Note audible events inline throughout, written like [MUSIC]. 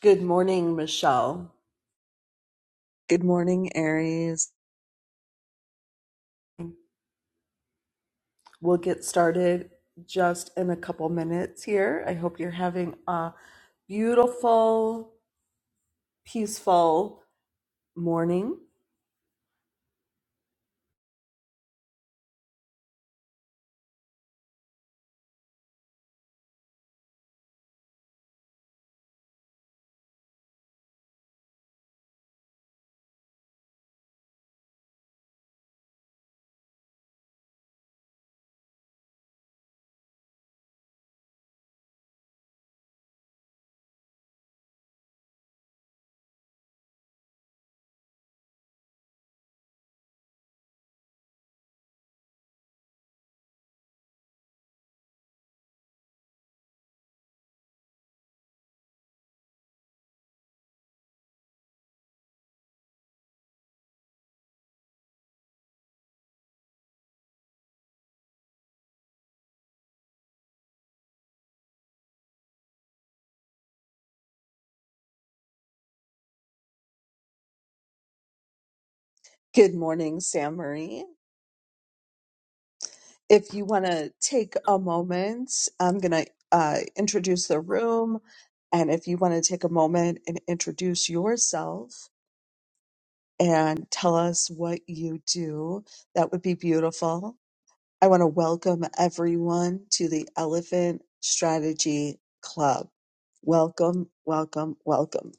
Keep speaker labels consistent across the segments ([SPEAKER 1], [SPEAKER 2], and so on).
[SPEAKER 1] Good morning, Michelle. Good morning, Aries. We'll get started just in a couple minutes here. I hope you're having a beautiful, peaceful morning. Good morning, Sam Marie. If you want to take a moment, I'm going to uh, introduce the room. And if you want to take a moment and introduce yourself and tell us what you do, that would be beautiful. I want to welcome everyone to the Elephant Strategy Club. Welcome, welcome, welcome.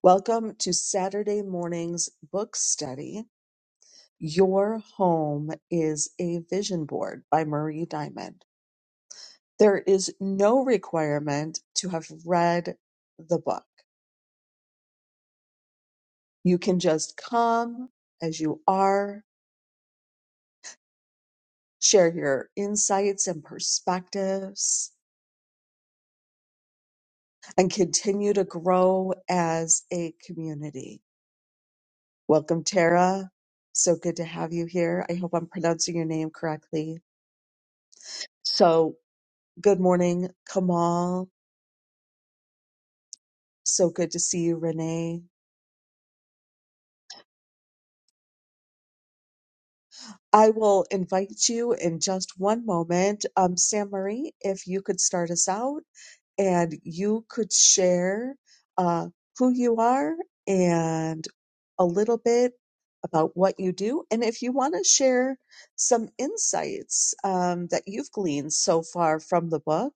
[SPEAKER 1] Welcome to Saturday morning's book study. Your Home is a Vision Board by Marie Diamond. There is no requirement to have read the book. You can just come as you are, share your insights and perspectives and continue to grow as a community. Welcome, Tara. So good to have you here. I hope I'm pronouncing your name correctly. So, good morning, Kamal. So good to see you, Renee. I will invite you in just one moment. Um, Sam Marie, if you could start us out. and you could share uh, who you are and a little bit about what you do. And if you want to share some insights um, that you've gleaned so far from the book,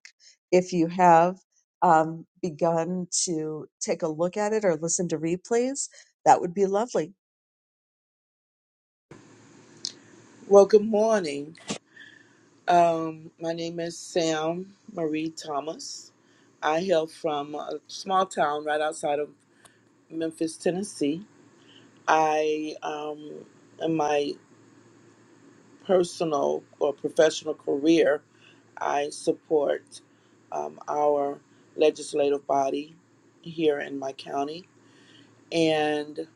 [SPEAKER 1] if you have um, begun to take a look at it or listen to replays, that would be lovely.
[SPEAKER 2] Well, good morning. Um, my name is Sam Marie Thomas. I hail from a small town right outside of Memphis, Tennessee. I, um, in my personal or professional career, I support um, our legislative body here in my county. And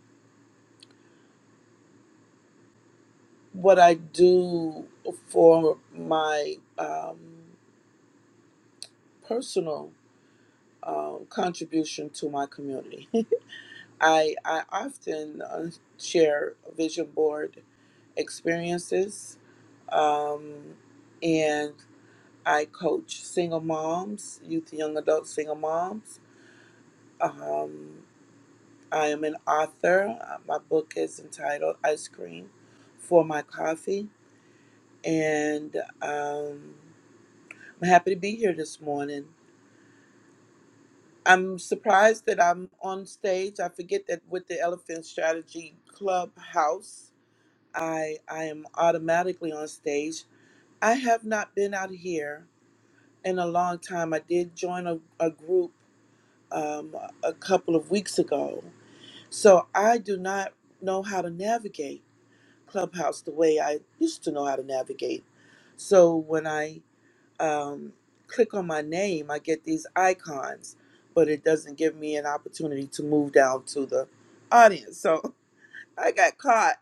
[SPEAKER 2] what I do for my um, personal um, contribution to my community. I, I often uh, share vision board experiences, um, and I coach single moms, youth and young adult single moms. Um, I am an author. Uh, My book is entitled Ice Cream for My Coffee, and um, I'm happy to be here this morning. I'm surprised that I'm on stage. I forget that with the Elephant Strategy Clubhouse I I am automatically on stage. I have not been out here in a long time. I did join a, a group um, a couple of weeks ago, so I do not know how to navigate Clubhouse the way I used to know how to navigate. So when I um, click on my name, I get these icons, but it doesn't give me an opportunity to move down to the audience. So [LAUGHS] I got caught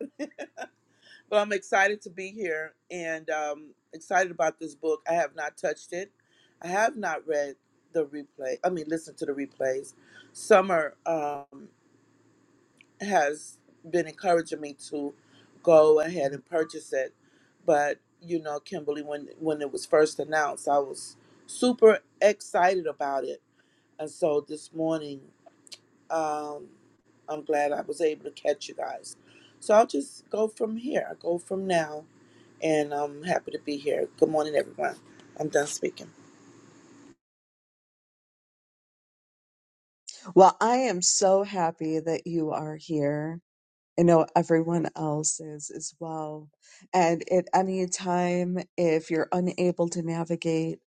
[SPEAKER 2] Well, I'm excited to be here and um, excited about this book. I have not touched it. I have not read the replay. I mean, listen to the replays. Summer um, has been encouraging me to go ahead and purchase it, but you know, Kimberly, when when it was first announced, I was super excited about it, and so this morning, um, I'm glad I was able to catch you guys. So I'll just go from here. I go from now and I'm happy to be here. Good morning, everyone. I'm done speaking.
[SPEAKER 1] Well, I am so happy that you are here. I know everyone else is as well. And at any time, if you're unable to navigate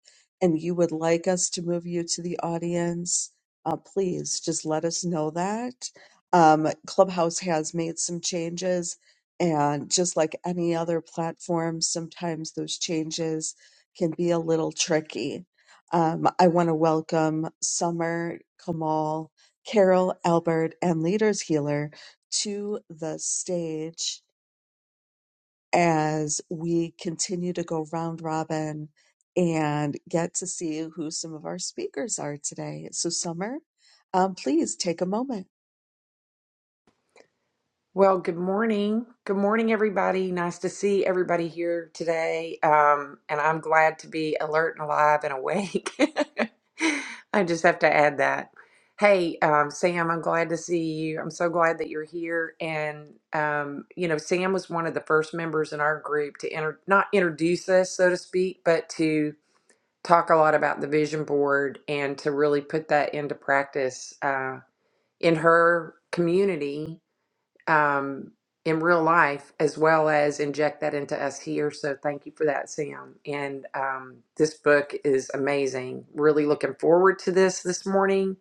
[SPEAKER 1] and you would like us to move you to the audience, uh, please just let us know that. Um, Clubhouse has made some changes, and just like any other platform, sometimes those changes can be a little tricky. Um, I want to welcome Summer, Kamal, Carol, Albert, and Leaders Healer to the stage as we continue to go round robin and get to see who some of our speakers are today. So, Summer, um, please take a moment.
[SPEAKER 3] Well, good morning. Good morning, everybody. Nice to see everybody here today. Um, and I'm glad to be alert and alive and awake. [LAUGHS] I just have to add that. Hey, um, Sam, I'm glad to see you. I'm so glad that you're here. And, um, you know, Sam was one of the first members in our group to enter, not introduce us, so to speak, but to talk a lot about the vision board and to really put that into practice uh, in her community um, in real life as well as inject that into us here. So thank you for that, Sam. And um, this book is amazing. Really looking forward to this this morning.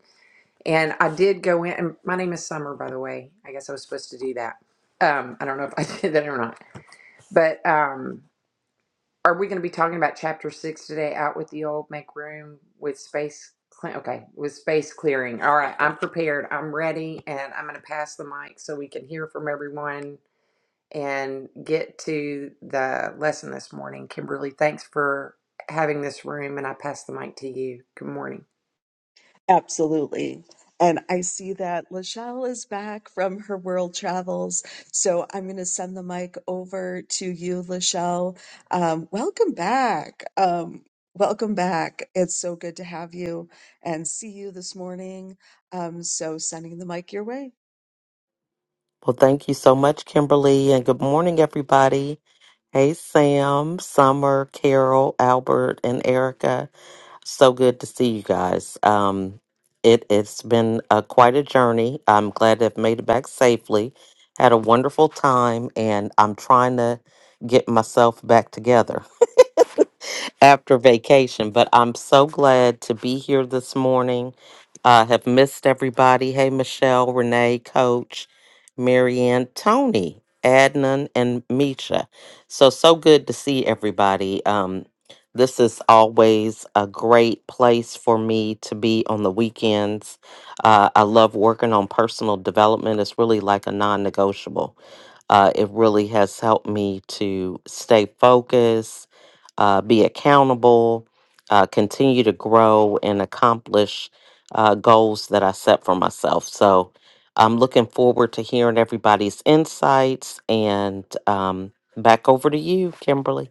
[SPEAKER 3] And I did go in, and my name is Summer, by the way. I guess I was supposed to do that. Um, I don't know if I [LAUGHS] did that or not. But um, are we going to be talking about chapter six today? Out with the old, make room with space. cle- Okay, with space clearing. All right, I'm prepared. I'm ready, and I'm going to pass the mic so we can hear from everyone and get to the lesson this morning. Kimberly, thanks for having this room, and I pass the mic to you. Good morning.
[SPEAKER 1] Absolutely. And I see that Lachelle is back from her world travels. So I'm going to send the mic over to you, Lachelle. Um, welcome back. Um, welcome back. It's so good to have you and see you this morning. Um, so sending the mic your way.
[SPEAKER 4] Well, thank you so much, Kimberly, and good morning, everybody. Hey, Sam, Summer, Carol, Albert, and Erica. So good to see you guys. Um, it, it's been uh, quite a journey. I'm glad to have made it back safely. Had a wonderful time, and I'm trying to get myself back together after vacation, but I'm so glad to be here this morning. I have missed everybody. Hey, Michelle, Renee, Coach, Marianne, Tony, Adnan, and Misha. So, so good to see everybody. Um, this is always a great place for me to be on the weekends. Uh, I love working on personal development. It's really like a non negotiable. Uh, it really has helped me to stay focused uh, be accountable, uh, continue to grow and accomplish uh, goals that I set for myself. So I'm looking forward to hearing everybody's insights and um, back over to you, Kimberly.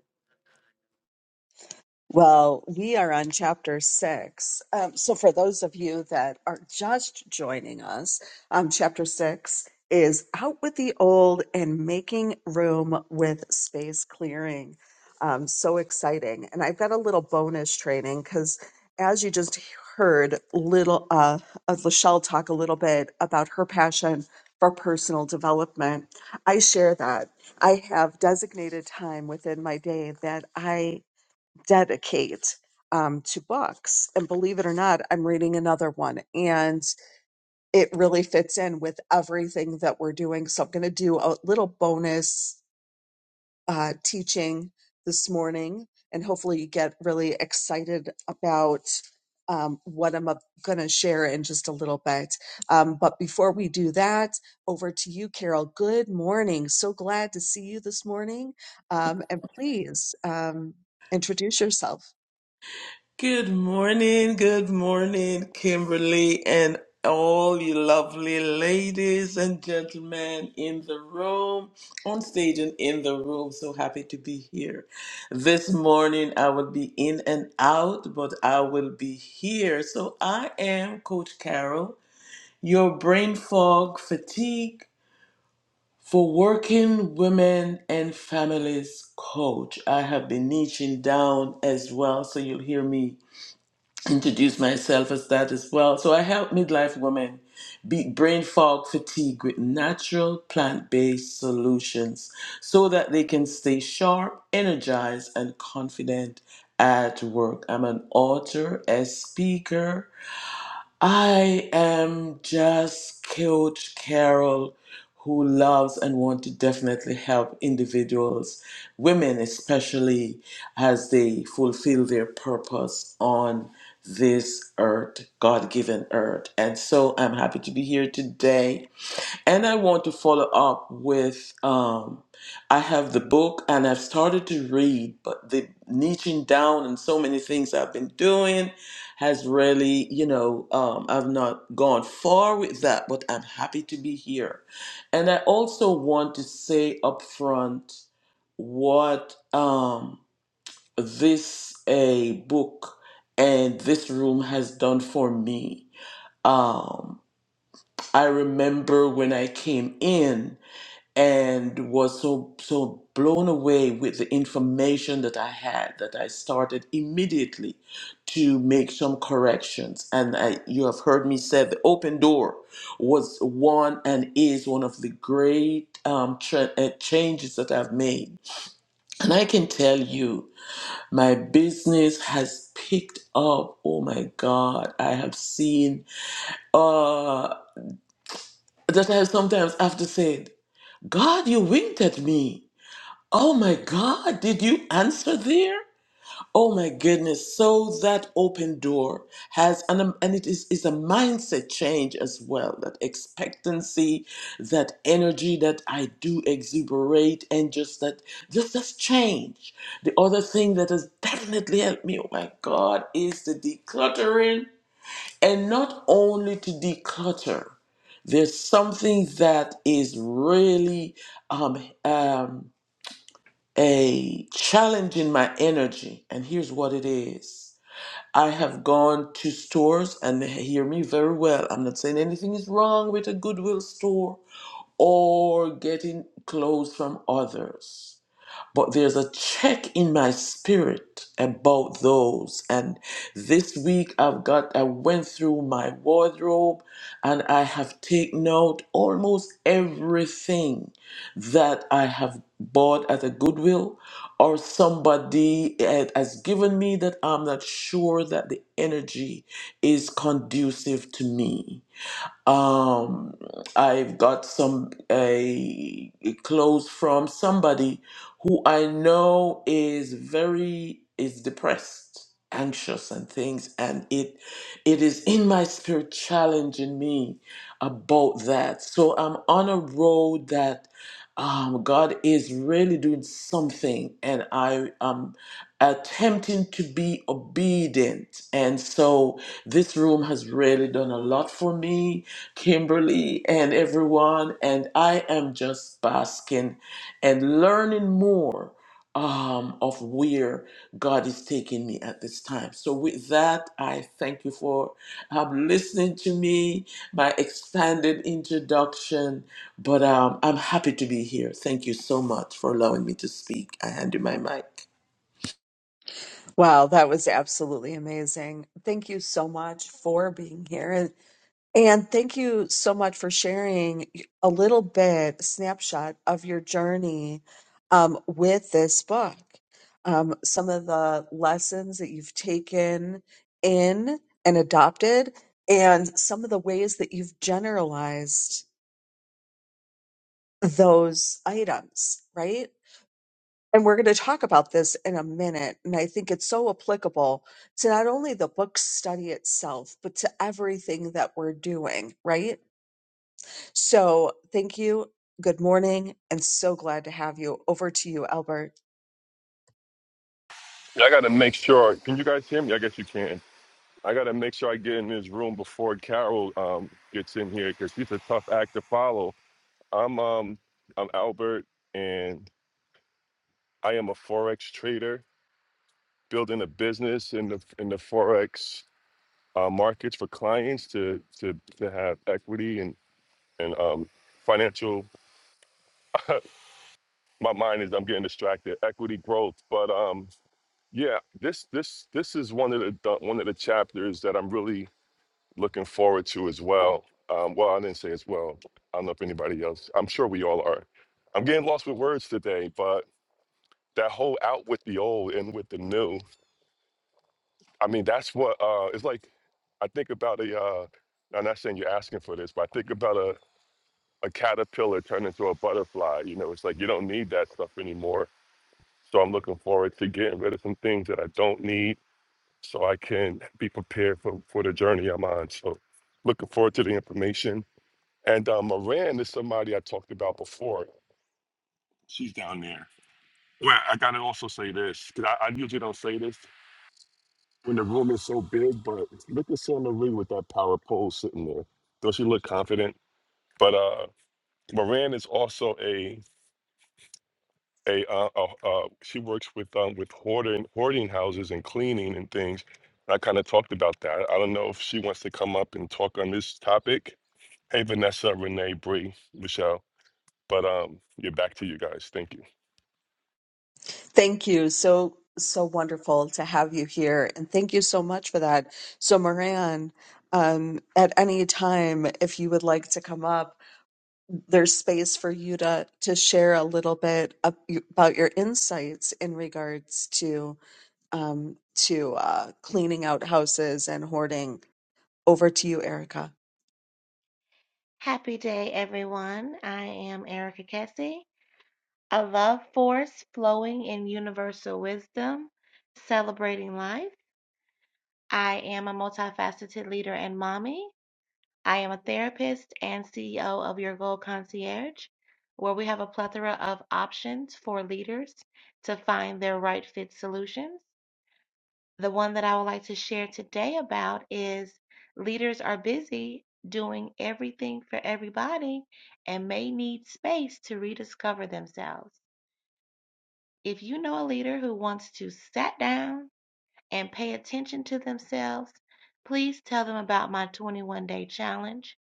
[SPEAKER 1] Well, we are on chapter six. Um, so, for those of you that are just joining us, um, chapter six is out with the old and making room with space clearing. Um, so exciting. And I've got a little bonus training because, as you just heard, little uh, uh, Lachelle talk a little bit about her passion for personal development. I share that. I have designated time within my day that I dedicate um, to books. And believe it or not, I'm reading another one and it really fits in with everything that we're doing. So I'm going to do a little bonus uh, teaching this morning and hopefully you get really excited about. Um, what I'm going to share in just a little bit. Um, but before we do that, over to you, Carol. Good morning. So glad to see you this morning. Um, and please um, introduce yourself.
[SPEAKER 5] Good morning, good morning, Kimberly, and all you lovely ladies and gentlemen in the room, on stage and in the room. So happy to be here. This morning I will be in and out, but I will be here. So I am Coach Carol, your brain fog, fatigue, for working women and families coach. I have been niching down as well, so you'll hear me introduce myself as that as well. So I help midlife women beat brain fog fatigue with natural plant-based solutions so that they can stay sharp, energized and confident at work. I'm an author, a speaker, I am just Coach Carol who loves and wants to definitely help individuals, women especially, as they fulfill their purpose on this earth, God given earth. And so I'm happy to be here today and I want to follow up with um, I have the book and I've started to read, but the niching down and so many things I've been doing has really, you know, um, I've not gone far with that, but I'm happy to be here. And I also want to say up front what um, this a book and this room has done for me. Um, I remember when I came in and was so so blown away with the information that I had that I started immediately to make some corrections and I, you have heard me say the open door was one and is one of the great um, tra- uh, changes that I've made and I can tell you my business has picked up oh my god I have seen uh that I sometimes have to say God you winked at me Oh my God, did you answer there? Oh my goodness. So that open door has, and, um, and it is, is a mindset change as well that expectancy, that energy that I do exuberate, and just that, just that's change. The other thing that has definitely helped me, oh my God, is the decluttering. And not only to declutter, there's something that is really um, um, a challenge in my energy. And here's what it is I have gone to stores, and hear me very well. I'm not saying anything is wrong with a Goodwill store or getting clothes from others but there's a check in my spirit about those and this week i've got i went through my wardrobe and i have taken out almost everything that i have bought at a goodwill or somebody eh, has given me that i'm not sure that the energy is conducive to me um, I've got some a a clothes from somebody who I know is very is depressed, anxious, and things, and it it is in my spirit challenging me about that. So I'm on a road that um, God is really doing something, and I am attempting to be obedient. And so this room has really done a lot for me Kimberly, and everyone. And I am just basking and learning more um, of where God is taking me at this time. So, with that, I thank you for um, listening to me, my expanded introduction. But um, I'm happy to be here. Thank you so much for allowing me to speak. I hand you my mic.
[SPEAKER 1] Wow, that was absolutely amazing. Thank you so much for being here. And, and thank you so much for sharing a little bit, snapshot of your journey um, with this book. Um, some of the lessons that you've taken in and adopted, and some of the ways that you've generalized those items, right? And we're going to talk about this in a minute. And I think it's so applicable to not only the book study itself, but to everything that we're doing, right? So thank you. Good morning. And so glad to have you. Over to you, Albert.
[SPEAKER 6] Yeah, I gotta make sure. Can you guys hear me? I guess you can. I gotta make sure I get in this room before Carol um, gets in here because she's a tough act to follow. I'm um I'm Albert, and I am a forex trader, building a business in the in the forex uh, markets for clients to to to have equity and and um financial. [LAUGHS] My mind is I'm getting distracted. Equity growth, but um yeah, this this this is one of the the- one of the chapters that I'm really looking forward to as well. Um, well, I didn't say as well. I don't know if anybody else. I'm sure we all are. I'm getting lost with words today, but that whole out with the old and with the new. I mean, that's what uh, it's like. I think about a. Uh, I'm not saying you're asking for this, but I think about a, a caterpillar turning into a butterfly. You know, it's like you don't need that stuff anymore. So I'm looking forward to getting rid of some things that I don't need, so I can be prepared for for the journey I'm on. So looking forward to the information And um, Moran is somebody I talked about before. She's down there. Well, I gotta also say this because I, I usually don't say this when the room is so big, but look at Summer Lee with that power pole sitting there. Does she look confident? But uh, Moran is also a a uh, uh, uh, she works with um with hoarding hoarding houses and cleaning and things. I kind of talked about that. I don't know if she wants to come up and talk on this topic. Hey, Vanessa, Renee, Bree, Michelle. But um, yeah, back to you guys. Thank you.
[SPEAKER 1] Thank you. So, so wonderful to have you here. And thank you so much for that. So, Moran, um, at any time, if you would like to come up, there's space for you to to share a little bit of, about your insights in regards to um, to uh, cleaning out houses and hoarding. Over to you, Erica.
[SPEAKER 7] Happy day, everyone. I am Erica Kessie, a love force flowing in universal wisdom, celebrating life. I am a multifaceted leader and mommy. I am a therapist and CEO of Your Goal Concierge, where we have a plethora of options for leaders to find their right fit solutions. The one that I would like to share today about is leaders are busy doing everything for everybody and may need space to rediscover themselves. If you know a leader who wants to sit down and pay attention to themselves, please tell them about my 21 day challenge.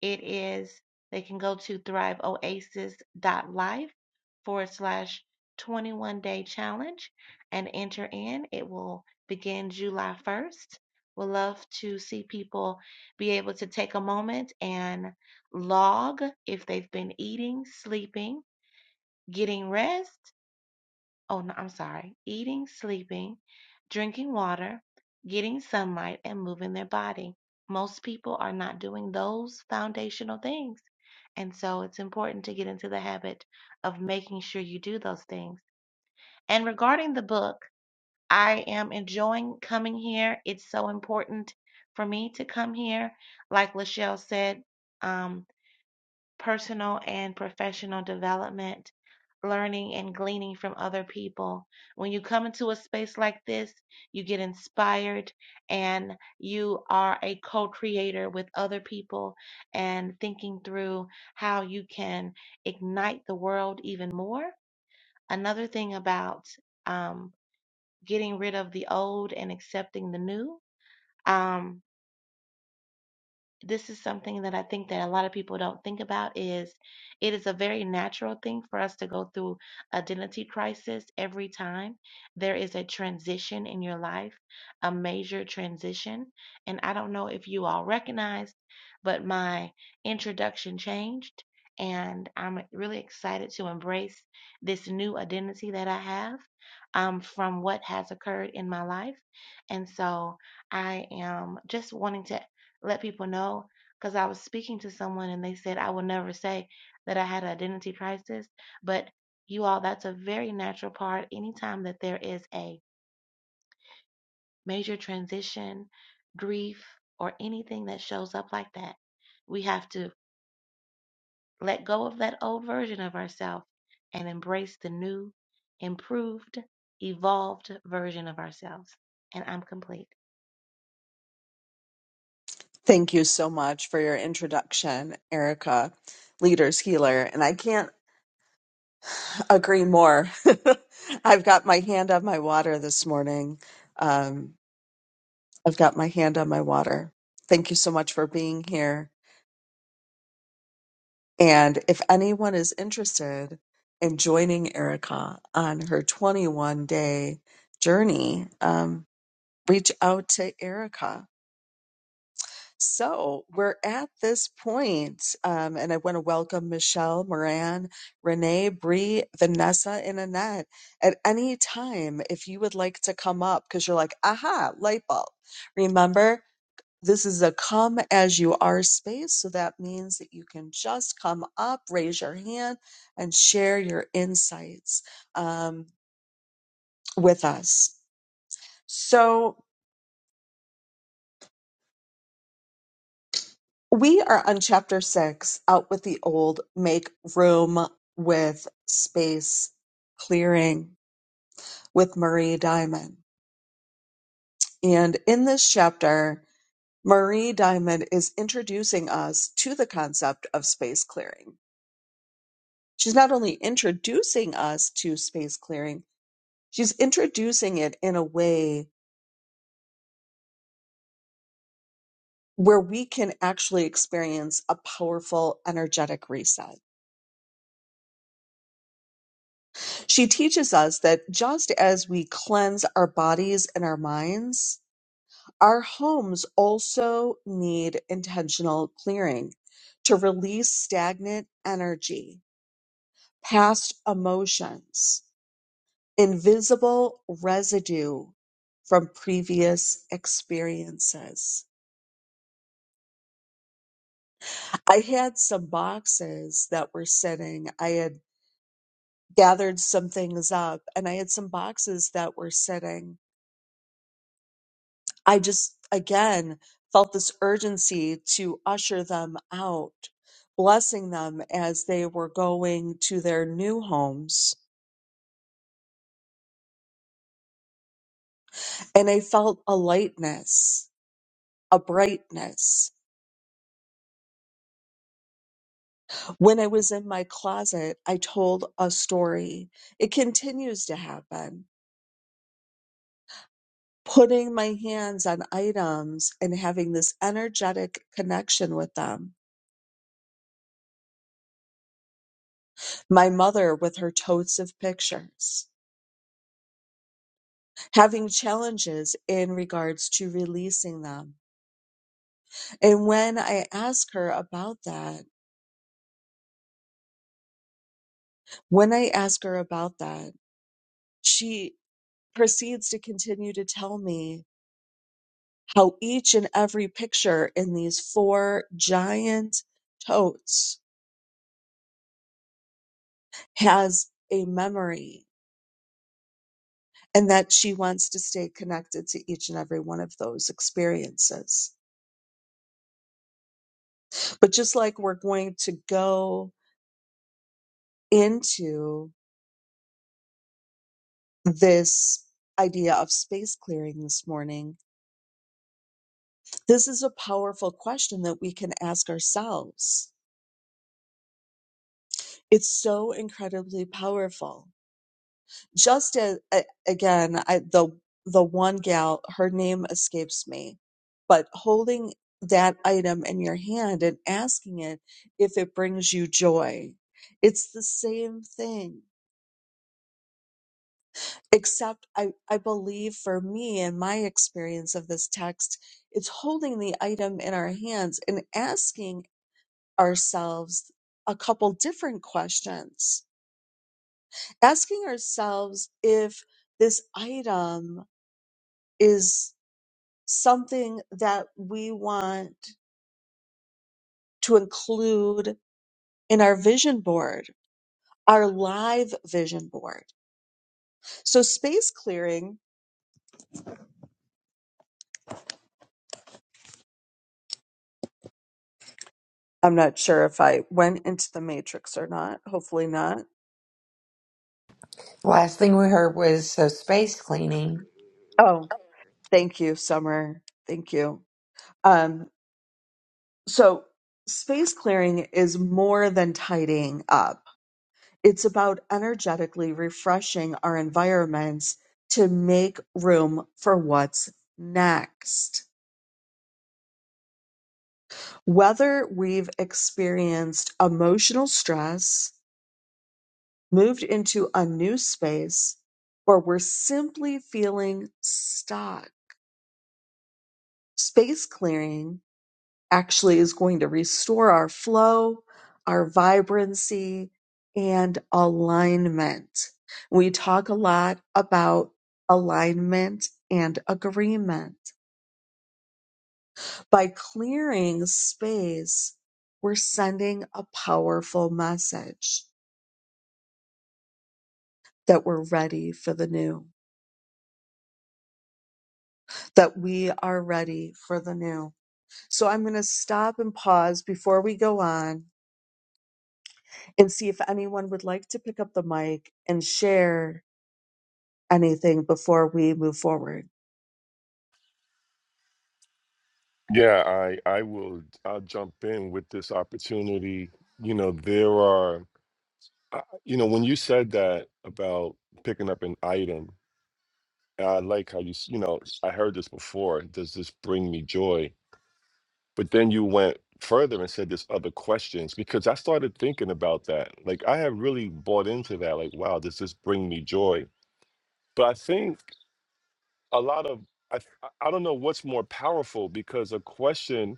[SPEAKER 7] It is, they can go to thriveoasis.life forward slash 21 day challenge and enter in. It will begin July 1st. We'd love to see people be able to take a moment and log if they've been eating, sleeping, getting rest oh no, I'm sorry, eating, sleeping, drinking water, getting sunlight, and moving their body. Most people are not doing those foundational things. And so it's important to get into the habit of making sure you do those things. And regarding the book, I am enjoying coming here. It's so important for me to come here. Like Lachelle said, um, personal and professional development, learning and gleaning from other people. When you come into a space like this, you get inspired and you are a co creator with other people and thinking through how you can ignite the world even more. Another thing about um, getting rid of the old and accepting the new. Um, this is something that I think that a lot of people don't think about is it is a very natural thing for us to go through identity crisis every time there is a transition in your life, a major transition. And I don't know if you all recognize, but my introduction changed and I'm really excited to embrace this new identity that I have um, from what has occurred in my life. And so I am just wanting to let people know because I was speaking to someone and they said, I will never say that I had an identity crisis. But you all, that's a very natural part. Anytime that there is a major transition, grief, or anything that shows up like that, we have to let go of that old version of ourselves and embrace the new, improved, evolved version of ourselves. And I'm complete.
[SPEAKER 1] Thank you so much for your introduction, Erica, leaders healer, and I can't agree more. [LAUGHS] I've got my hand on my water this morning. Um, I've got my hand on my water. Thank you so much for being here And if anyone is interested in joining Erica on her 21 day journey, um, reach out to Erica. So we're at this point, um, and I want to welcome Michelle, Moran, Renee, Bree, Vanessa, and Annette. At any time, if you would like to come up, because you're like, aha, light bulb. Remember, this is a come as you are space. So that means that you can just come up, raise your hand, and share your insights um, with us. So we are on chapter six out with the old, make room with space clearing with Marie Diamond. And in this chapter, Marie Diamond is introducing us to the concept of space clearing she's not only introducing us to space clearing, she's introducing it in a way where we can actually experience a powerful energetic reset. She teaches us that just as we cleanse our bodies and our minds, our homes also need intentional clearing to release stagnant energy, past emotions. invisible residue from previous experiences. I had some boxes that were sitting. I had gathered some things up and I had some boxes that were sitting. I just, again, felt this urgency to usher them out, blessing them as they were going to their new homes. And I felt a lightness, a brightness. When I was in my closet, I told a story. It continues to happen. Putting my hands on items and having this energetic connection with them. My mother with her totes of pictures. Having challenges in regards to releasing them. And when I ask her about that, when I ask her about that, she proceeds to continue to tell me how each and every picture in these four giant totes has a memory and that she wants to stay connected to each and every one of those experiences. But just like we're going to go into this idea of space clearing this morning, this is a powerful question that we can ask ourselves. It's so incredibly powerful just as a, again I, the the one gal her name escapes me but holding that item in your hand and asking it if it brings you joy it's the same thing except i i believe for me and my experience of this text it's holding the item in our hands and asking ourselves a couple different questions asking ourselves if this item is something that we want to include in our vision board, our live vision board. So, space clearing, I'm not sure if I went into the matrix or not. Hopefully, not.
[SPEAKER 3] Last thing we heard was so space cleaning.
[SPEAKER 1] Oh, thank you, Summer. Thank you. Um, so, space clearing is more than tidying up, it's about energetically refreshing our environments to make room for what's next. whether we've experienced emotional stress, moved into a new space, or we're simply feeling stuck. Space clearing actually is going to restore our flow, our vibrancy, and alignment. We talk a lot about alignment and agreement. By clearing space, we're sending a powerful message that we're ready for the new, that we are ready for the new. So I'm going to stop and pause before we go on and see if anyone would like to pick up the mic and share anything before we move forward.
[SPEAKER 6] Yeah, I I will I'll jump in with this opportunity. You know, there are I- you know, when you said that about picking up an item, I like how you s- you know, I heard this before, does this bring me joy? But then you went further and said there's other questions because I started thinking about that. Like I have really bought into that like wow, does this bring me joy? But I think a lot of I I I don't know what's more powerful because a question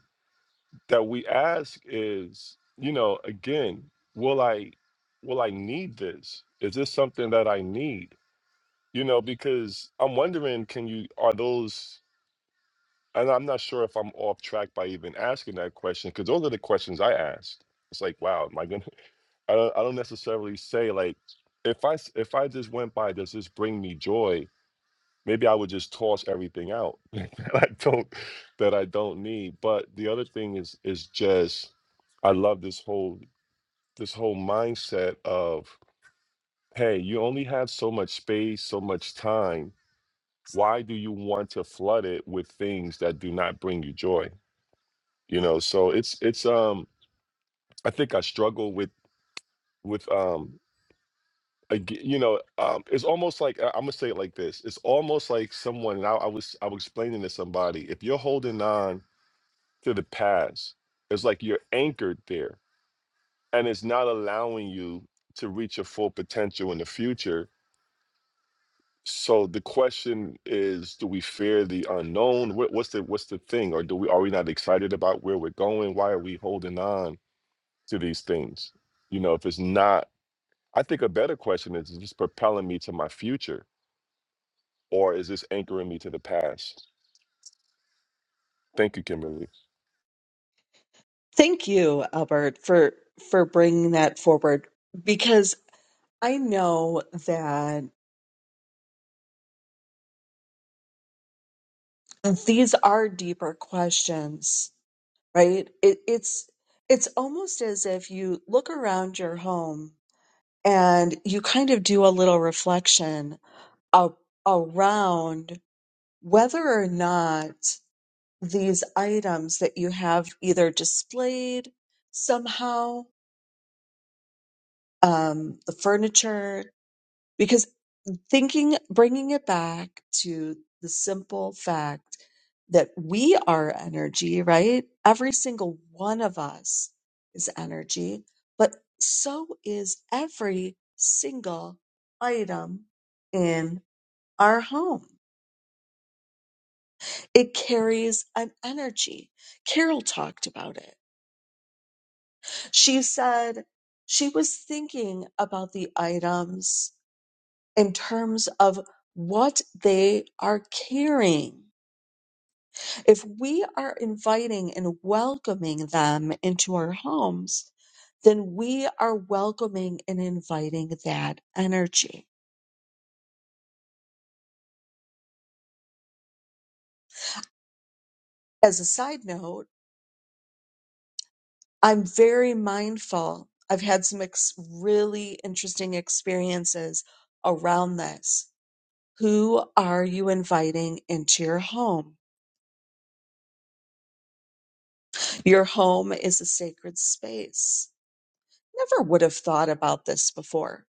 [SPEAKER 6] that we ask is, you know, again, will I will I need this? Is this something that I need? You know, because I'm wondering, can you are those and I'm not sure if I'm off track by even asking that question, because those are the questions I asked. It's like, wow, am I gonna [LAUGHS] I don't I don't necessarily say like if I s- if I just went by, does this bring me joy? maybe I would just toss everything out [LAUGHS] that I don't that I don't need. But the other thing is is just I love this whole this whole mindset of hey, you only have so much space, so much time. Why do you want to flood it with things that do not bring you joy? You know, so it's it's um I think I struggle with with um ag- you know um it's almost like I- am gonna say it like this. It's almost like someone and I, I was I was explaining to somebody if you're holding on to the past. It's like you're anchored there and it's not allowing you to reach your full potential in the future. So the question is, do we fear the unknown? What, what's the what's the thing? Or do we are we not excited about where we're going? Why are we holding on to these things? You know, if it's not, I think a better question is, is this propelling me to my future or is this anchoring me to the past? Thank you, Kimberly.
[SPEAKER 1] Thank you, Albert, for for bringing that forward because I know that these are deeper questions, right? It, it's it's almost as if you look around your home and you kind of do a little reflection a- around whether or not these items that you have either displayed somehow, um, the furniture, because thinking, bringing it back to the simple fact that we are energy, right? Every single one of us is energy, but so is every single item in. our home. It carries an energy. Carol talked about it. She said she was thinking about the items in terms of what they are carrying. If we are inviting and welcoming them into our homes, then we are welcoming and inviting that energy. As a side note, I'm very mindful. I've had some ex- really interesting experiences around this. Who are you inviting into your home? Your home is a sacred space. Never would have thought about this before.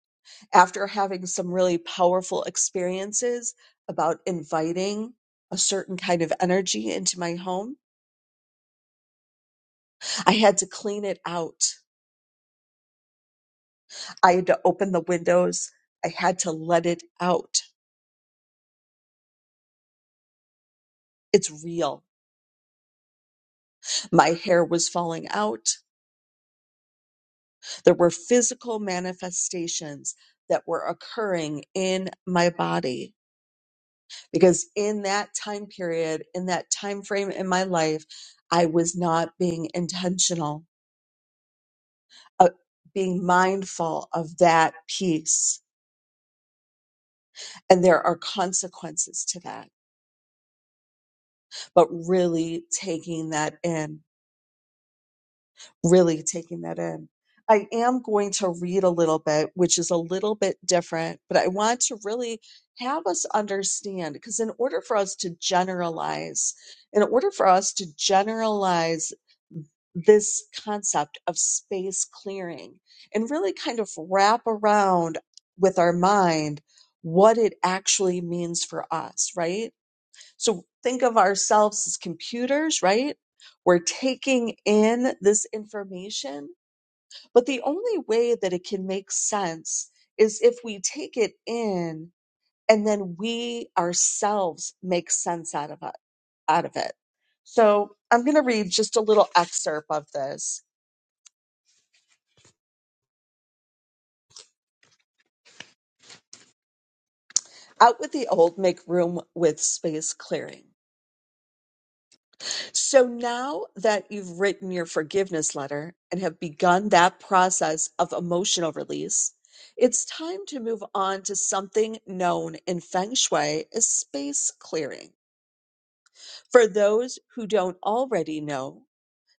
[SPEAKER 1] After having some really powerful experiences about inviting a certain kind of energy into my home, I had to clean it out. I had to open the windows. I had to let it out. It's real My hair was falling out. There were physical manifestations that were occurring in my body because in that time period, in that time frame in my life, I was not being intentional, uh, being mindful of that piece. And there are consequences to that, but really taking that in really taking that in. I am going to read a little bit, which is a little bit different, but I want to really have us understand because, in order for us to generalize, in order for us to generalize this concept of space clearing and really kind of wrap around with our mind what it actually means for us, right? So think of ourselves as computers, right? We're taking in this information, but the only way that it can make sense is if we take it in and then we ourselves make sense out of it, out of it. So I'm going to read just a little excerpt of this. Out with the old, make room with space clearing. So now that you've written your forgiveness letter and have begun that process of emotional release, it's time to move on to something known in feng shui as space clearing. For those who don't already know,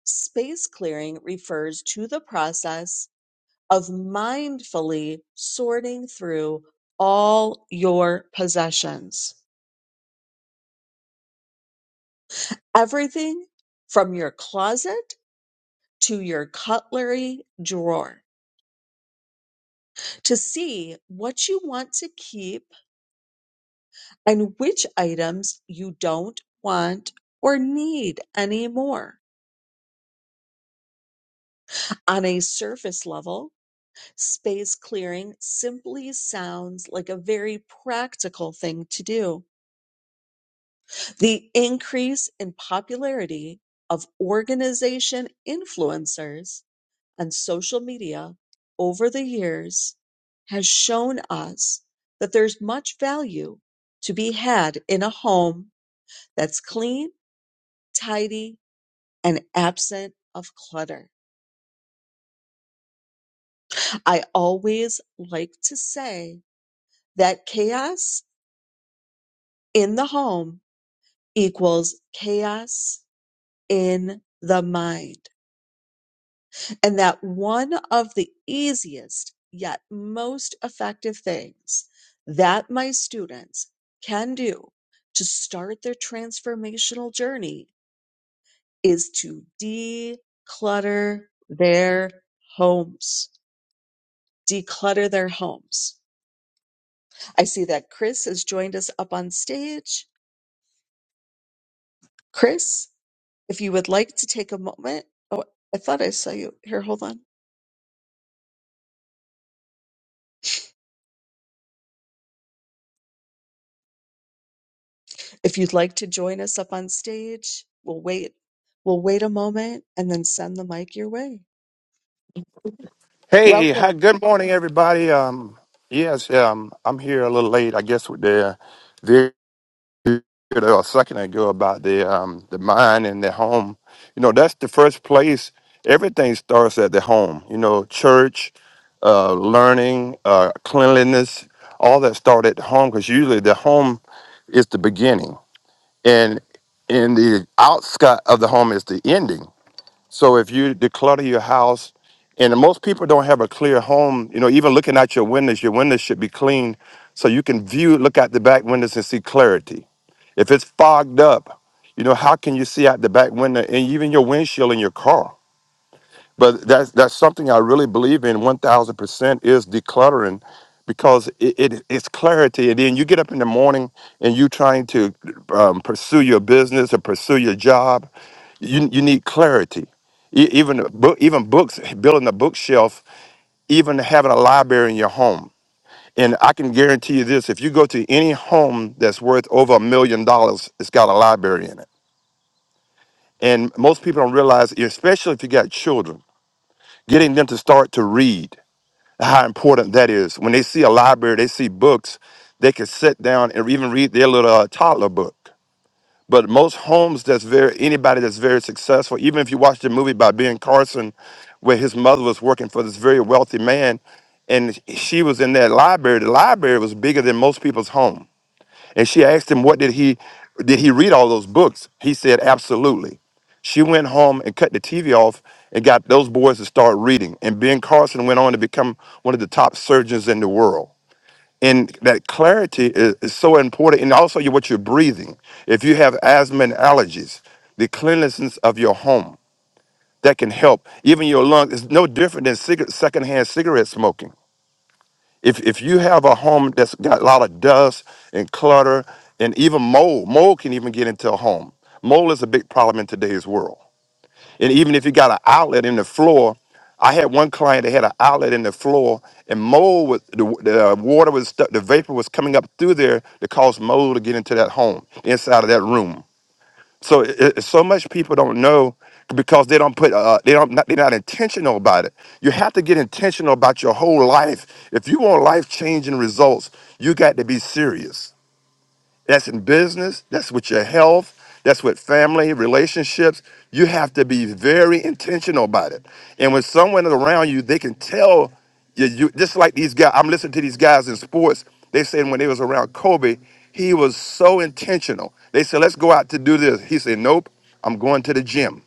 [SPEAKER 1] space clearing refers to the process of mindfully sorting through all your possessions, everything from your closet to your cutlery drawer to see what you want to keep and which items you don't want or need anymore. On a surface level, space clearing simply sounds like a very practical thing to do. The increase in popularity of organization influencers on social media over the years has shown us that there's much value to be had in a home that's clean, tidy, and absent of clutter. I always like to say that chaos in the home equals chaos in the mind. And that one of the easiest yet most effective things that my students can do to start their transformational journey is to declutter their homes. declutter their homes. I see that Chris has joined us up on stage. Chris, if you would like to take a moment, oh, I thought I saw you here. Hold on. If you'd like to join us up on stage, we'll wait. We'll wait a moment and then send the mic your way.
[SPEAKER 8] Hey, hi,
[SPEAKER 1] Welcome.
[SPEAKER 8] good morning, everybody. Um, yes, um, I'm here a little late, I guess, with the video a second ago about the um the mind and the home. You know, that's the first place. Everything starts at the home. You know, church, uh, learning, uh, cleanliness, all that start at the home because usually the home is the beginning, and in the outskirt of the home is the ending. So if you declutter your house, and most people don't have a clear home, you know, even looking at your windows, your windows should be clean so you can view, look out the back windows and see clarity. If it's fogged up, you know, how can you see out the back window and even your windshield in your car? But that's that's something I really believe in 1000% is decluttering because it, it it's clarity and then you get up in the morning and you trying to um, pursue your business or pursue your job you you need clarity. E- Even book, even books, building a bookshelf, even having a library in your home. And I can guarantee you this: if you go to any home that's worth over a million dollars, it's got a library in it. And most people don't realize, especially if you got children, getting them to start to read, how important that is. When they see a library, they see books, they can sit down and even read their little uh, toddler book. But most homes that's very anybody that's very successful, even if you watch the movie by Ben Carson, where his mother was working for this very wealthy man, and she was in that library. The library was bigger than most people's home. And she asked him, "What did he did he read all those books?" He said, "Absolutely." She went home and cut the TV off and got those boys to start reading. And Ben Carson went on to become one of the top surgeons in the world and that clarity is, is so important and also you- what you're breathing if you have asthma and allergies the cleanliness of your home that can help even your lungs is no different than cigarette, secondhand cigarette smoking if, if you have a home that's got a lot of dust and clutter and even mold mold can even get into a home mold is a big problem in today's world and even if you got an outlet in the floor, I had one client that had an outlet in the floor, and mold was the, the uh, water was stuck, the vapor was coming up through there to cause mold to get into that home, inside of that room. So it, it- so much people don't know because they don't put uh, they don't not, they're not intentional about it. You have to get intentional about your whole life. If you want life changing results, you got to be serious. That's in business, that's with your health, that's with family, relationships. You have to be very intentional about it. And when someone is around you, they can tell you, you just like these guys. I'm listening to these guys in sports. They said when they was around Kobe, he was so intentional. They said, let's go out to do this. He said, nope, I'm going to the gym.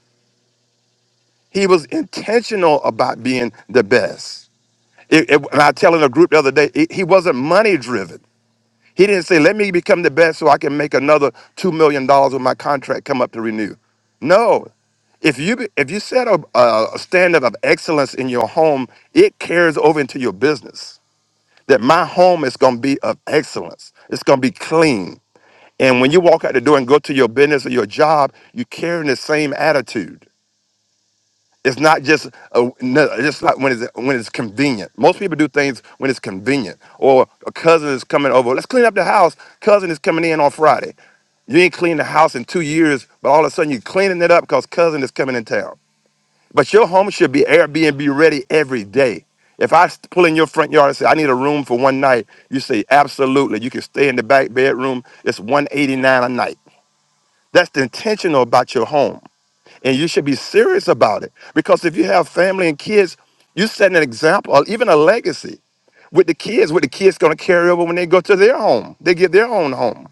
[SPEAKER 8] He was intentional about being the best. It, it- and I telling a group the other day, he he wasn't money driven. He didn't say, let me become the best so I can make another $2 million dollars when my contract come up to renew. No. If you, be- if you set a, a standard of excellence in your home, it carries over into your business. That my home is going to be of excellence. It's going to be clean. And when you walk out the door and go to your business or your job, you're carrying the same attitude. It's not just a, no, just not when it's when it's convenient. Most people do things when it's convenient. Or a cousin is coming over. Let's clean up the house. Cousin is coming in on Friday. You ain't cleaned the house in two years, but all of a sudden you're cleaning it up because cousin is coming in town. But your home should be Airbnb ready every day. If I s- pull in your front yard and say I need a room for one night, you say absolutely. You can stay in the back bedroom. It's 189 a night. That's the intentional about your home. And you should be serious about it. Because if you have family and kids, you set an example or even a legacy with the kids, what the kids gonna carry over when they go to their home. They get their own home.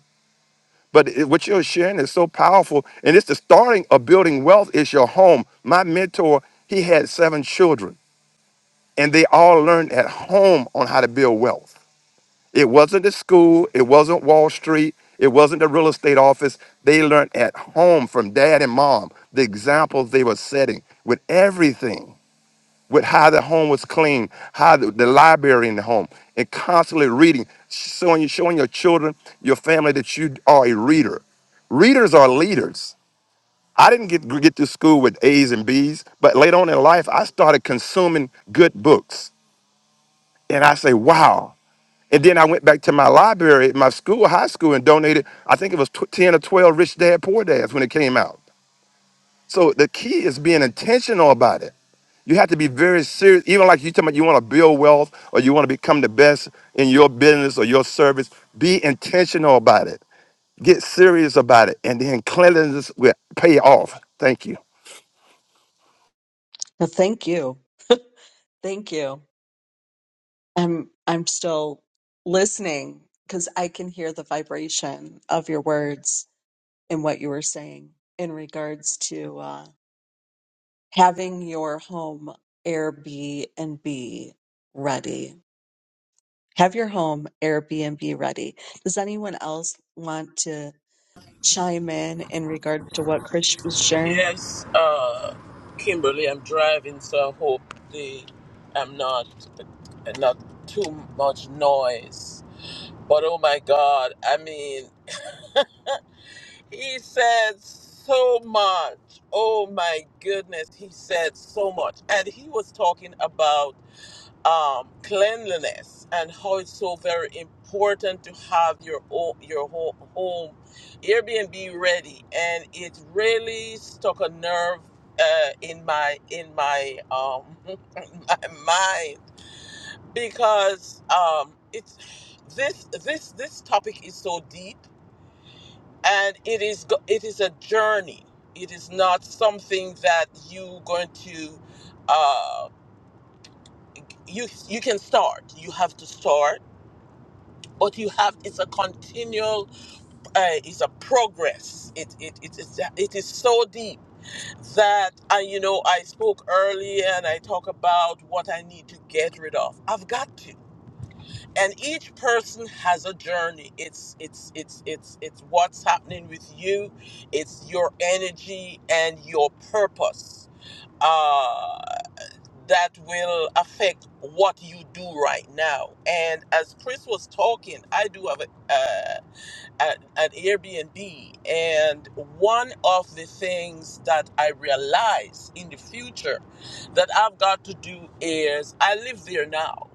[SPEAKER 8] But it- what you're sharing is so powerful. And it's the starting of building wealth is your home. My mentor, he had seven children, and they all learned at home on how to build wealth. It wasn't the school. It wasn't Wall Street. It wasn't the real estate office. They learned at home from dad and mom the examples they were setting with everything, with how the home was clean, how the, the library in the home, and constantly reading, showing, showing your children, your family that you are a reader. Readers are leaders. I didn't get, get to school with A's and B's, but later on in life, I started consuming good books. And I say, wow, and then I went back to my library at my school, high school, and donated, I think it was tw- 10 or 12 Rich Dad Poor Dads when it came out. So the key is being intentional about it. You have to be very serious. Even like you talking about you want to build wealth or you want to become the best in your business or your service, be intentional about it. Get serious about it. And then cleanliness will pay off. Thank you.
[SPEAKER 1] Well, thank you. Thank you. I'm I'm still listening because I can hear the vibration of your words and what you were saying in regards to uh, having your home Airbnb ready. Have your home Airbnb ready. Does anyone else want to chime in in regards to what Chris was sharing?
[SPEAKER 5] Yes, uh, Kimberly, I'm driving, so I hope the I'm not not too much noise. But oh my God, I mean, he said so much. Oh my goodness, he said so much, and he was talking about um, cleanliness and how it's so very important to have your o- your ho- home Airbnb ready, and it really stuck a nerve uh, in my in my um [LAUGHS] in my mind because um it's this this this topic is so deep and it is go- it is a journey. It is not something that you going to uh you you can start. You have to start but you have it's a continual uh, it's a progress it it it is it is so deep that I you know I spoke earlier and I talk about what I need to get rid of I've got to and each person has a journey it's it's it's it's it's what's happening with you it's your energy and your purpose uh that will affect what you do right now and as chris was talking i do have a uh, at an Airbnb. And one of the things that I realize in the future that I've got to do is I live there now.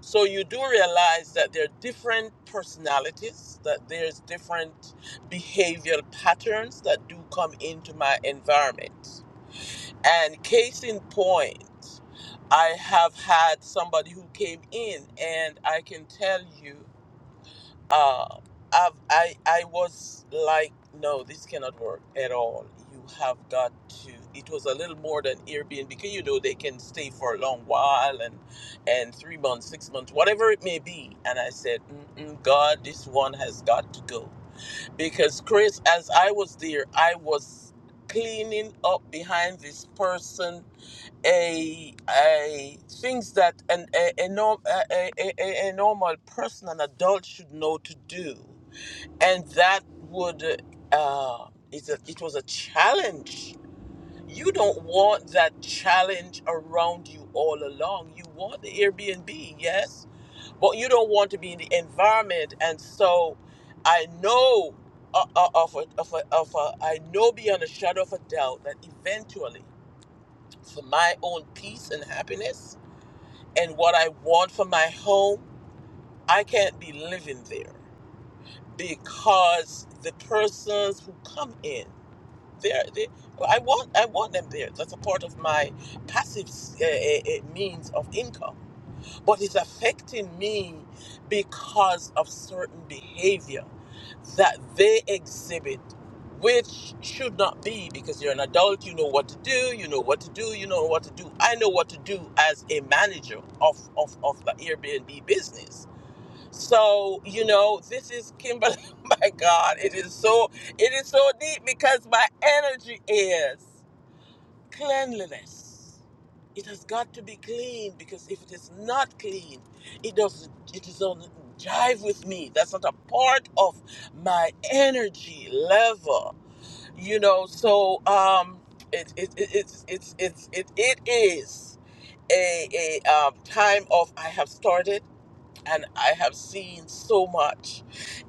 [SPEAKER 5] So you do realize that there are different personalities, that there's different behavioral patterns that do come into my environment. And case in point, I have had somebody who came in, and I can tell you uh, I've, I I was like, no, this cannot work at all. You have got to. It was a little more than Airbnb because you know they can stay for a long while and and three months, six months, whatever it may be. And I said, Mm-mm, God, this one has got to go because Chris, as I was there, I was cleaning up behind this person a, a things that an a, a, norm, a, a, a, a normal person, an adult, should know to do, and that would uh, it's a, it was a challenge. You don't want that challenge around you all along. You want the Airbnb, yes, but you don't want to be in the environment. And so, I know uh, uh, of a, of a, of a, I know beyond a shadow of a doubt that eventually, for my own peace and happiness and what I want for my home, I can't be living there because the persons who come in, they're, they, well, I want, I want them there. That's a part of my passive uh, uh, uh, means of income but it's affecting me because of certain behavior that they exhibit which should not be because you're an adult you know what to do you know what to do you know what to do i know what to do as a manager of of, of the airbnb business so you know this is kimberly [LAUGHS] my god it is so it is so deep because my energy is Cleanliness. It has got to be clean because if it is not clean, it doesn't it doesn't jive with me. That's not a part of my energy level. You know, so um it it it it's it's it's it, it is a, a um, time of I have started and I have seen so much.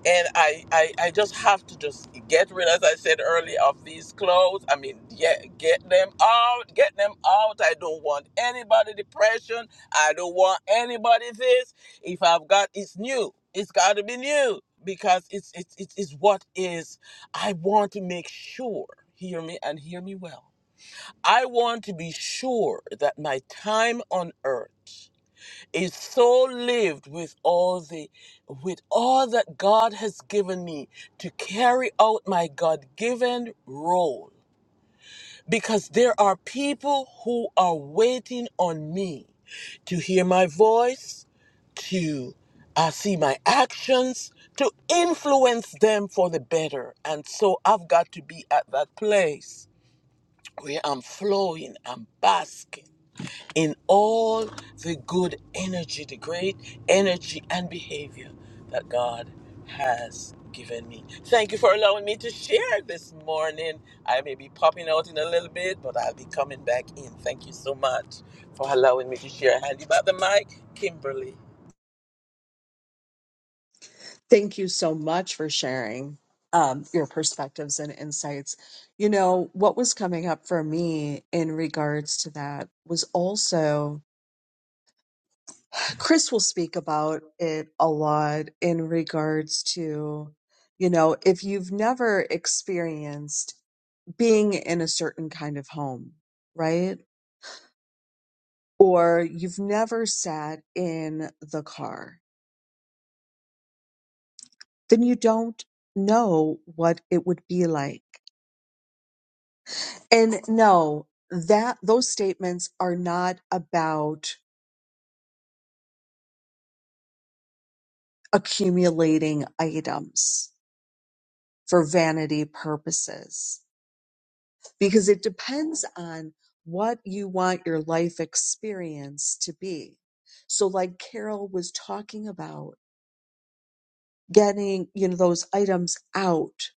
[SPEAKER 5] And I, I, I just have to just get rid, as I said earlier, of these clothes. I mean, yeah, get them out, get them out. I don't want anybody depression. I don't want anybody this. If I've got, it's new. It's got to be new because it's, it's, it's, it's what is. I want to make sure, hear me and hear me well. I want to be sure that my time on earth is so lived with all the with all that God has given me to carry out my God-given role because there are people who are waiting on me to hear my voice to uh, see my actions to influence them for the better and so I've got to be at that place where I'm flowing I'm basking in all the good energy, the great energy and behavior that God has given me. Thank you for allowing me to share this morning. I may be popping out in a little bit, but I'll be coming back in. Thank you so much for allowing me to share. Handy back the mic, Kimberly.
[SPEAKER 1] Thank you so much for sharing um, your perspectives and insights. You know, what was coming up for me in regards to that was also Chris will speak about it a lot in regards to, you know, if you've never experienced being in a certain kind of home, right? Or you've never sat in the car, then you don't know what it would be like. And no, that those statements are not about accumulating items for vanity purposes because it depends on what you want your life experience to be. So like Carol was talking about getting you know those items out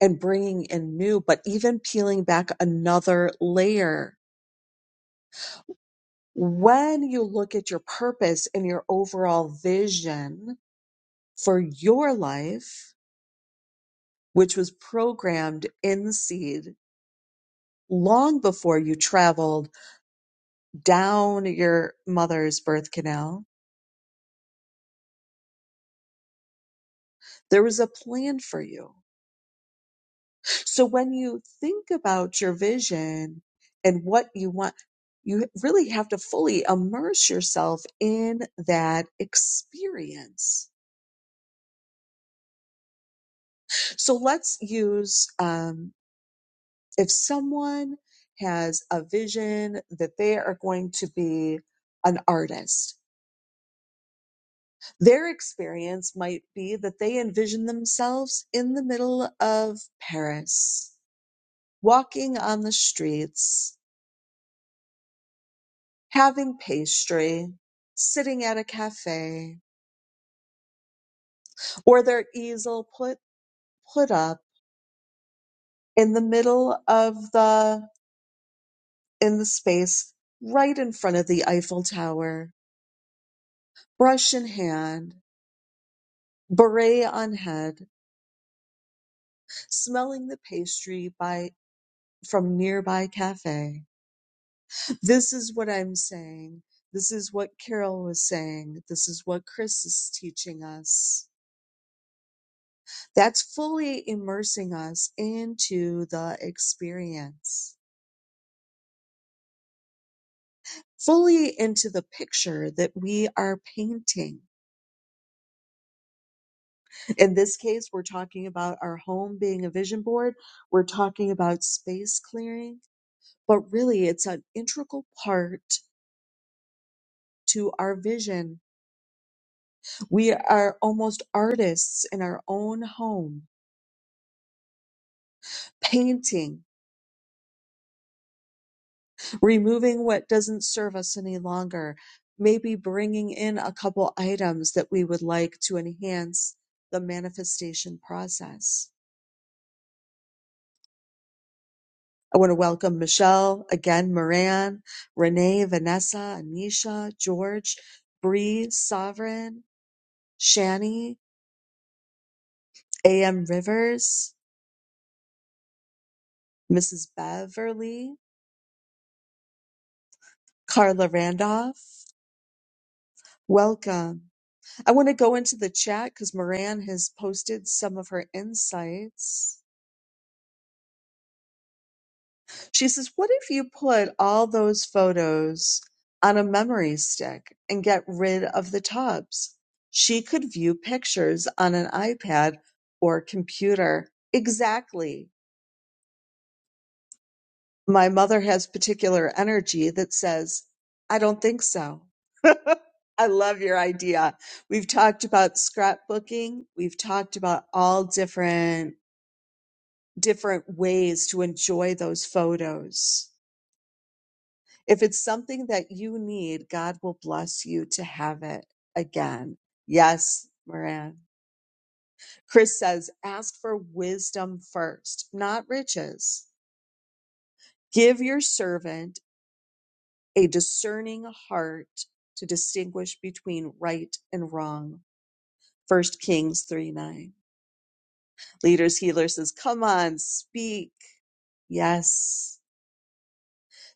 [SPEAKER 1] and bringing in new but even peeling back another layer when you look at your purpose and your overall vision for your life which was programmed in seed long before you traveled down your mother's birth canal there was a plan for you So when you think about your vision and what you want, you really have to fully immerse yourself in that experience. So let's use um, if someone has a vision that they are going to be an artist, their experience might be that they envision themselves in the middle of Paris, walking on the streets having pastry, sitting at a cafe, or their easel put put up in the middle of the in the space right in front of the Eiffel Tower, brush in hand, beret on head, smelling the pastry by from nearby cafe. This is what I'm saying. This is what Carol was saying. This is what Chris is teaching us. That's fully immersing us into the experience, fully into the picture that we are painting. In this case, we're talking about our home being a vision board. We're talking about space clearing, but really it's an integral part to our vision. We are almost artists in our own home, painting removing what doesn't serve us any longer, maybe bringing in a couple items that we would like to enhance the manifestation process. I want to welcome Michelle, again, Moran, Renee, Vanessa, Anisha, George, Bree, Sovereign, Shani, A.M. Rivers, Mrs. Beverly, Carla Randolph. Welcome. I want to go into the chat because Moran has posted some of her insights. She says, What if you put all those photos on a memory stick and get rid of the tubs? She could view pictures on an iPad or computer. Exactly. My mother has particular energy that says, I don't think so. [LAUGHS] I love your idea. We've talked about scrapbooking. We've talked about all different different ways to enjoy those photos. If it's something that you need, God will bless you to have it again. Yes, Moran. Chris says, ask for wisdom first, not riches. Give your servant a discerning heart to distinguish between right and wrong. First Kings 3 9. Leaders Healer says, come on, speak. Yes.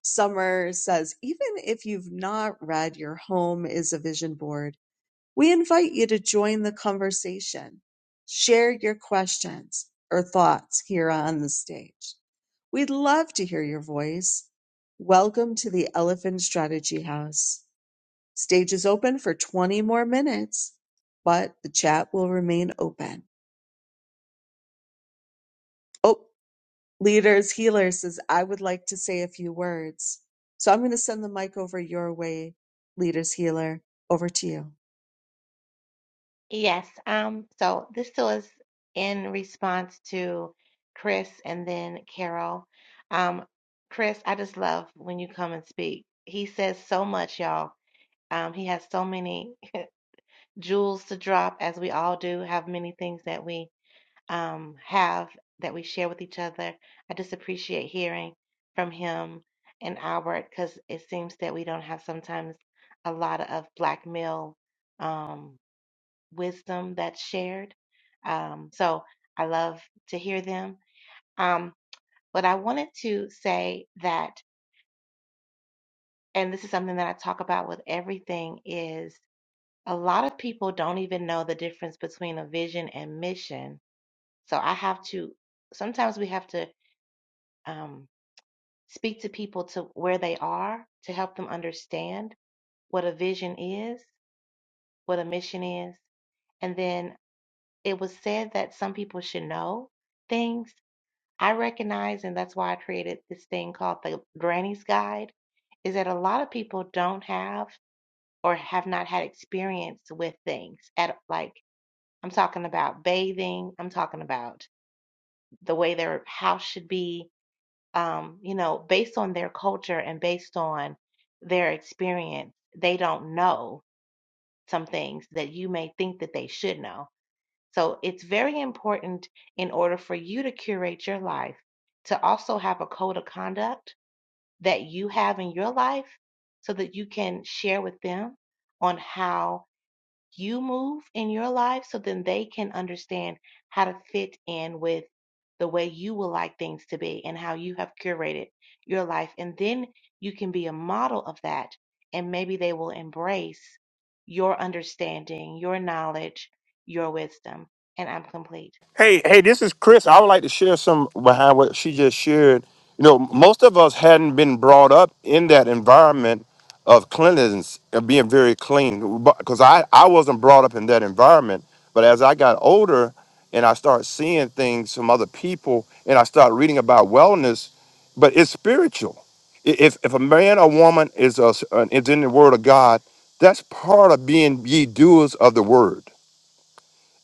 [SPEAKER 1] Summer says, even if you've not read, your home is a vision board. We invite you to join the conversation. Share your questions or thoughts here on the stage. We'd love to hear your voice. Welcome to the Elephant Strategy House. Stage is open for 20 more minutes, but the chat will remain open. Oh, Leaders Healer says, I would like to say a few words. So I'm going to send the mic over your way, Leaders Healer. Over to you.
[SPEAKER 7] Yes, um, so this still is in response to Chris and then Carol. Um, Chris, I just love when you come and speak. He says so much, y'all. Um, he has so many jewels to drop, as we all do, have many things that we um, have that we share with each other. I just appreciate hearing from him and Albert because it seems that we don't have sometimes a lot of black male. Um, wisdom that's shared. Um, so I love to hear them. Um, but I wanted to say that, and this is something that I talk about with everything, is a lot of people don't even know the difference between a vision and mission. So I have to, sometimes we have to um, speak to people to where they are to help them understand what a vision is, what a mission is. And then it was said that some people should know things I recognize, and that's why I created this thing called the Granny's Guide, is that a lot of people don't have or have not had experience with things at like I'm talking about bathing, I'm talking about the way their house should be, um, you know, based on their culture and based on their experience, they don't know some things that you may think that they should know. So it's very important in order for you to curate your life to also have a code of conduct that you have in your life so that you can share with them on how you move in your life so then they can understand how to fit in with the way you would like things to be and how you have curated your life. And then you can be a model of that. And maybe they will embrace your understanding, your knowledge, your wisdom. And I'm complete.
[SPEAKER 8] Hey, hey, this is Chris. I would like to share some behind what she just shared. You know, most of us hadn't been brought up in that environment of cleanliness of being very clean because I, I wasn't brought up in that environment. But as I got older and I started seeing things from other people and I started reading about wellness, but it's spiritual. I- If, if a man or woman is, a, is in the word of God, that's part of being ye doers of the word.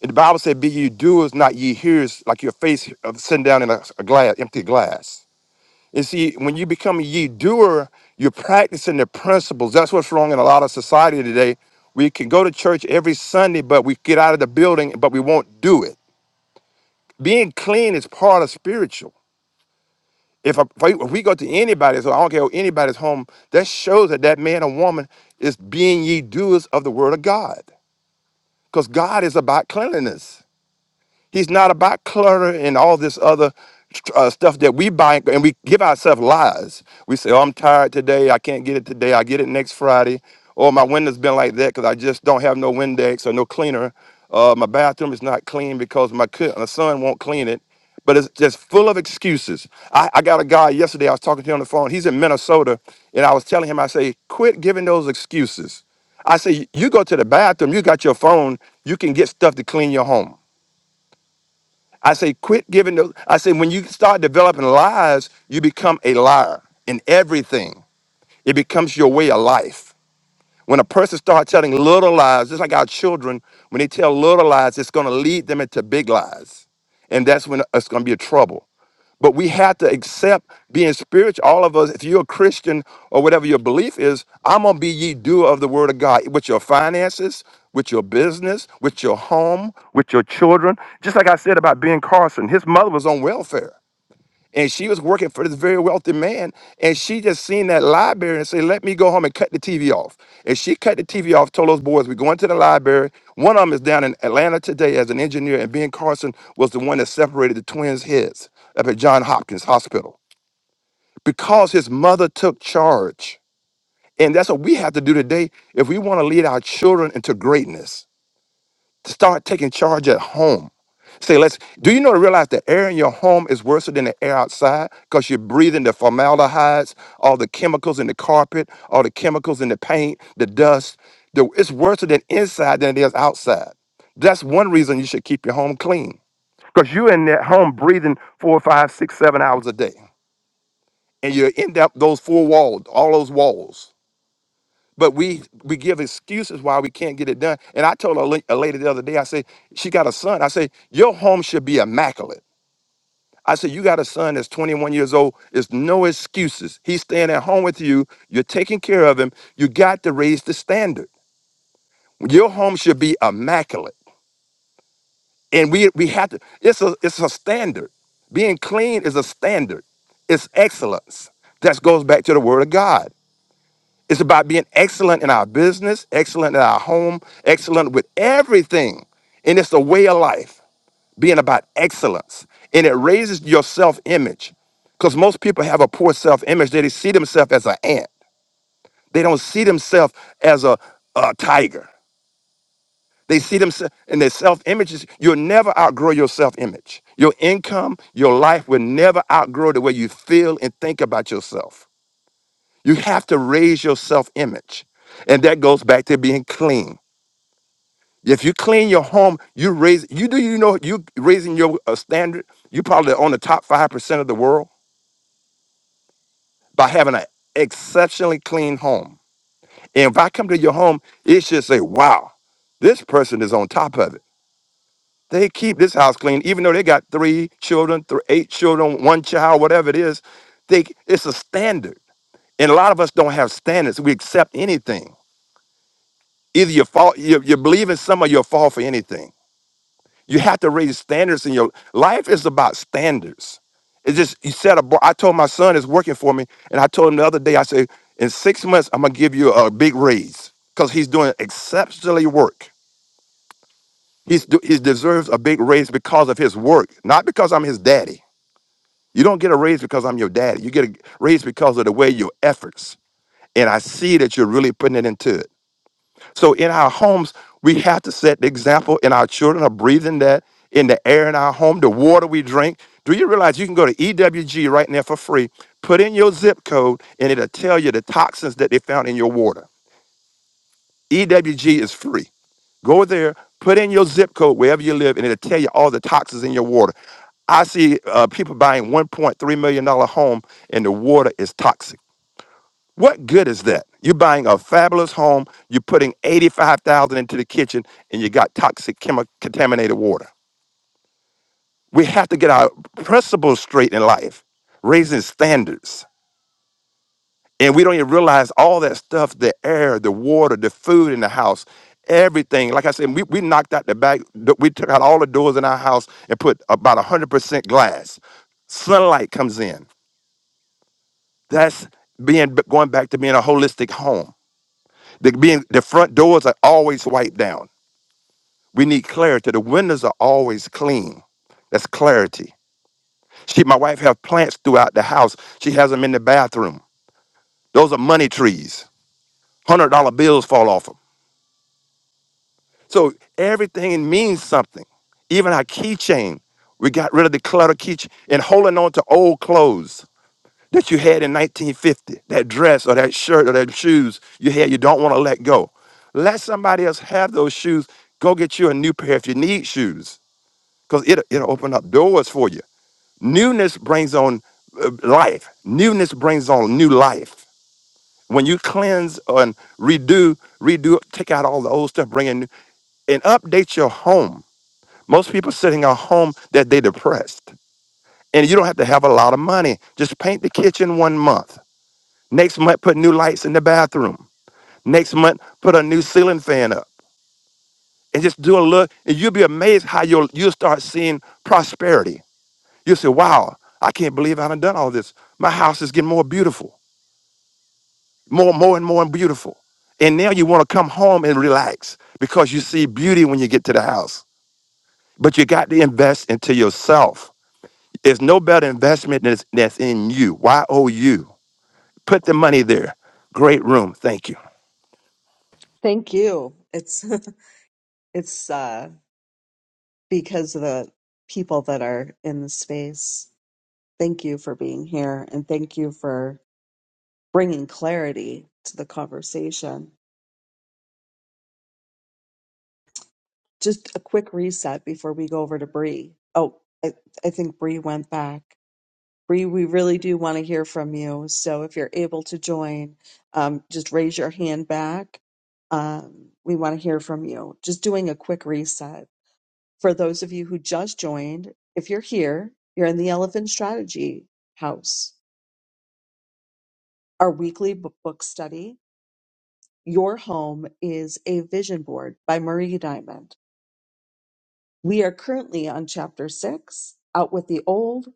[SPEAKER 8] The Bible said, "Be ye doers, not ye hearers, like your face of sitting down in a, a glass, empty glass." And see, when you become a ye doer, you're practicing the principles. That's what's wrong in a lot of society today. We can go to church every Sunday, but we get out of the building, but we won't do it. Being clean is part of spiritual. If, a, if we if we go to anybody's, so I don't care who anybody's home, that shows that that man or woman is being ye doers of the word of God, because God is about cleanliness. He's not about clutter and all this other uh, stuff that we buy and we give ourselves lies. We say, "Oh, I'm tired today. I can't get it today. I get it next Friday." Or my window's been like that because I just don't have no Windex or no cleaner. Uh, my bathroom is not clean because my, co- my son won't clean it. But it's just full of excuses. I, I got a guy yesterday. I was talking to him on the phone. He's in Minnesota, and I was telling him, I say, quit giving those excuses. I say, you go to the bathroom. You got your phone. You can get stuff to clean your home. I say, quit giving those. I say, when you start developing lies, you become a liar in everything. It becomes your way of life. When a person starts telling little lies, just like our children, when they tell little lies, it's going to lead them into big lies. And that's when it's going to be a trouble. But we have to accept being spiritual. All of us, if you're a Christian or whatever your belief is, I'm gonna be ye doer of the word of God with your finances, with your business, with your home, with your children. Just like I said about Ben Carson, his mother was on welfare and she was working for this very wealthy man and she just seen that library and said let me go home and cut the tv off and she cut the tv off told those boys we're going to the library one of them is down in atlanta today as an engineer and ben carson was the one that separated the twins heads up at john hopkins hospital because his mother took charge and that's what we have to do today if we want to lead our children into greatness to start taking charge at home. Say, let's do you know to realize the air in your home is worse than the air outside because you're breathing the formaldehydes, all the chemicals in the carpet, all the chemicals in the paint, the dust. The, it's worse than inside than it is outside. That's one reason you should keep your home clean because you're in that home breathing four, five, six, seven hours a day, and you're in those four walls, all those walls. But we we give excuses why we can't get it done. And I told a, la- a lady the other day, I say she got a son. I say your home should be immaculate. I said, you got a son that's 21 years old. It's no excuses. He's staying at home with you. You're taking care of him. You got to raise the standard. Your home should be immaculate. And we we have to, it's a it's a standard. Being clean is a standard. It's excellence. That goes back to the word of God. It's about being excellent in our business, excellent in our home, excellent with everything. And it's a way of life, being about excellence. And it raises your self image. Because most people have a poor self image. They see themselves as an ant, they don't see themselves as a, a tiger. They see themselves and their self images. You'll never outgrow your self image. Your income, your life will never outgrow the way you feel and think about yourself. You have to raise your self image. And that goes back to being clean. If you clean your home, you raise, you do, you know, you raising your uh, standard, you probably on the top 5% of the world by having an exceptionally clean home. And if I come to your home, it should say, wow, this person is on top of it. They keep this house clean, even though they got three children, th- eight children, one child, whatever it is. They, it's a standard. And a lot of us don't have standards. We accept anything. Either you fall, you, you believe in some or you'll fall for anything. You have to raise standards in your life is about standards. It's just you set a bar. I told my son is working for me, and I told him the other day, I said, in six months, I'm gonna give you a big raise because he's doing exceptionally work. He's do, he deserves a big raise because of his work, not because I'm his daddy. You don't get a raise because I'm your daddy. You get a raise because of the way your efforts. And I see that you're really putting it into it. So in our homes, we have to set the example, and our children are breathing that in the air in our home, the water we drink. Do you realize you can go to EWG right now for free? Put in your zip code, and it'll tell you the toxins that they found in your water. EWG is free. Go there, put in your zip code wherever you live, and it'll tell you all the toxins in your water. I see uh, people buying $1.3 million dollar home, and the water is toxic. What good is that? You're buying a fabulous home, you're putting 85,000 into the kitchen and you got toxic chemi- contaminated water. We have to get our principles straight in life, raising standards. And we don't even realize all that stuff, the air, the water, the food in the house, everything. Like I said, we, we knocked out the back, th- we took out all the doors in our house and put about 100% glass. Sunlight comes in. That's being going back to being a holistic home The being the front doors are always wiped down. We need clarity. The windows are always clean. That's clarity. She, my wife, have plants throughout the house. She has them in the bathroom. Those are money trees. Hundred dollar bills fall off them. So everything means something. Even our keychain. We got rid of the clutter keychain and holding on to old clothes. that you had in 1950, that dress or that shirt or that shoes you had, you don't want to let go. Let somebody else have those shoes. Go get you a new pair if you need shoes, because it, it'll, it'll open up doors for you. Newness brings on uh, life. Newness brings on new life. When you cleanse and redo, redo, take out all the old stuff, bring in new, and update your home. Most people sitting at home that they depressed, and you don't have to have a lot of money. Just paint the kitchen one month Next month, put new lights in the bathroom. Next month, put a new ceiling fan up and just do a look. And you'll be amazed how you'll, you'll start seeing prosperity. You'll say, wow, I can't believe I done done all this. My house is getting more beautiful, more, more and more beautiful. And now you want to come home and relax because you see beauty when you get to the house. But you got to invest into yourself. It's no better investment than that's in you. Y O U. Put the money there. Great room. Thank you.
[SPEAKER 1] Thank you. It's, [LAUGHS] it's, uh, because of the people that are in the space. Thank you for being here and thank you for bringing clarity to the conversation. Just a quick reset before we go over to Bree. Oh, I, I think Bree went back. Bree, we really do want to hear from you. So if you're able to join, um, just raise your hand back. Um, we want to hear from you. Just doing a quick reset. For those of you who just joined, if you're here, you're in the Elephant Strategy House Our weekly b- book study, Your Home is a Vision Board by Marie Diamond. We are currently on chapter six, Out with the Old,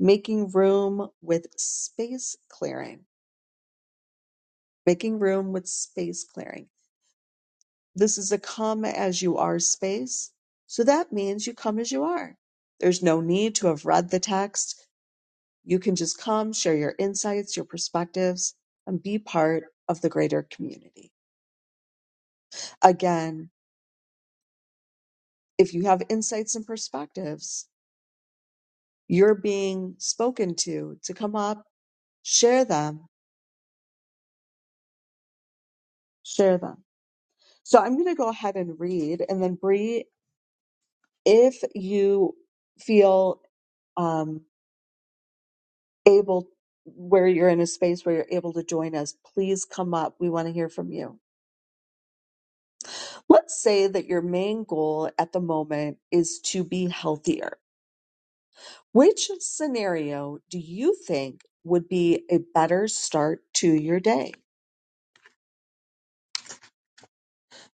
[SPEAKER 1] Making Room with Space Clearing. Making Room with Space Clearing. This is a come as you are space. So that means you come as you are. There's no need to have read the text. You can just come, share your insights, your perspectives, and be part of the greater community. Again, if you have insights and perspectives, you're being spoken to to come up, share them, share them. So I'm going to go ahead and read, and then Bree, if you feel um, able, where you're in a space where you're able to join us, please come up. We want to hear from you. Let's say that your main goal at the moment is to be healthier. Which scenario do you think would be a better start to your day?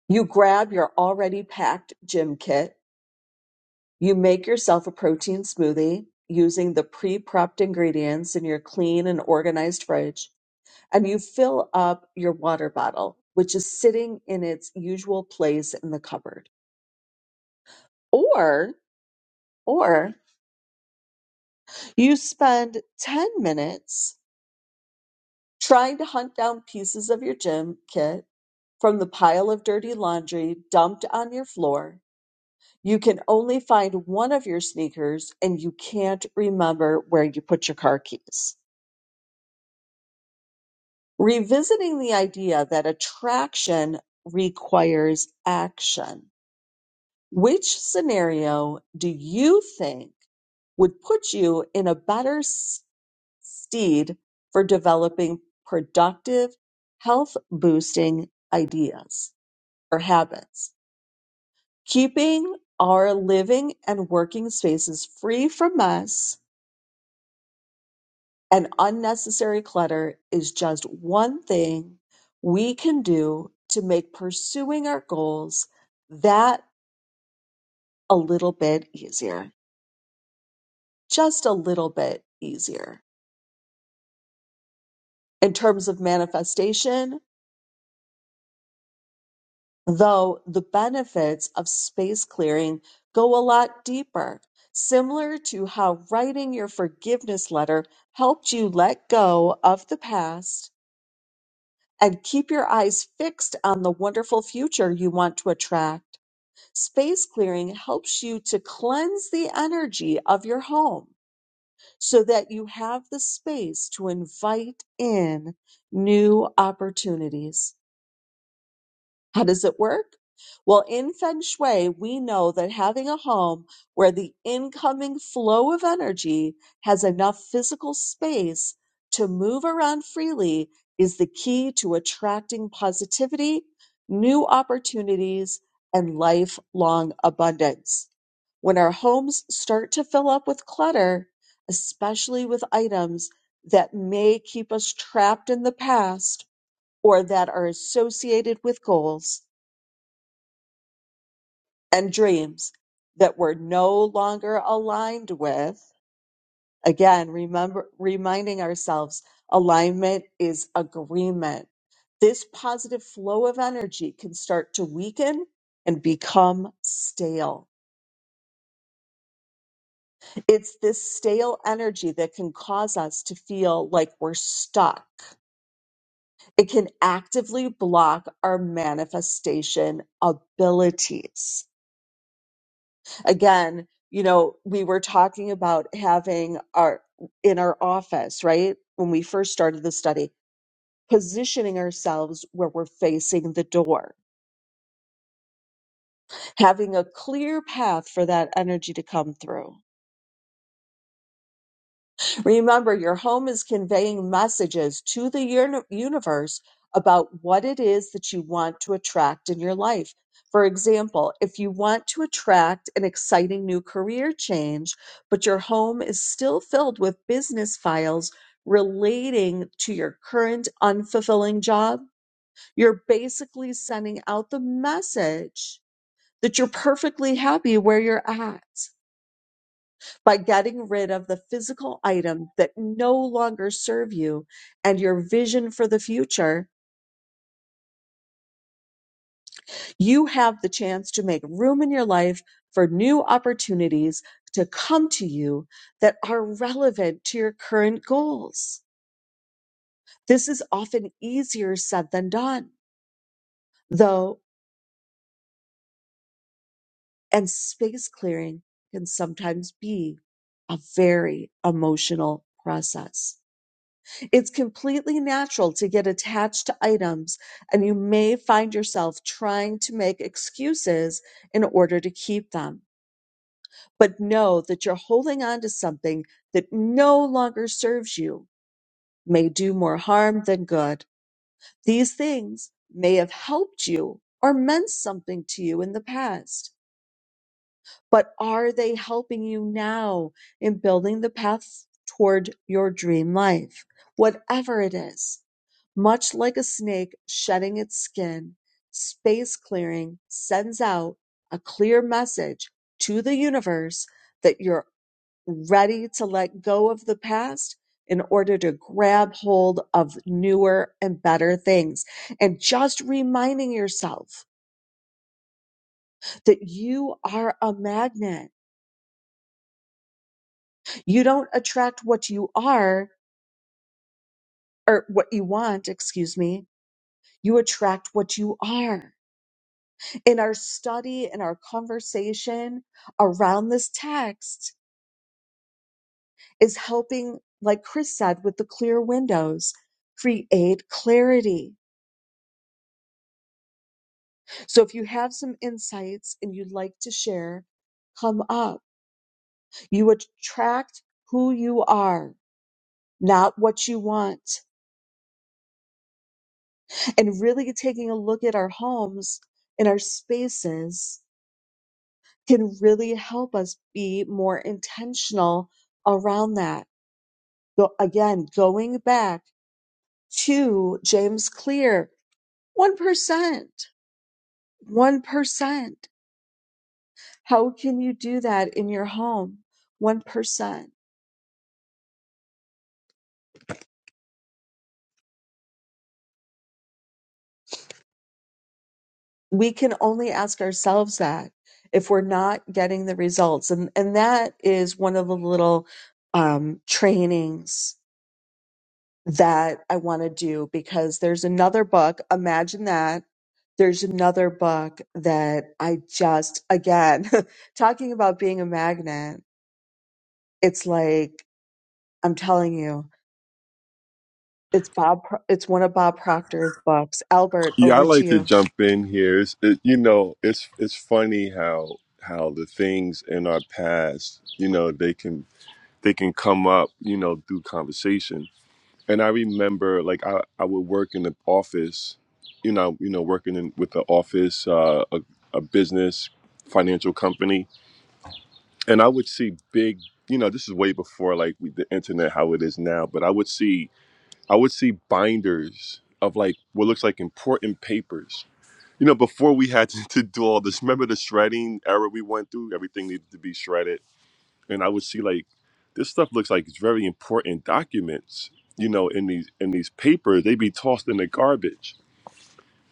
[SPEAKER 1] You grab your already packed gym kit. You make yourself a protein smoothie using the pre prepped ingredients in your clean and organized fridge. And you fill up your water bottle, which is sitting in its usual place in the cupboard. Or, or you spend 10 minutes trying to hunt down pieces of your gym kit from the pile of dirty laundry dumped on your floor You can only find one of your sneakers and you can't remember where you put your car keys. Revisiting the idea that attraction requires action. Which scenario do you think would put you in a better s- steed for developing productive, health boosting ideas or habits? Keeping our living and working spaces free from mess And unnecessary clutter is just one thing we can do to make pursuing our goals that a little bit easier, just a little bit easier. In terms of manifestation, though, the benefits of space clearing go a lot deeper, similar to how writing your forgiveness letter helped you let go of the past and keep your eyes fixed on the wonderful future you want to attract Space clearing helps you to cleanse the energy of your home so that you have the space to invite in new opportunities. How does it work? Well, in Feng Shui, we know that having a home where the incoming flow of energy has enough physical space to move around freely is the key to attracting positivity, new opportunities, and lifelong abundance. When our homes start to fill up with clutter, especially with items that may keep us trapped in the past or that are associated with goals, and dreams that we're no longer aligned with. Again, remember reminding ourselves alignment is agreement. This positive flow of energy can start to weaken and become stale. It's this stale energy that can cause us to feel like we're stuck. It can actively block our manifestation abilities. Again, you know, we were talking about having our in our office, right? When we first started the study, positioning ourselves where we're facing the door, having a clear path for that energy to come through. Remember, your home is conveying messages to the uni- universe about what it is that you want to attract in your life. For example, if you want to attract an exciting new career change, but your home is still filled with business files relating to your current unfulfilling job, you're basically sending out the message that you're perfectly happy where you're at by getting rid of the physical item that no longer serve you and your vision for the future, you have the chance to make room in your life for new opportunities to come to you that are relevant to your current goals. This is often easier said than done, though, and space clearing can sometimes be a very emotional process. It's completely natural to get attached to items, and you may find yourself trying to make excuses in order to keep them. But know that you're holding on to something that no longer serves you, may do more harm than good. These things may have helped you or meant something to you in the past, but are they helping you now in building the path toward your dream life, whatever it is? Much like a snake shedding its skin, space clearing sends out a clear message to the universe that you're ready to let go of the past in order to grab hold of newer and better things. And just reminding yourself that you are a magnet. You don't attract what you are or what you want, excuse me. You attract what you are. in our study and our conversation around this text is helping, like Chris said, with the clear windows, create clarity. So if you have some insights and you'd like to share, come up. You attract who you are, not what you want. And really taking a look at our homes and our spaces can really help us be more intentional around that. Go, again, going back to James Clear. 1%. 1%. How can you do that in your home? 1%. We can only ask ourselves that if we're not getting the results. And, and that is one of the little um, trainings that I want to do because there's another book, Imagine That. There's another book that I just, again, [LAUGHS] talking about being a magnet, it's like, I'm telling you, It's Bob. Pro- It's one of Bob Proctor's books. Albert,
[SPEAKER 6] Yeah, I
[SPEAKER 1] over to
[SPEAKER 6] like to
[SPEAKER 1] you.
[SPEAKER 6] jump in here. It's, it, you know, it's it's funny how how the things in our past, you know, they can they can come up, you know, through conversation. And I remember, like, I I would work in the office, you know, you know, working in with the office, uh, a, a business, financial company, and I would see big, you know, this is way before like we, the internet, how it is now, but I would see I would see binders of like what looks like important papers you know, before we had to, [LAUGHS] to do all this, remember the shredding era we went through? Everything needed to be shredded. And I would see like this stuff looks like it's very important documents, you know, in these in these papers. They be tossed in the garbage.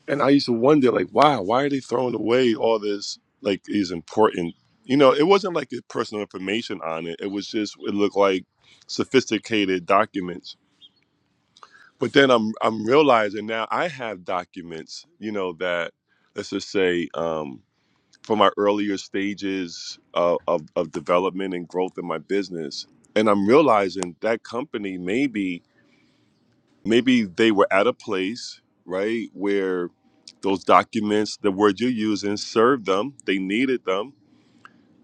[SPEAKER 6] And I used to wonder, like, wow, why are they throwing away all this like is important you know, it wasn't like the personal information on it. It was just it looked like sophisticated documents. But then I'm I'm realizing now I have documents, you know, that let's just say um from my earlier stages of, of, of development and growth in my business. And I'm realizing that company maybe maybe they were at a place, right, where those documents, the word you're using, served them. They needed them.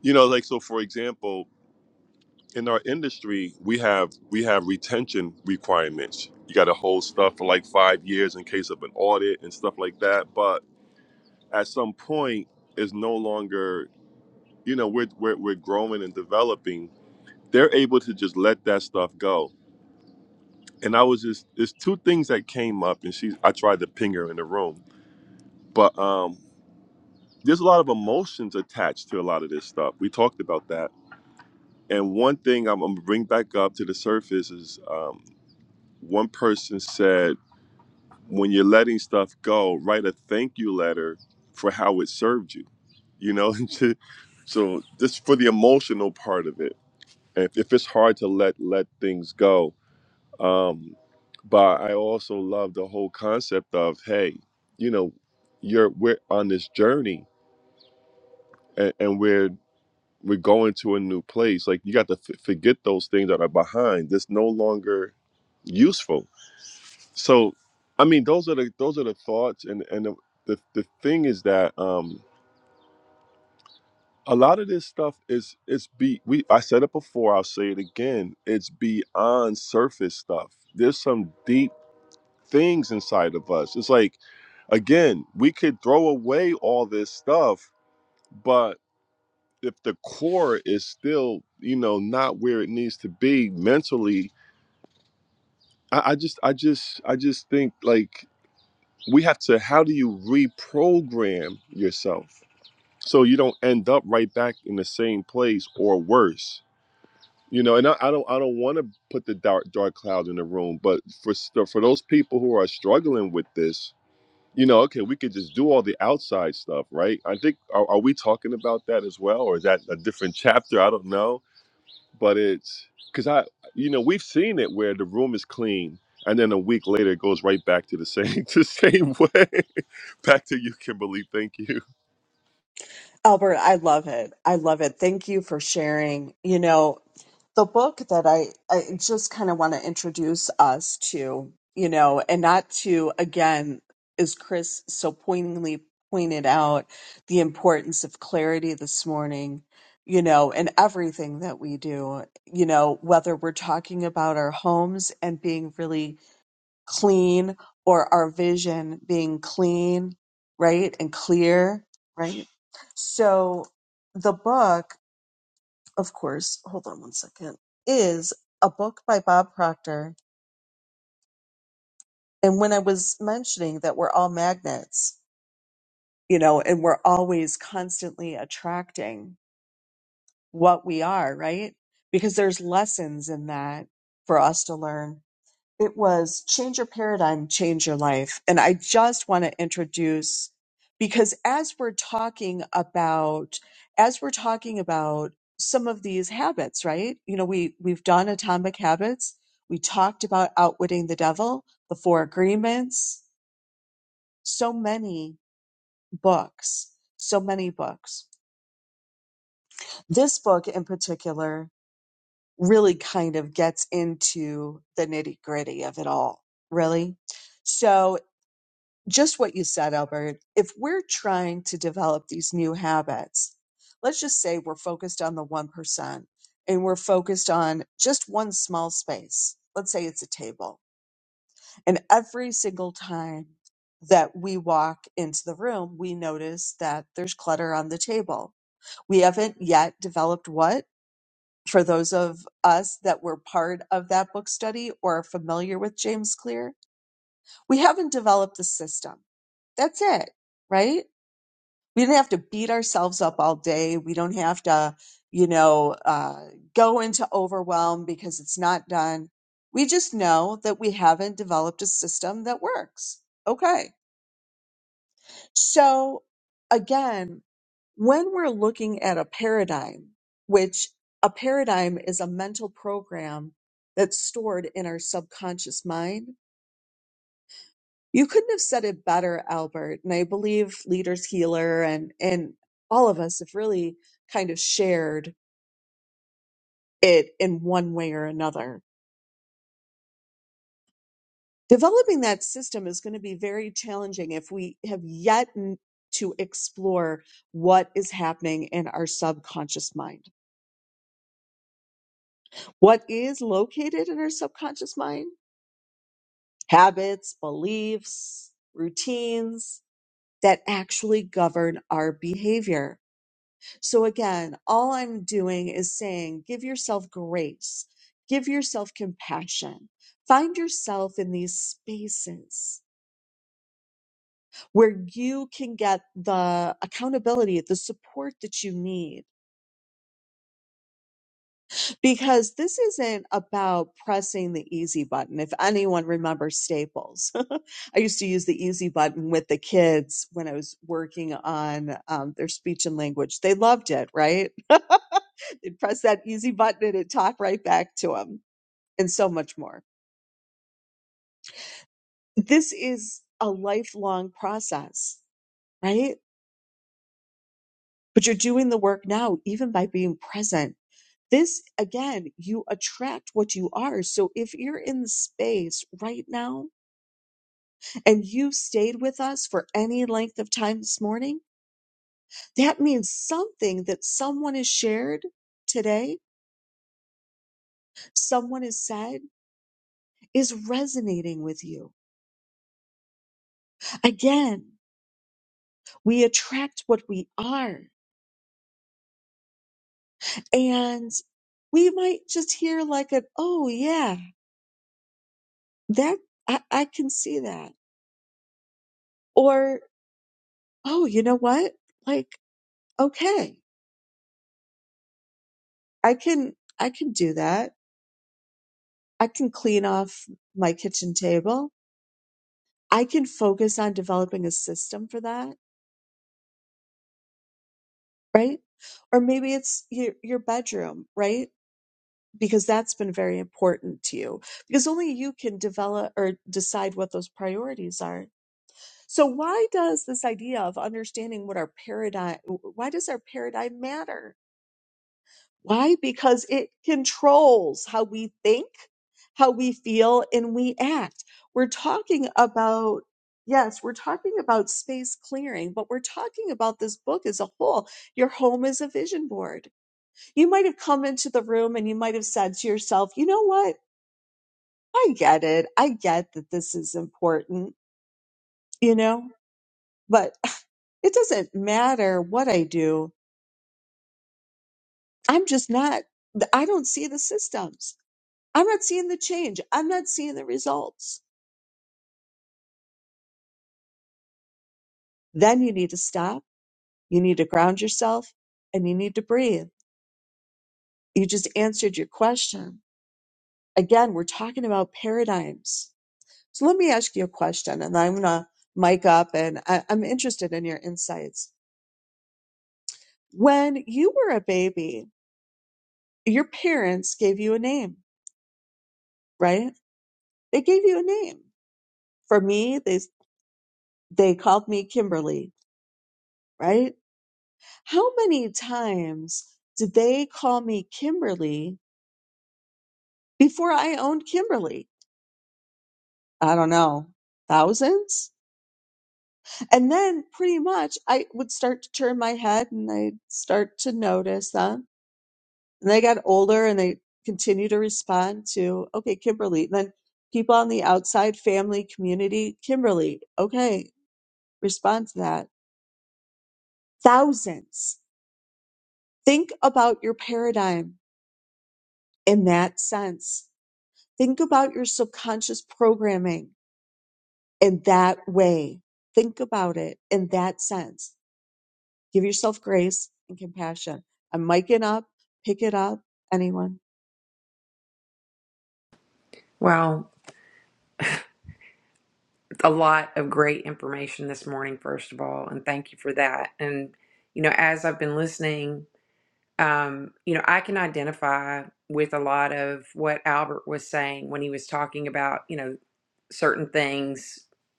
[SPEAKER 6] You know, like so for example, in our industry, we have we have retention requirements. You gotta hold stuff for like five years in case of an audit and stuff like that. But at some point is no longer you know we're, we're we're growing and developing they're able to just let that stuff go and i was just there's two things that came up and she i tried to ping her in the room but um there's a lot of emotions attached to a lot of this stuff we talked about that and one thing i'm, I'm gonna bring back up to the surface is um one person said when you're letting stuff go write a thank you letter for how it served you you know [LAUGHS] so just for the emotional part of it if, if it's hard to let let things go um but i also love the whole concept of hey you know you're we're on this journey and, and we're we're going to a new place like you got to f- forget those things that are behind that's no longer useful so i mean those are the those are the thoughts and and the the, the thing is that um, a lot of this stuff is it's be we I said it before, I'll say it again. It's beyond surface stuff. There's some deep things inside of us. It's like again, we could throw away all this stuff, but if the core is still, you know, not where it needs to be mentally, I, I just I just I just think like we have to how do you reprogram yourself so you don't end up right back in the same place or worse you know and i, I don't i don't want to put the dark dark cloud in the room but for st- for those people who are struggling with this you know okay we could just do all the outside stuff right i think are, are we talking about that as well or is that a different chapter i don't know but it's because i you know we've seen it where the room is clean and then a week later it goes right back to the same [LAUGHS] to the same way [LAUGHS] back to you kimberly thank you
[SPEAKER 1] Albert, I love it. I love it. Thank you for sharing. You know, the book that I, I just kind of want to introduce us to, you know, and not to, again, as Chris so poignantly pointed out, the importance of clarity this morning, you know, in everything that we do, you know, whether we're talking about our homes and being really clean or our vision being clean, right? And clear, right? So the book, of course, hold on one second, is a book by Bob Proctor. And when I was mentioning that we're all magnets, you know, and we're always constantly attracting what we are, right? Because there's lessons in that for us to learn It was Change Your Paradigm, Change Your Life. And I just want to introduce, because as we're talking about, as we're talking about some of these habits, right? You know, we, we've done atomic habits. We talked about outwitting the devil, the four agreements, so many books, so many books. This book in particular really kind of gets into the nitty gritty of it all, really. So just what you said, Albert, if we're trying to develop these new habits, let's just say we're focused on the 1% and we're focused on just one small space. Let's say it's a table. And every single time that we walk into the room, we notice that there's clutter on the table. We haven't yet developed what? For those of us that were part of that book study or are familiar with James Clear, we haven't developed the system. That's it, right? we don't have to beat ourselves up all day. We don't have to, you know, uh, go into overwhelm because it's not done. We just know that we haven't developed a system that works. Okay. So again, when we're looking at a paradigm, which a paradigm is a mental program that's stored in our subconscious mind, You couldn't have said it better, Albert. And I believe Leaders Healer and, and all of us have really kind of shared it in one way or another. Developing that system is going to be very challenging if we have yet n- to explore what is happening in our subconscious mind. What is located in our subconscious mind? Habits, beliefs, routines that actually govern our behavior So again, all I'm doing is saying give yourself grace, give yourself compassion. Find yourself in these spaces where you can get the accountability, the support that you need. Because this isn't about pressing the easy button. If anyone remembers Staples, [LAUGHS] I used to use the easy button with the kids when I was working on um, their speech and language. They loved it, right? [LAUGHS] They'd press that easy button and it'd talk right back to them and so much more. This is a lifelong process, right? But you're doing the work now, even by being present. This again, you attract what you are. So if you're in the space right now and you stayed with us for any length of time this morning, that means something that someone has shared today, someone has said is resonating with you. Again, we attract what we are. and we might just hear like an oh yeah that I, I can see that or oh you know what like okay i can i can do that i can clean off my kitchen table i can focus on developing a system for that right or maybe it's your your bedroom right because that's been very important to you because only you can develop or decide what those priorities are So why does this idea of understanding what our paradigm why does our paradigm matter? Why? Because it controls how we think, how we feel and we act. We're talking about yes, we're talking about space clearing, but we're talking about this book as a whole. Your home is a vision board. You might have come into the room and you might have said to yourself, "You know what? I get it. I get that this is important, you know, but It doesn't matter what I do. I'm just not, I don't see the systems. I'm not seeing the change. I'm not seeing the results. Then you need to stop. You need to ground yourself and you need to breathe. You just answered your question. Again, we're talking about paradigms. So let me ask you a question and I'm going to mic up and I, I'm interested in your insights. When you were a baby, your parents gave you a name, right? They gave you a name. For me, they. they called me Kimberly, right? How many times did they call me Kimberly before I owned Kimberly? I don't know, thousands? And then pretty much I would start to turn my head and I'd start to notice them. And they got older and they continue to respond to, okay, Kimberly. And then people on the outside, family, community, Kimberly, okay, respond to that. Thousands. Think about your paradigm in that sense. Think about your subconscious programming in that way. Think about it in that sense. Give yourself grace and compassion. I'm miking up, pick it up. Anyone?
[SPEAKER 3] Well, a lot of great information this morning, first of all, and thank you for that. And, you know, as I've been listening, um, you know, I can identify with a lot of what Albert was saying when he was talking about, you know, certain things,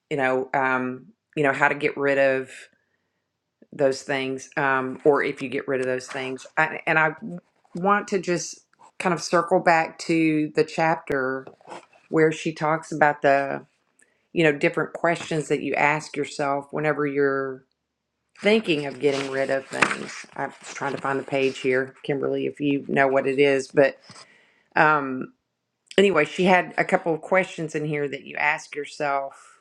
[SPEAKER 3] you know, um, you know, how to get rid of those things, um, or if you get rid of those things. I, and I want to just kind of circle back to the chapter where she talks about the, you know, different questions that you ask yourself whenever you're thinking of getting rid of things. I was trying to find the page here, Kimberly, if you know what it is. But um, anyway, she had a couple of questions in here that you ask yourself.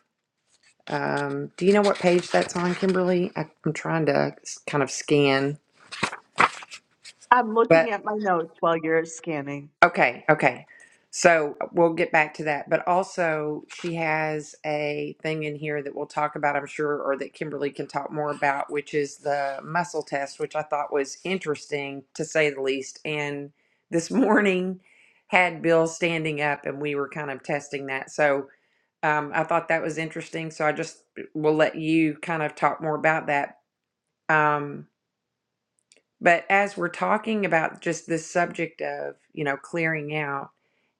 [SPEAKER 3] Um, do you know what page that's on, Kimberly? I, I'm trying to s- kind of scan,
[SPEAKER 1] I'm
[SPEAKER 3] but
[SPEAKER 1] looking at my notes while you're scanning.
[SPEAKER 3] Okay, okay. So uh, we'll get back to that. But also, she has a thing in here that we'll talk about, I'm sure, or that Kimberly can talk more about, which is the muscle test, which I thought was interesting to say the least. And this [LAUGHS] morning had Bill standing up and we were kind of testing that. So um, I thought that was interesting. So I just uh, will let you kind of talk more about that. Um, but as we're talking about just this subject of, you know, clearing out,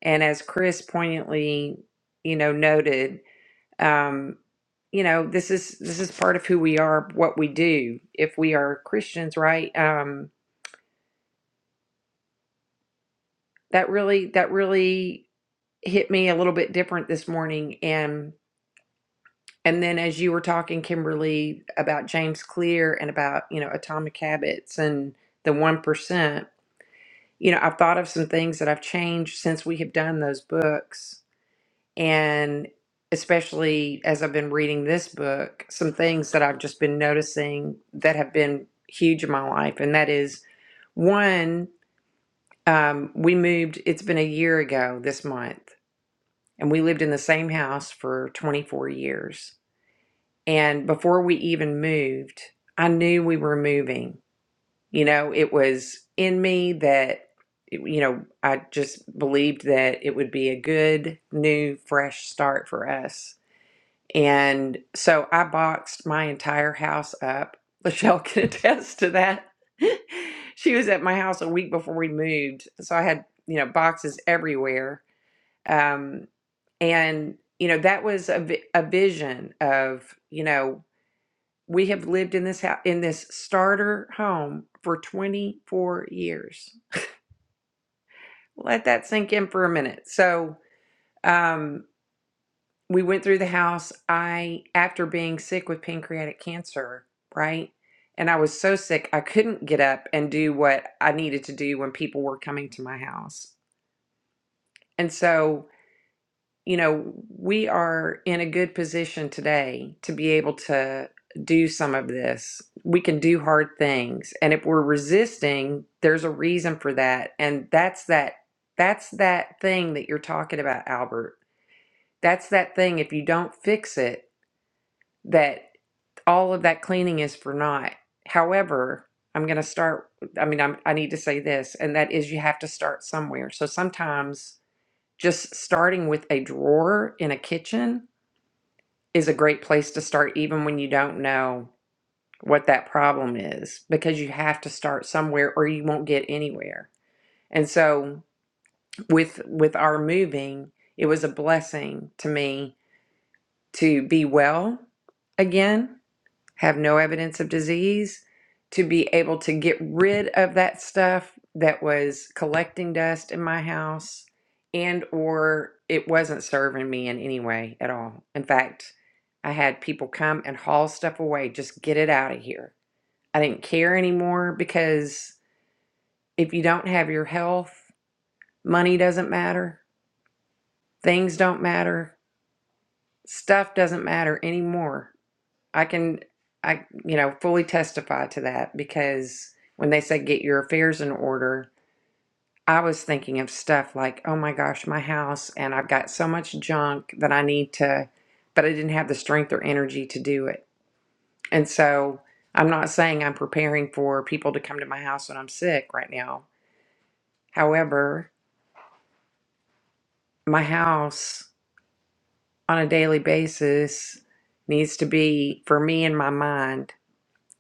[SPEAKER 3] and as Chris poignantly, you know, noted, um, you know, this is this is part of who we are, what we do, if we are Christians, right? Um, that really that really hit me a little bit different this morning. And and then as you were talking, Kimberly, about James Clear and about, you know, atomic habits and the one percent, you know, I've thought of some things that I've changed since we have done those books, and especially as I've been reading this book, some things that I've just been noticing that have been huge in my life, and that is one, um, we moved, it's been a year ago this month, and we lived in the same house for 24 years. And before we even moved, I knew we were moving you know, it was in me that, you know, I just believed that it would be a good, new, fresh start for us. And so I boxed my entire house up. Michelle can [LAUGHS] attest to that. [LAUGHS] she was at my house a week before we moved. So I had, you know, boxes everywhere. Um, and, you know, that was a, vi- a vision of, you know, we have lived in this house, in this starter home for 24 years. Let that sink in for a minute. So, um, we went through the house. I, after being sick with pancreatic cancer, right? And I was so sick, I couldn't get up and do what I needed to do when people were coming to my house. And so you know, we are in a good position today to be able to do some of this. We can do hard things. And if we're resisting, there's a reason for that. And that's that that's that thing that you're talking about, Albert. That's that thing if you don't fix it that all of that cleaning is for naught. However, I'm going to start I mean I'm I need to say this and that is you have to start somewhere. So sometimes just starting with a drawer in a kitchen is a great place to start, even when you don't know what that problem is, because you have to start somewhere or you won't get anywhere. And so with with our moving, it was a blessing to me to be well again have no evidence of disease, to be able to get rid of that stuff that was collecting dust in my house and or it wasn't serving me in any way at all. In fact, I had people come and haul stuff away, just get it out of here. I didn't care anymore because if you don't have your health, money doesn't matter, things don't matter, stuff doesn't matter anymore I can, I, you know, fully testify to that because when they said get your affairs in order, I was thinking of stuff like, oh my gosh, my house, and I've got so much junk that I need to, but I didn't have the strength or energy to do it. And so I'm not saying I'm preparing for people to come to my house when I'm sick right now. However, my house on a daily basis needs to be, for me in my mind,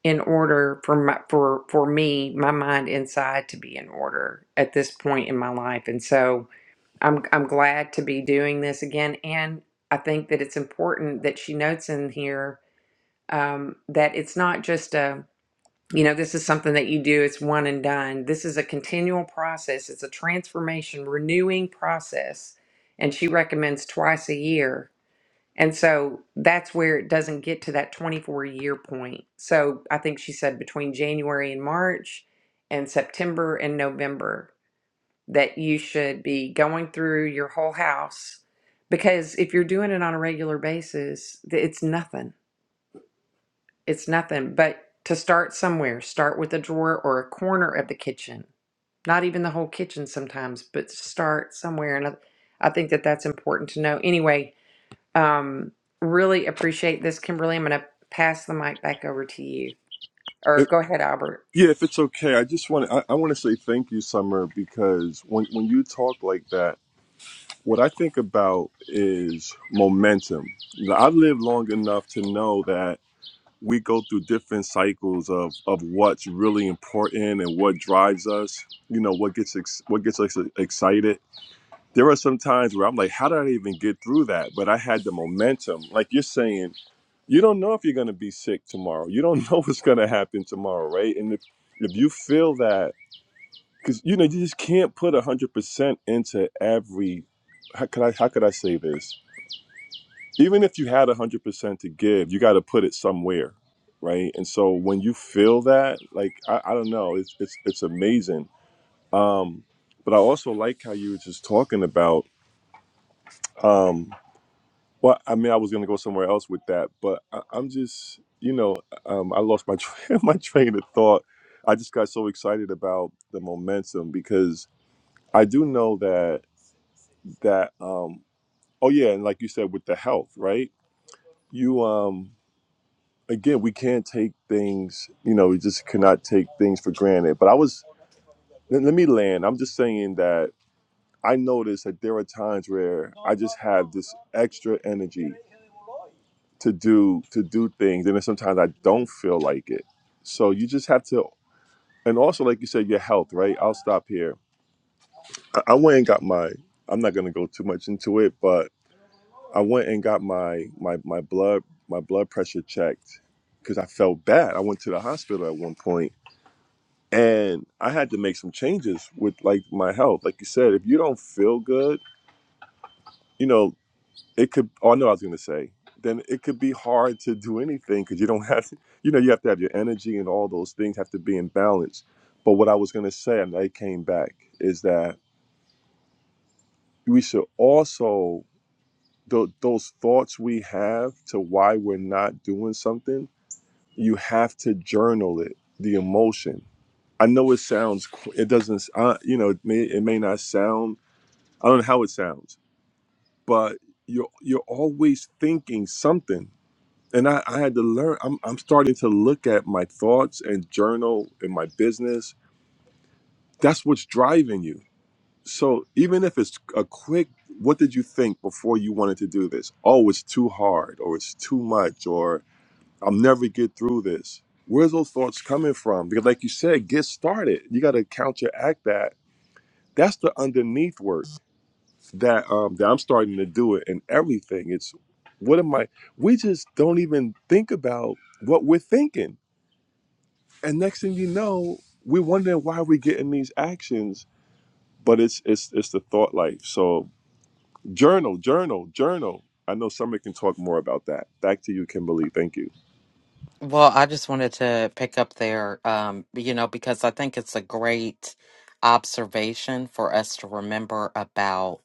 [SPEAKER 3] in order for my for for me my mind inside to be in order at this point in my life and so i'm i'm glad to be doing this again and i think that it's important that she notes in here um, that it's not just a you know this is something that you do it's one and done this is a continual process it's a transformation renewing process and she recommends twice a year and so that's where it doesn't get to that 24 year point. So I think she said between January and March and September and November that you should be going through your whole house because if you're doing it on a regular basis, th- it's nothing. It's nothing. But to start somewhere, start with a drawer or a corner of the kitchen, not even the whole kitchen sometimes, but start somewhere. And I, I think that that's important to know. Anyway, um, really appreciate this, Kimberly. I'm going to pass the mic back over to you. Or
[SPEAKER 6] If-
[SPEAKER 3] go ahead, Albert.
[SPEAKER 6] yeah if it's okay i just want to i, I want to say thank you summer because when when you talk like that What I think about is momentum. Now, I've lived long enough to know that we go through different cycles of, of what's really important and what drives us, you know, what gets ex- what gets us excited. There are some times where I'm like, how did I even get through that? But I had the momentum. Like you're saying, you don't know if you're going to be sick tomorrow. You don't know [LAUGHS] what's going to happen tomorrow, right? And if, if you feel that, because, you know, you just can't put 100% into every, how could I, how could I say this? even if you had 100% to give you got to put it somewhere right and so when you feel that like i, I don't know it's, it's it's amazing um but i also like how you were just talking about um well i mean i was going to go somewhere else with that but I, i'm just you know um i lost my train, [LAUGHS] my train of thought i just got so excited about the momentum because i do know that that um oh yeah and like you said with the health right you um again, we can't take things, you know, we just cannot take things for granted. But I was, let, let me land. I'm just saying that I noticed that there are times where I just have this extra energy to do to do things, and then sometimes I don't feel like it. So you just have to, and also like you said, your health, right? I'll stop here. I, I went and got my. I'm not gonna go too much into it, but I went and got my my my blood my blood pressure checked because I felt bad. I went to the hospital at one point and I had to make some changes with like my health. Like you said, if you don't feel good, you know, it could. Oh, I know what I was gonna say. Then it could be hard to do anything because you don't [LAUGHS] have, to, you know, you have to have your energy and all those things have to be in balance. But what I was gonna say, and I came back, is that we should also tho- those thoughts we have to why we're not doing something. You have to journal it, the emotion. I know it sounds, qu- it doesn't, uh, you know, it may, it may not sound I don't know how it sounds, but you're you're always thinking something. And I, I had to learn. I'm I'm starting to look at my thoughts and journal in my business. That's what's driving you. So even if it's a quick, what did you think before you wanted to do this? Oh, it's too hard, or it's too much, or I'll never get through this. Where's those thoughts coming from? Because like you said, get started. You got to counteract that. That's the underneath work. that um that I'm starting to do it in everything. It's what am I we just don't even think about what we're thinking. And next thing you know, we're wondering why we're getting these actions, but it's it's it's the thought life. So journal, journal, journal. I know somebody can talk more about that. Back to you, Kimberly. Thank you.
[SPEAKER 4] Well, I just wanted to pick up there, um, you know, because I think it's a great observation for us to remember about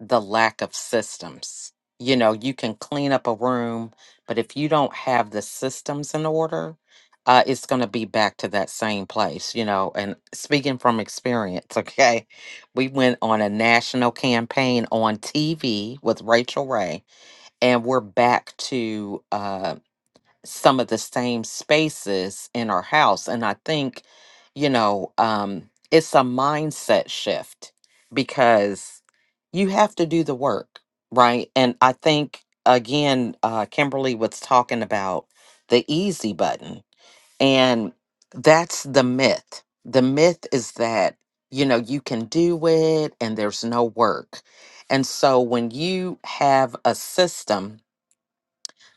[SPEAKER 4] the lack of systems. You know, you can clean up a room, but if you don't have the systems in order, uh, it's going to be back to that same place, you know. And speaking from experience, [LAUGHS] okay, we went on a national campaign on TV with Rachel Ray, and we're back to um some of the same spaces in our house. And I think, you know, um, it's a mindset shift because you have to do the work, right? And I think, again, uh, Kimberly was talking about the easy button, and that's the myth. The myth is that, you know, you can do it and there's no work. And so when you have a system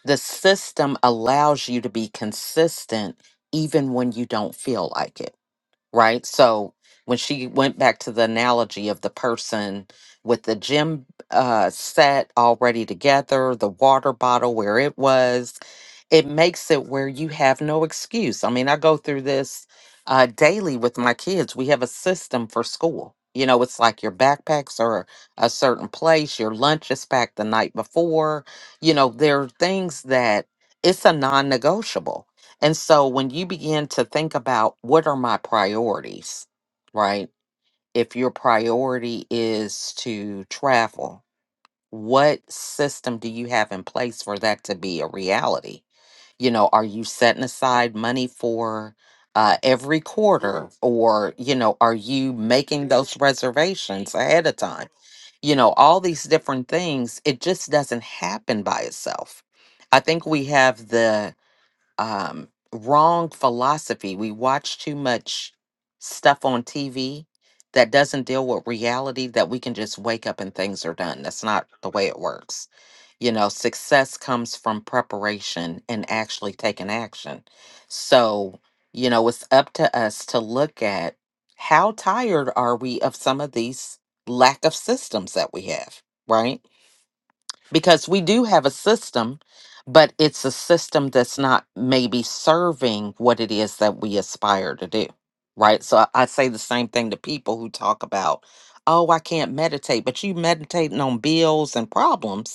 [SPEAKER 4] the system allows you to be consistent even when you don't feel like it, right? So when she went back to the analogy of the person with the gym uh, set already together, the water bottle where it was, it makes it where you have no excuse. I mean, I go through this uh, daily with my kids. We have a system for school. You know, it's like your backpacks are a certain place, your lunch is packed the night before. You know, there are things that it's a non negotiable. And so when you begin to think about what are my priorities, right? If your priority is to travel, what system do you have in place for that to be a reality? you know are you setting aside money for uh, every quarter or you know are you making those reservations ahead of time you know all these different things it just doesn't happen by itself i think we have the um, wrong philosophy we watch too much stuff on tv that doesn't deal with reality that we can just wake up and things are done that's not the way it works you know, success comes from preparation and actually taking action. So, you know, it's up to us to look at how tired are we of some of these lack of systems that we have, right? Because we do have a system, but it's a system that's not maybe serving what it is that we aspire to do, right? So I, I say the same thing to people who talk about, oh, I can't meditate, but you meditating on bills and problems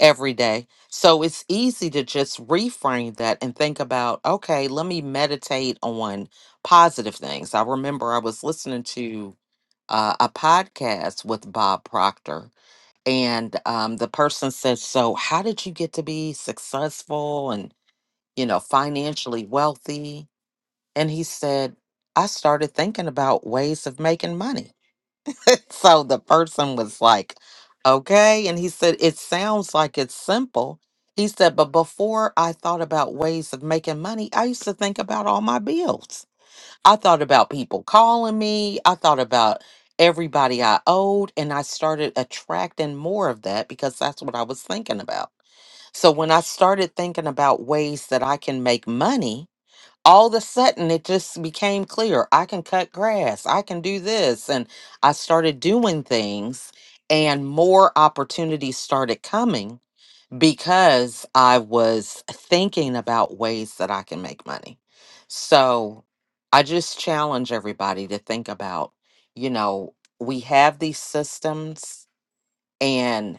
[SPEAKER 4] every day. So it's easy to just reframe that and think about, okay, let me meditate on positive things. I remember I was listening to uh, a podcast with Bob Proctor, and um, the person said, So, how did you get to be successful and, you know, financially wealthy? And he said, I started thinking about ways of making money. [LAUGHS] so the person was like, okay. And he said, it sounds like it's simple. He said, but before I thought about ways of making money, I used to think about all my bills. I thought about people calling me, I thought about everybody I owed, and I started attracting more of that because that's what I was thinking about. So when I started thinking about ways that I can make money, all of a sudden it just became clear I can cut grass, I can do this. And I started doing things, and more opportunities started coming because I was thinking about ways that I can make money. So I just challenge everybody to think about, you know, we have these systems. and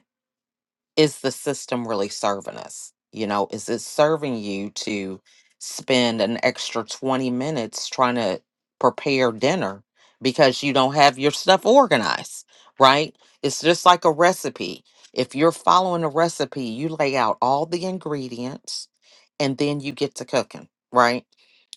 [SPEAKER 4] is the system really serving us? You know, is it serving you to spend an extra 20 minutes trying to prepare dinner because you don't have your stuff organized, right? It's just like a recipe. If you're following a recipe, you lay out all the ingredients and then you get to cooking, right?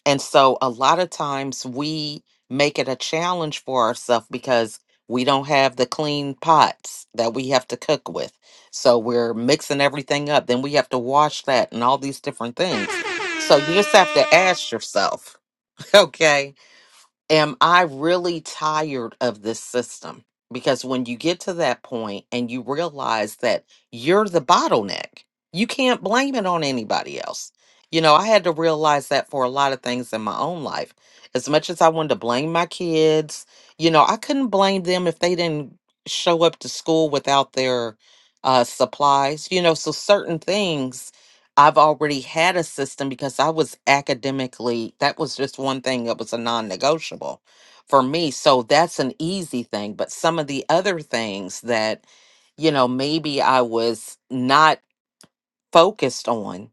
[SPEAKER 4] And so a lot of times we make it a challenge for ourselves because we don't have the clean pots that we have to cook with. So we're mixing everything up. Then we have to wash that and all these different things. So you just have to ask yourself, [LAUGHS] okay? am I really tired of this system? Because when you get to that point and you realize that you're the bottleneck, you can't blame it on anybody else. You know, I had to realize that for a lot of things in my own life. As much as I wanted to blame my kids, you know, I couldn't blame them if they didn't show up to school without their uh, supplies, you know, so certain things I've already had a system because I was academically, that was just one thing that was a non negotiable for me. So that's an easy thing. But some of the other things that, you know, maybe I was not focused on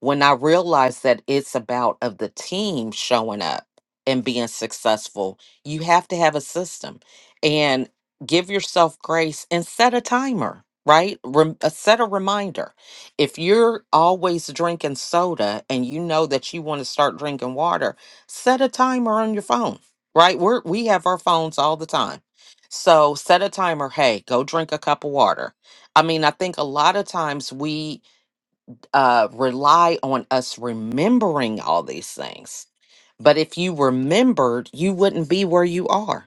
[SPEAKER 4] when I realized that it's about of the team showing up and being successful, you have to have a system and give yourself grace and set a timer, right? Rem- uh, set a reminder. If you're always drinking soda and you know that you want to start drinking water, set a timer on your phone, right? We're, we have our phones all the time. So set a timer. Hey, go drink a cup of water. I mean, I think a lot of times we uh, rely on us remembering all these things. But if you remembered, you wouldn't be where you are.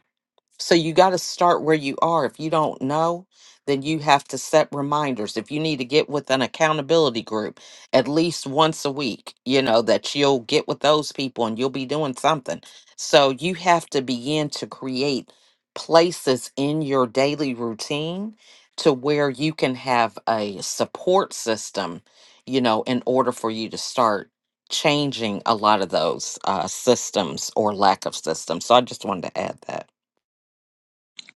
[SPEAKER 4] So you got to start where you are. If you don't know, then you have to set reminders. If you need to get with an accountability group at least once a week, you know, that you'll get with those people and you'll be doing something. So you have to begin to create places in your daily routine to where you can have a support system, you know, in order for you to start changing a lot of those uh, systems or lack of systems. So I just wanted to add that.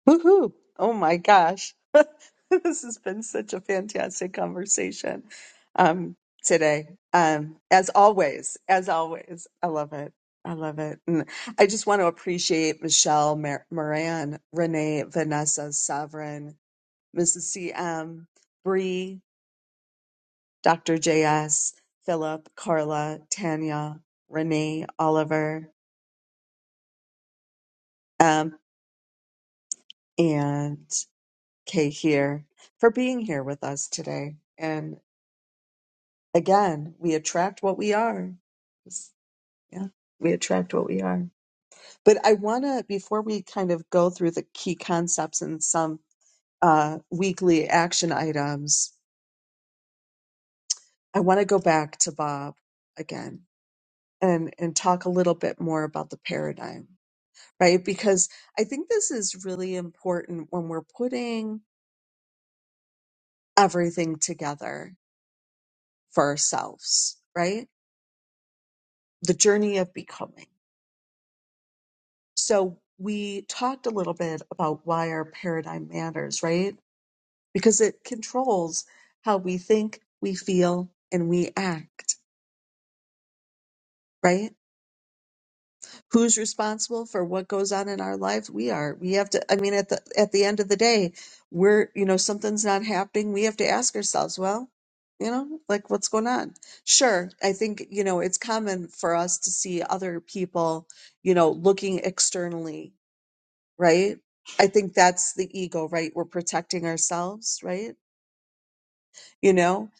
[SPEAKER 1] Woohoo! Oh my gosh. [LAUGHS] this has been such a fantastic conversation um, today. Um, as always, as always, I love it. I love it. And I just want to appreciate Michelle Mar- Moran, Renee, Vanessa, Sovereign, Mrs. CM, Bree, Dr. JS, Philip, Carla, Tanya, Renee, Oliver, um, and Kay here for being here with us today. again, we attract what we are. It's- Yeah, we attract what we are. But I want to, before we kind of go through the key concepts and some uh, weekly action items, I want to go back to Bob again and, and talk a little bit more about the paradigm, right? Because I think this is really important when we're putting everything together for ourselves, right? The journey of becoming So we talked a little bit about why our paradigm matters, right? Because it controls how we think, we feel, and we act, right? Who's responsible for what goes on in our life? We are. We have to I mean at the at the end of the day, we're, you know, something's not happening. We have to ask ourselves, well, you know, like what's going on? Sure, I think, you know, it's common for us to see other people, you know, looking externally right? I think that's the ego, right? We're protecting ourselves, right? You know,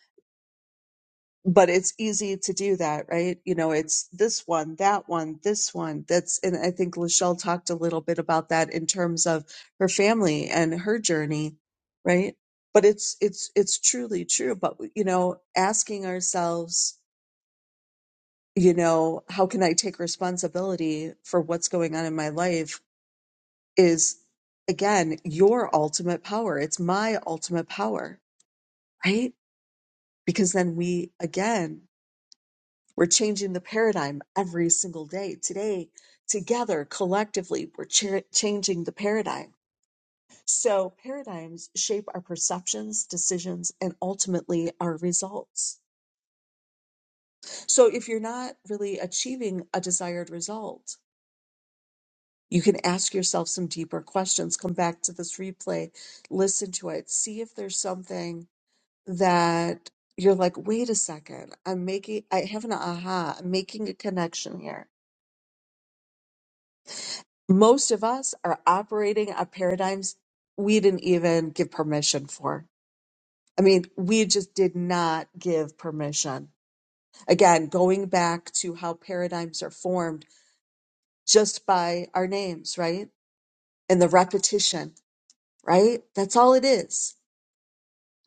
[SPEAKER 1] but it's easy to do that, right? You know, it's this one, that one, this one. That's, and I think Lachelle talked a little bit about that in terms of her family and her journey, right? But it's, it's, it's truly true. But, you know, asking ourselves, you know, how can I take responsibility for what's going on in my life? is again your ultimate power. It's my ultimate power, right? Because then we again, we're changing the paradigm every single day. Today, together, collectively, we're cha- changing the paradigm. So, paradigms shape our perceptions, decisions, and ultimately our results. So, if you're not really achieving a desired result, you can ask yourself some deeper questions. Come back to this replay, listen to it, see if there's something that you're like, wait a second, I'm making, I have an aha, I'm making a connection here. Most of us are operating on paradigms we didn't even give permission for. I mean, we just did not give permission. Again, going back to how paradigms are formed just by our names, right? And the repetition, right? That's all it is.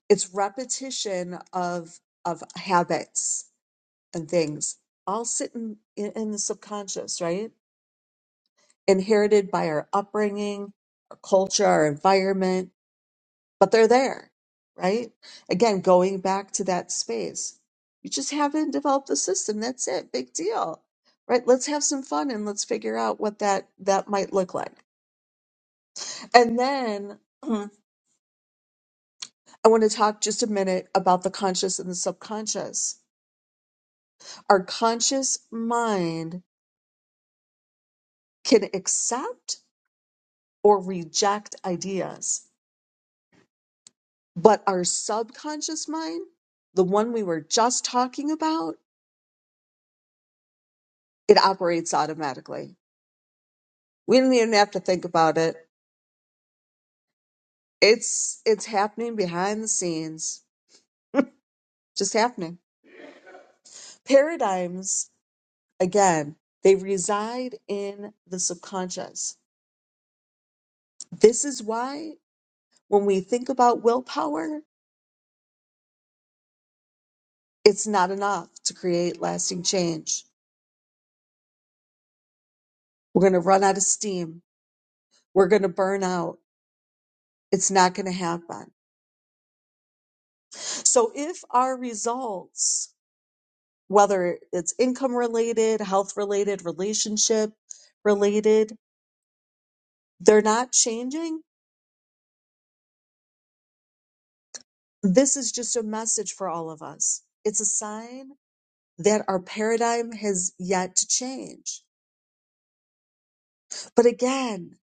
[SPEAKER 1] It's repetition of, of habits and things all sit in, in, in the subconscious, right? Inherited by our upbringing, our culture, our environment, but they're there, right? Again, going back to that space, you just haven't developed the system. That's it. Big deal, right? Let's have some fun and let's figure out what that, that might look like. And then [CLEARS THROAT] mm, I want to talk just a minute about the conscious and the subconscious. Our conscious mind can accept or reject ideas. But our subconscious mind, the one we were just talking about, it operates automatically. We didn't even have to think about it. It's it's happening behind the scenes. [LAUGHS] just happening. Paradigms, again, they reside in the subconscious. This is why when we think about willpower, it's not enough to create lasting change. We're going to run out of steam. We're going to burn out It's not going to happen. So if our results, whether it's income related, health related, relationship related, they're not changing, this is just a message for all of us. It's a sign that our paradigm has yet to change. But again,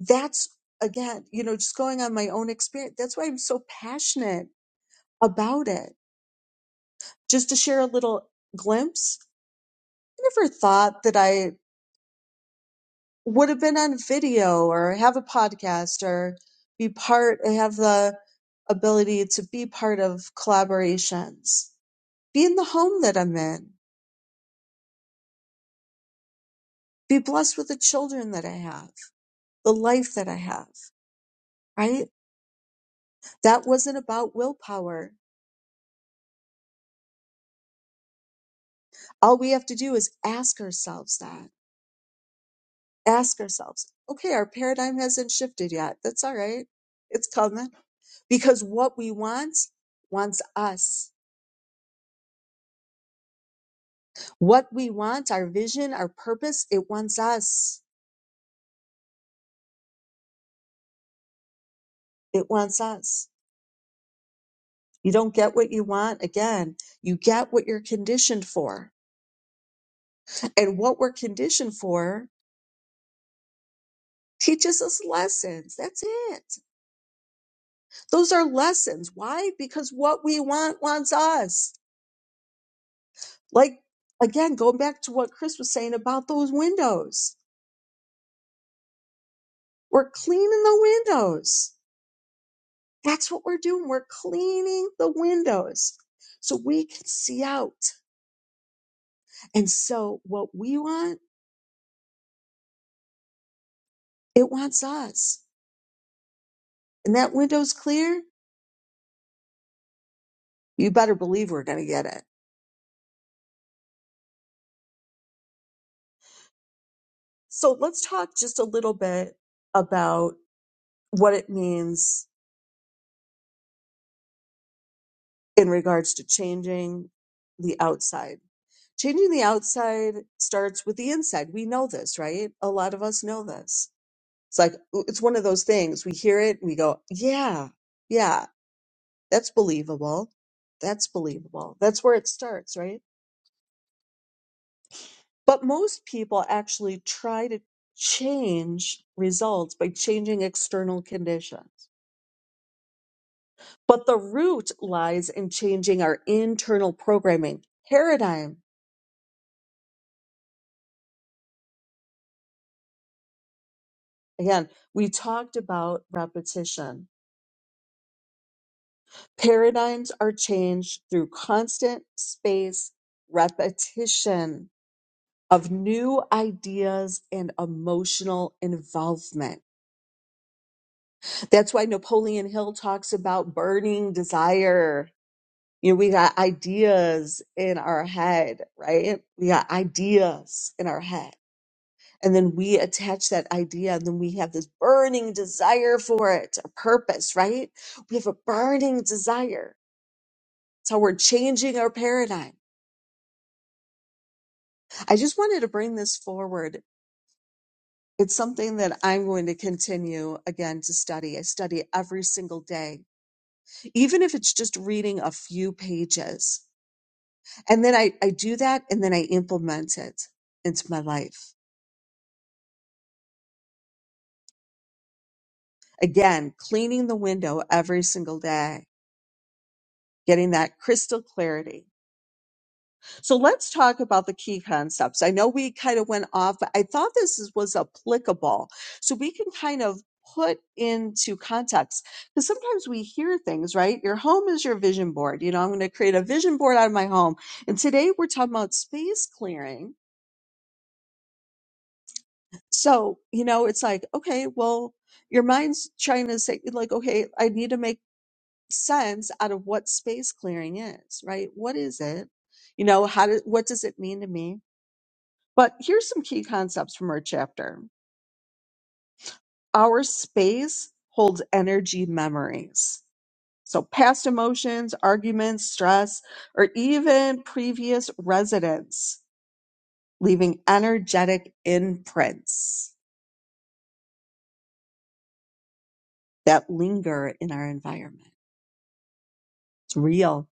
[SPEAKER 1] that's again, you know, just going on my own experience. That's why I'm so passionate about it. Just to share a little glimpse, I never thought that I would have been on video or have a podcast or be part have the ability to be part of collaborations be in the home that i'm in be blessed with the children that i have the life that i have right that wasn't about willpower all we have to do is ask ourselves that ask ourselves okay our paradigm hasn't shifted yet that's all right it's coming because what we want wants us What we want, our vision, our purpose, it wants us. It wants us. You don't get what you want again. You get what you're conditioned for. And what we're conditioned for teaches us lessons. That's it. Those are lessons. Why? Because what we want wants us. Like, again, going back to what Chris was saying about those windows. We're cleaning the windows. That's what we're doing. We're cleaning the windows so we can see out. And so what we want, it wants us. And that window's clear, you better believe we're going to get it. So let's talk just a little bit about what it means in regards to changing the outside. Changing the outside starts with the inside. We know this, right? A lot of us know this. It's like, it's one of those things. We hear it and we go, yeah, yeah, that's believable. That's believable. That's where it starts, right? But most people actually try to change results by changing external conditions. But the root lies in changing our internal programming paradigm. Again, we talked about repetition. Paradigms are changed through constant space repetition of new ideas and emotional involvement. That's why Napoleon Hill talks about burning desire You know, we got ideas in our head, right? We got ideas in our head. And then we attach that idea, and then we have this burning desire for it, a purpose, right? We have a burning desire. It's how we're changing our paradigm. I just wanted to bring this forward. It's something that I'm going to continue again to study. I study every single day, even if it's just reading a few pages. And then I, I do that and then I implement it into my life. Again, cleaning the window every single day, getting that crystal clarity. So let's talk about the key concepts. I know we kind of went off, but I thought this is, was applicable. So we can kind of put into context because sometimes we hear things, right? Your home is your vision board. You know, I'm going to create a vision board out of my home. And today we're talking about space clearing. So, you know, it's like, okay, well, your mind's trying to say, like, okay, I need to make sense out of what space clearing is, right? What is it? You know, how do, what does it mean to me? But here's some key concepts from our chapter. Our space holds energy memories. So past emotions, arguments, stress, or even previous residents leaving energetic imprints that linger in our environment. It's real.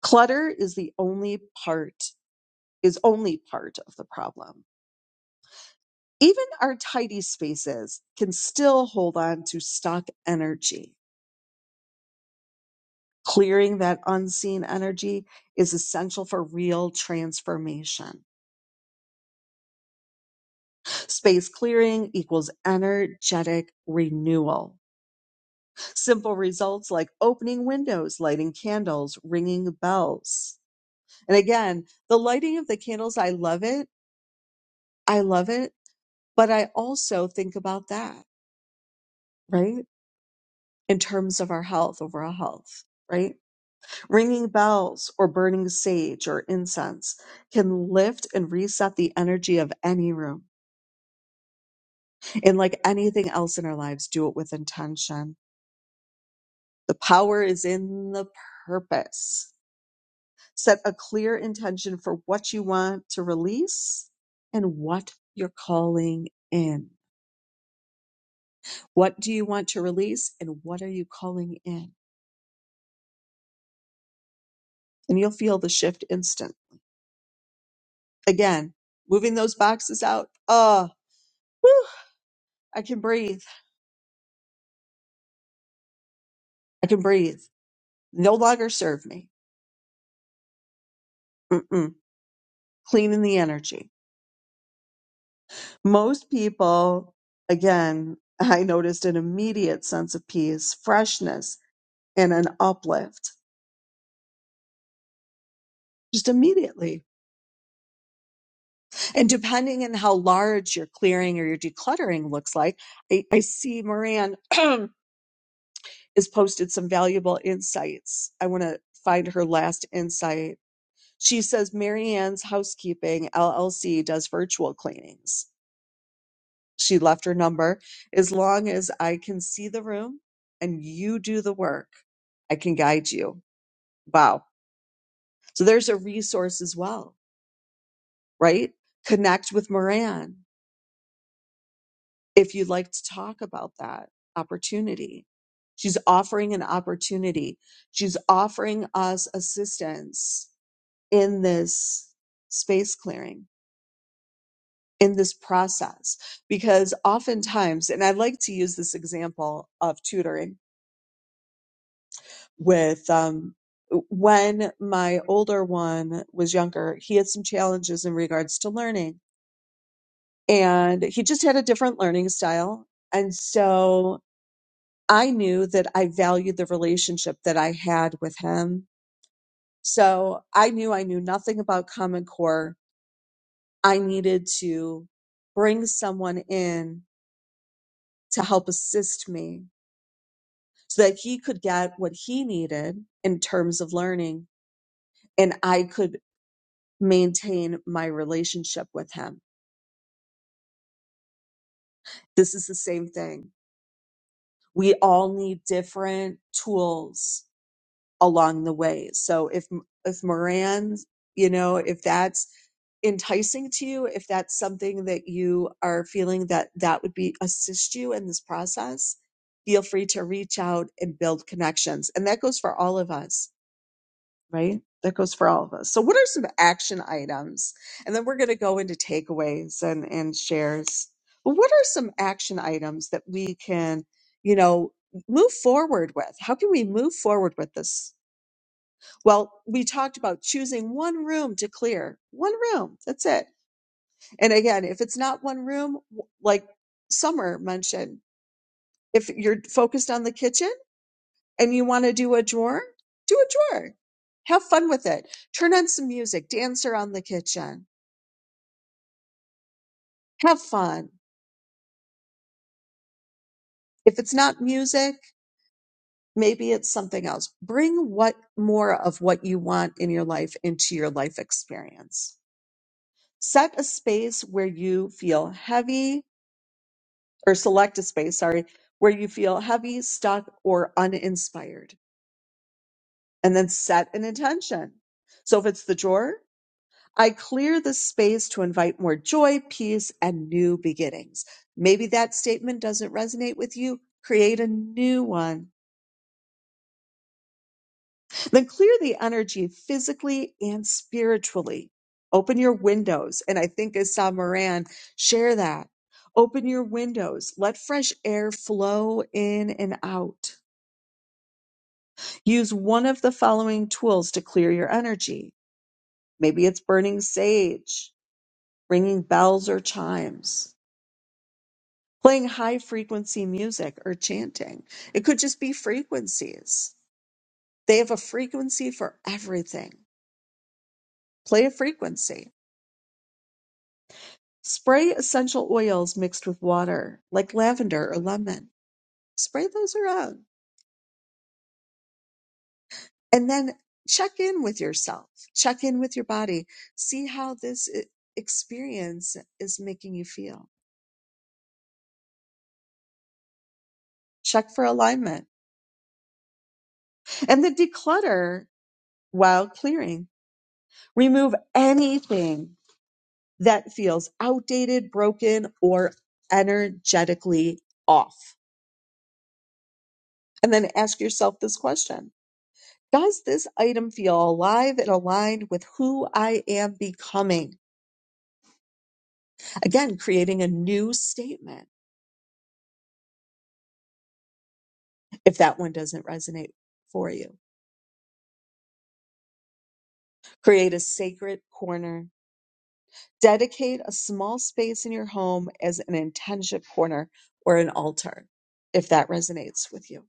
[SPEAKER 1] Clutter is the only part, is only part of the problem Even our tidy spaces can still hold on to stuck energy. Clearing that unseen energy is essential for real transformation. Space clearing equals energetic renewal. Simple results like opening windows, lighting candles, ringing bells. And again, the lighting of the candles, I love it. I love it. But I also think about that, right? In terms of our health, overall health, right? Ringing bells or burning sage or incense can lift and reset the energy of any room. And like anything else in our lives, do it with intention. The power is in the purpose. Set a clear intention for what you want to release and what you're calling in. What do you want to release and what are you calling in? And you'll feel the shift instant. Again, moving those boxes out. Ah, whew, I can breathe. I can breathe. no longer serve me. Mm-mm. Cleaning the energy. Most people, again, [LAUGHS] I noticed an immediate sense of peace, freshness, and an uplift just immediately. And depending on how large your clearing or your decluttering looks like, I, I see Moran [CLEARS THROAT] has posted some valuable insights. I want to find her last insight. She says Marianne's Housekeeping LLC does virtual cleanings She left her number. As long as I can see the room and you do the work, I can guide you. Wow. So there's a resource as well, right? Connect with Moran if you'd like to talk about that opportunity. She's offering an opportunity. She's offering us assistance in this space clearing, in this process, because oftentimes, and I like to use this example of tutoring with um, when my older one was younger, he had some challenges in regards to learning, and he just had a different learning style. And so I knew that I valued the relationship that I had with him. So I knew I knew nothing about Common Core. I needed to bring someone in to help assist me so that he could get what he needed in terms of learning and I could maintain my relationship with him. This is the same thing. We all need different tools along the way. So if if Moran, you know, if that's enticing to you, if that's something that you are feeling that that would be assist you in this process, feel free to reach out and build connections. And that goes for all of us right? That goes for all of us. So, what are some action items? And then we're going to go into takeaways and, and shares. But what are some action items that we can, you know, move forward with? How can we move forward with this? Well, we talked about choosing one room to clear, one room, that's it. And again, if it's not one room, w- like Summer mentioned, if you're focused on the kitchen, and you want to do a drawer, do a drawer. Have fun with it. Turn on some music, dance around the kitchen. Have fun. If it's not music, maybe it's something else. Bring what more of what you want in your life into your life experience. Set a space where you feel heavy or select a space, sorry, where you feel heavy, stuck, or uninspired, and then set an intention. So if it's the drawer, I clear the space to invite more joy, peace, and new beginnings. Maybe that statement doesn't resonate with you. Create a new one. Then clear the energy physically and spiritually. Open your windows. And I think as Sam Moran, share that. Open your windows. Let fresh air flow in and out. Use one of the following tools to clear your energy. Maybe it's burning sage, ringing bells or chimes playing high frequency music or chanting. It could just be frequencies. They have a frequency for everything. Play a frequency. Spray essential oils mixed with water, like lavender or lemon. Spray those around. And then check in with yourself, check in with your body, see how this i- experience is making you feel. Check for alignment. And the declutter while clearing. Remove anything that feels outdated, broken, or energetically off. And then ask yourself this question Does this item feel alive and aligned with who I am becoming? Again, creating a new statement if that one doesn't resonate for you. Create a sacred corner. Dedicate a small space in your home as an intention corner or an altar if that resonates with you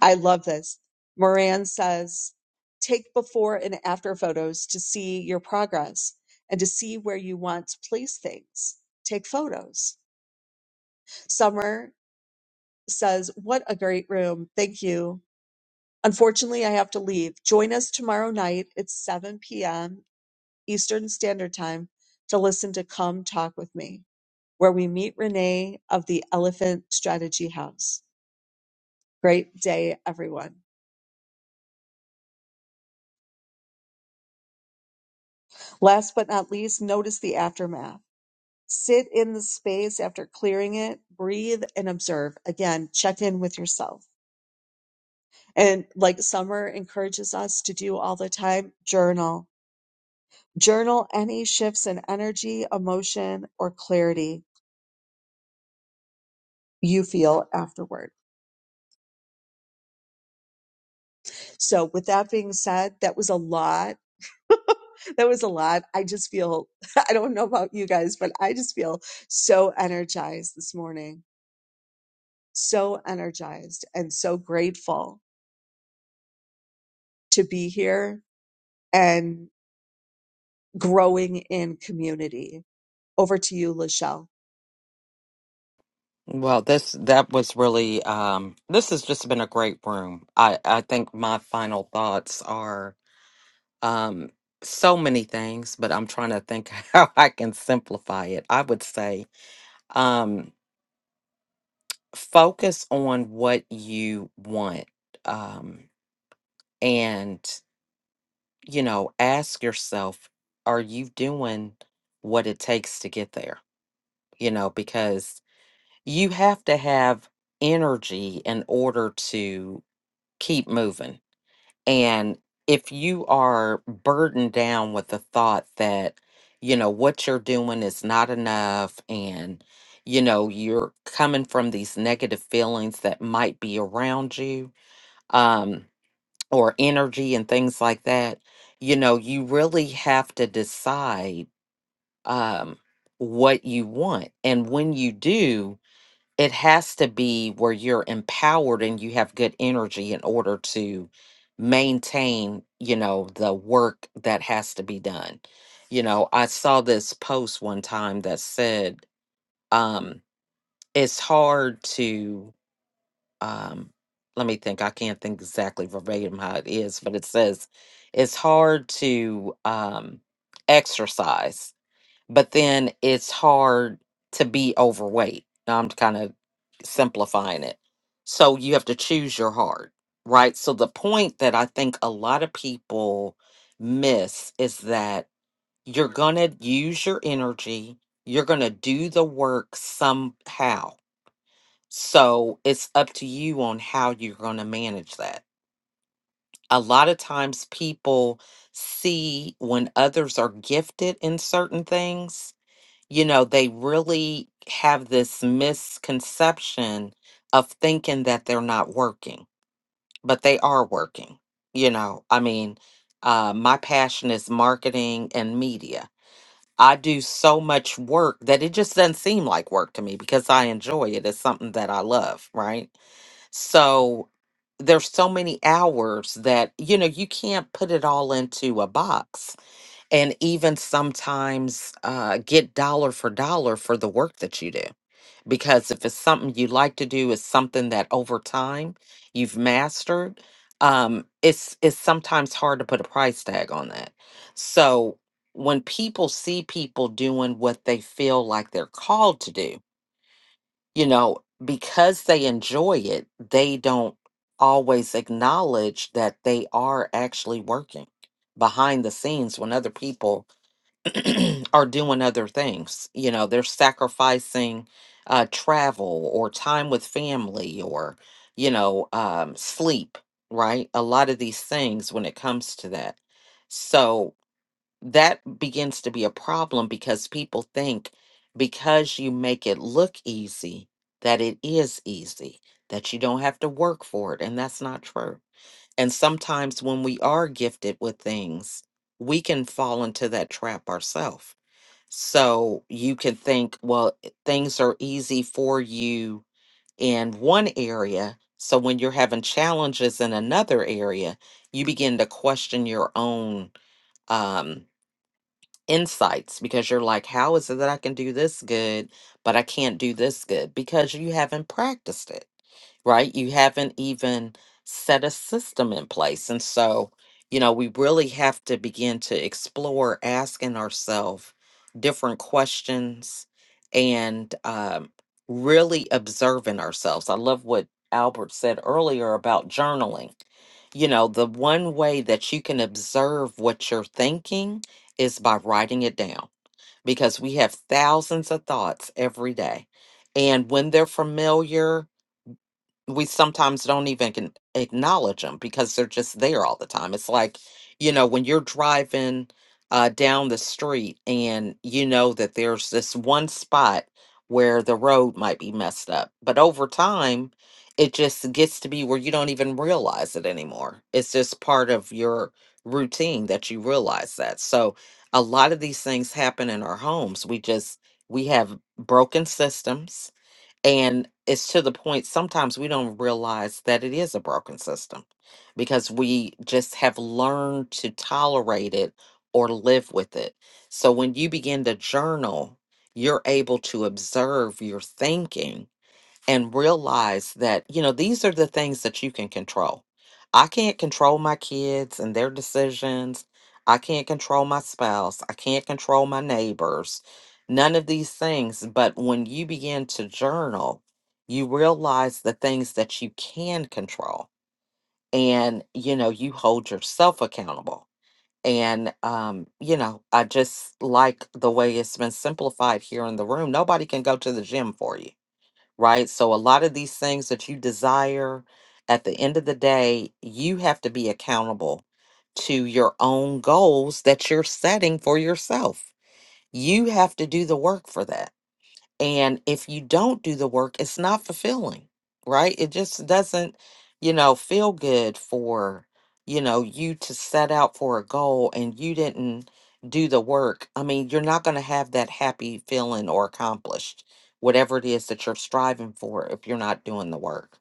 [SPEAKER 1] I love this. Moran says, take before and after photos to see your progress and to see where you want to place things. Take photos. Summer says, what a great room. Thank you. Unfortunately, I have to leave. Join us tomorrow night at 7 p.m. Eastern Standard Time to listen to Come Talk with Me, where we meet Renee of the Elephant Strategy House. Great day, everyone. Last but not least, notice the aftermath. Sit in the space after clearing it, breathe and observe. Again, check in with yourself. And like Summer encourages us to do all the time, journal. Journal any shifts in energy, emotion, or clarity you feel afterward. So, with that being said, that was a lot. [LAUGHS] that was a lot. I just feel, [LAUGHS] I don't know about you guys, but I just feel so energized this morning, so energized and so grateful to be here and growing in community. Over to you, Lachelle.
[SPEAKER 4] Well, this that was really um this has just been a great room. I I think my final thoughts are um so many things, but I'm trying to think [LAUGHS] how I can simplify it. I would say um focus on what you want um and you know, ask yourself are you doing what it takes to get there? You know, because you have to have energy in order to keep moving. And if you are burdened down with the thought that, you know, what you're doing is not enough and, you know, you're coming from these negative feelings that might be around you um, or energy and things like that, you know, you really have to decide um, what you want. And when you do, it has to be where you're empowered and you have good energy in order to maintain you know the work that has to be done you know i saw this post one time that said um it's hard to um let me think i can't think exactly verbatim how it is but it says it's hard to um exercise but then it's hard to be overweight. Now I'm kind of simplifying it. So you have to choose your heart, right? So the point that I think a lot of people miss is that you're going to use your energy, you're going to do the work somehow. So it's up to you on how you're going to manage that. A lot of times people see when others are gifted in certain things you know, they really have this misconception of thinking that they're not working, but they are working. You know, I mean, uh, my passion is marketing and media. I do so much work that it just doesn't seem like work to me because I enjoy it. It's something that I love, right? So there's so many hours that, you know, you can't put it all into a box and even sometimes uh, get dollar for dollar for the work that you do. Because if it's something you like to do, it's something that over time you've mastered. Um, it's it's sometimes hard to put a price tag on that. So when people see people doing what they feel like they're called to do, you know, because they enjoy it, they don't always acknowledge that they are actually working behind the scenes when other people [CLEARS THROAT] are doing other things. You know, they're sacrificing uh, travel or time with family or, you know, um, sleep, right? A lot of these things when it comes to that. So that begins to be a problem because people think because you make it look easy, that it is easy, that you don't have to work for it. And that's not true. And sometimes when we are gifted with things, we can fall into that trap ourselves so you can think, well, things are easy for you in one area. So when you're having challenges in another area, you begin to question your own um, insights because you're like, how is it that I can do this good, but I can't do this good? Because you haven't practiced it right? You haven't even set a system in place. And so, you know, we really have to begin to explore asking ourselves different questions and um, really observing ourselves. I love what Albert said earlier about journaling. You know, the one way that you can observe what you're thinking is by writing it down because we have thousands of thoughts every day. And when they're familiar, we sometimes don't even can acknowledge them because they're just there all the time. It's like, you know, when you're driving uh, down the street and you know that there's this one spot where the road might be messed up, but over time, it just gets to be where you don't even realize it anymore. It's just part of your routine that you realize that. So, a lot of these things happen in our homes. We just, we have broken systems and it's to the point sometimes we don't realize that it is a broken system because we just have learned to tolerate it or live with it. So when you begin to journal, you're able to observe your thinking and realize that, you know, these are the things that you can control. I can't control my kids and their decisions. I can't control my spouse. I can't control my neighbors. None of these things. But when you begin to journal, you realize the things that you can control. And, you know, you hold yourself accountable. And, um, you know, I just like the way it's been simplified here in the room. Nobody can go to the gym for you right? So a lot of these things that you desire, at the end of the day, you have to be accountable to your own goals that you're setting for yourself. You have to do the work for that and if you don't do the work, it's not fulfilling, right? It just doesn't, you know, feel good for, you know, you to set out for a goal and you didn't do the work. I mean, you're not going to have that happy feeling or accomplished whatever it is that you're striving for if you're not doing the work.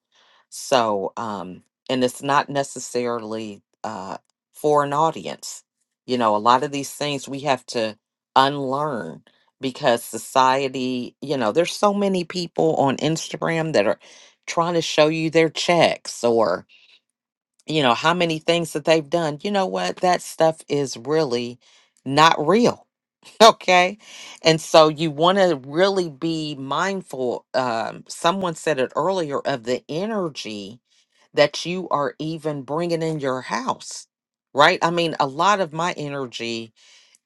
[SPEAKER 4] So, um, and it's not necessarily uh, for an audience. You know, a lot of these things we have to unlearn because society, you know, there's so many people on Instagram that are trying to show you their checks or, you know, how many things that they've done. You know what? That stuff is really not real. [LAUGHS] Okay. And so you want to really be mindful. Um, someone said it earlier of the energy that you are even bringing in your house, right? I mean, a lot of my energy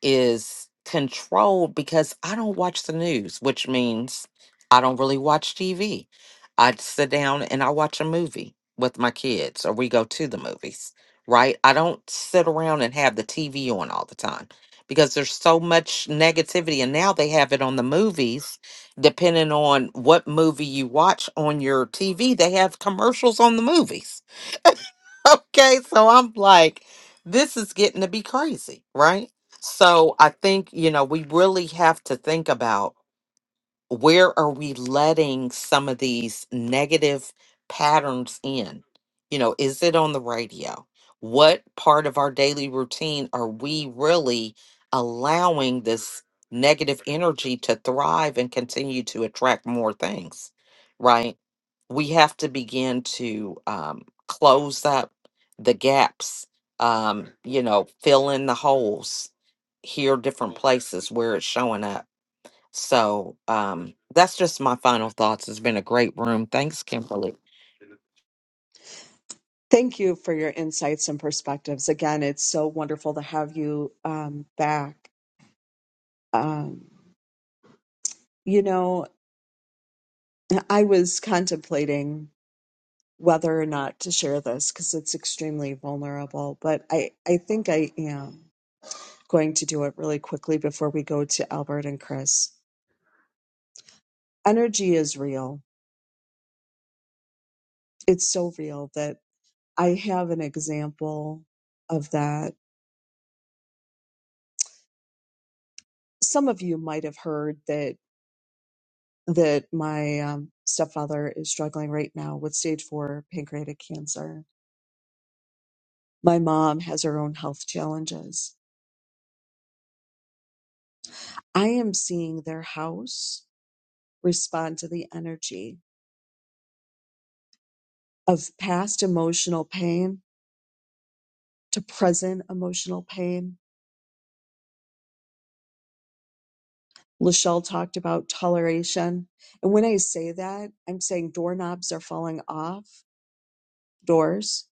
[SPEAKER 4] is controlled because I don't watch the news, which means I don't really watch TV. I sit down and I watch a movie with my kids or we go to the movies, right? I don't sit around and have the TV on all the time because there's so much negativity and now they have it on the movies depending on what movie you watch on your TV, they have commercials on the movies [LAUGHS] okay, so I'm like, this is getting to be crazy, right? So I think, you know, we really have to think about where are we letting some of these negative patterns in? You know, is it on the radio? What part of our daily routine are we really allowing this negative energy to thrive and continue to attract more things? Right? We have to begin to um, close up the gaps, um, you know, fill in the holes, here different places where it's showing up so um, that's just my final thoughts. It's been a great room. Thanks, Kimberly.
[SPEAKER 1] Thank you for your insights and perspectives. Again, it's so wonderful to have you um, back. Um, you know, I was contemplating whether or not to share this because it's extremely vulnerable, but I, I think I am going to do it really quickly before we go to Albert and Chris. Energy is real. It's so real that I have an example of that some of you might have heard that that my um, stepfather is struggling right now with stage four pancreatic cancer. My mom has her own health challenges. I am seeing their house respond to the energy of past emotional pain to present emotional pain. Lachelle talked about toleration. And when I say that, I'm saying doorknobs are falling off, doors,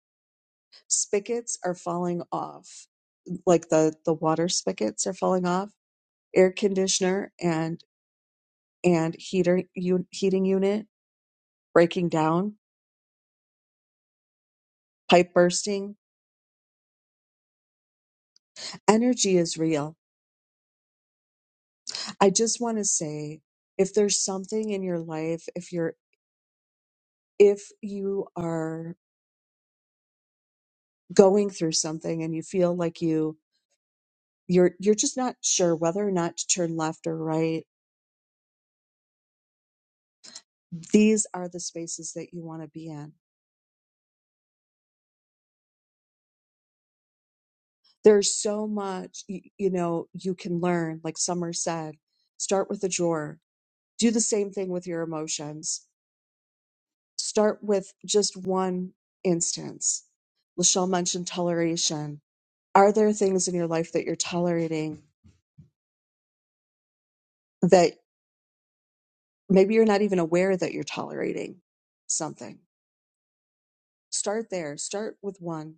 [SPEAKER 1] spigots are falling off like the the water spigots are falling off air conditioner and and heater u- heating unit breaking down pipe bursting energy is real i just want to say if there's something in your life if you're if you are going through something and you feel like you you're you're just not sure whether or not to turn left or right these are the spaces that you want to be in There's so much, you, you know, you can learn. Like Summer said, start with a drawer. Do the same thing with your emotions. Start with just one instance. Lachelle mentioned toleration. Are there things in your life that you're tolerating that maybe you're not even aware that you're tolerating something? Start there. Start with one.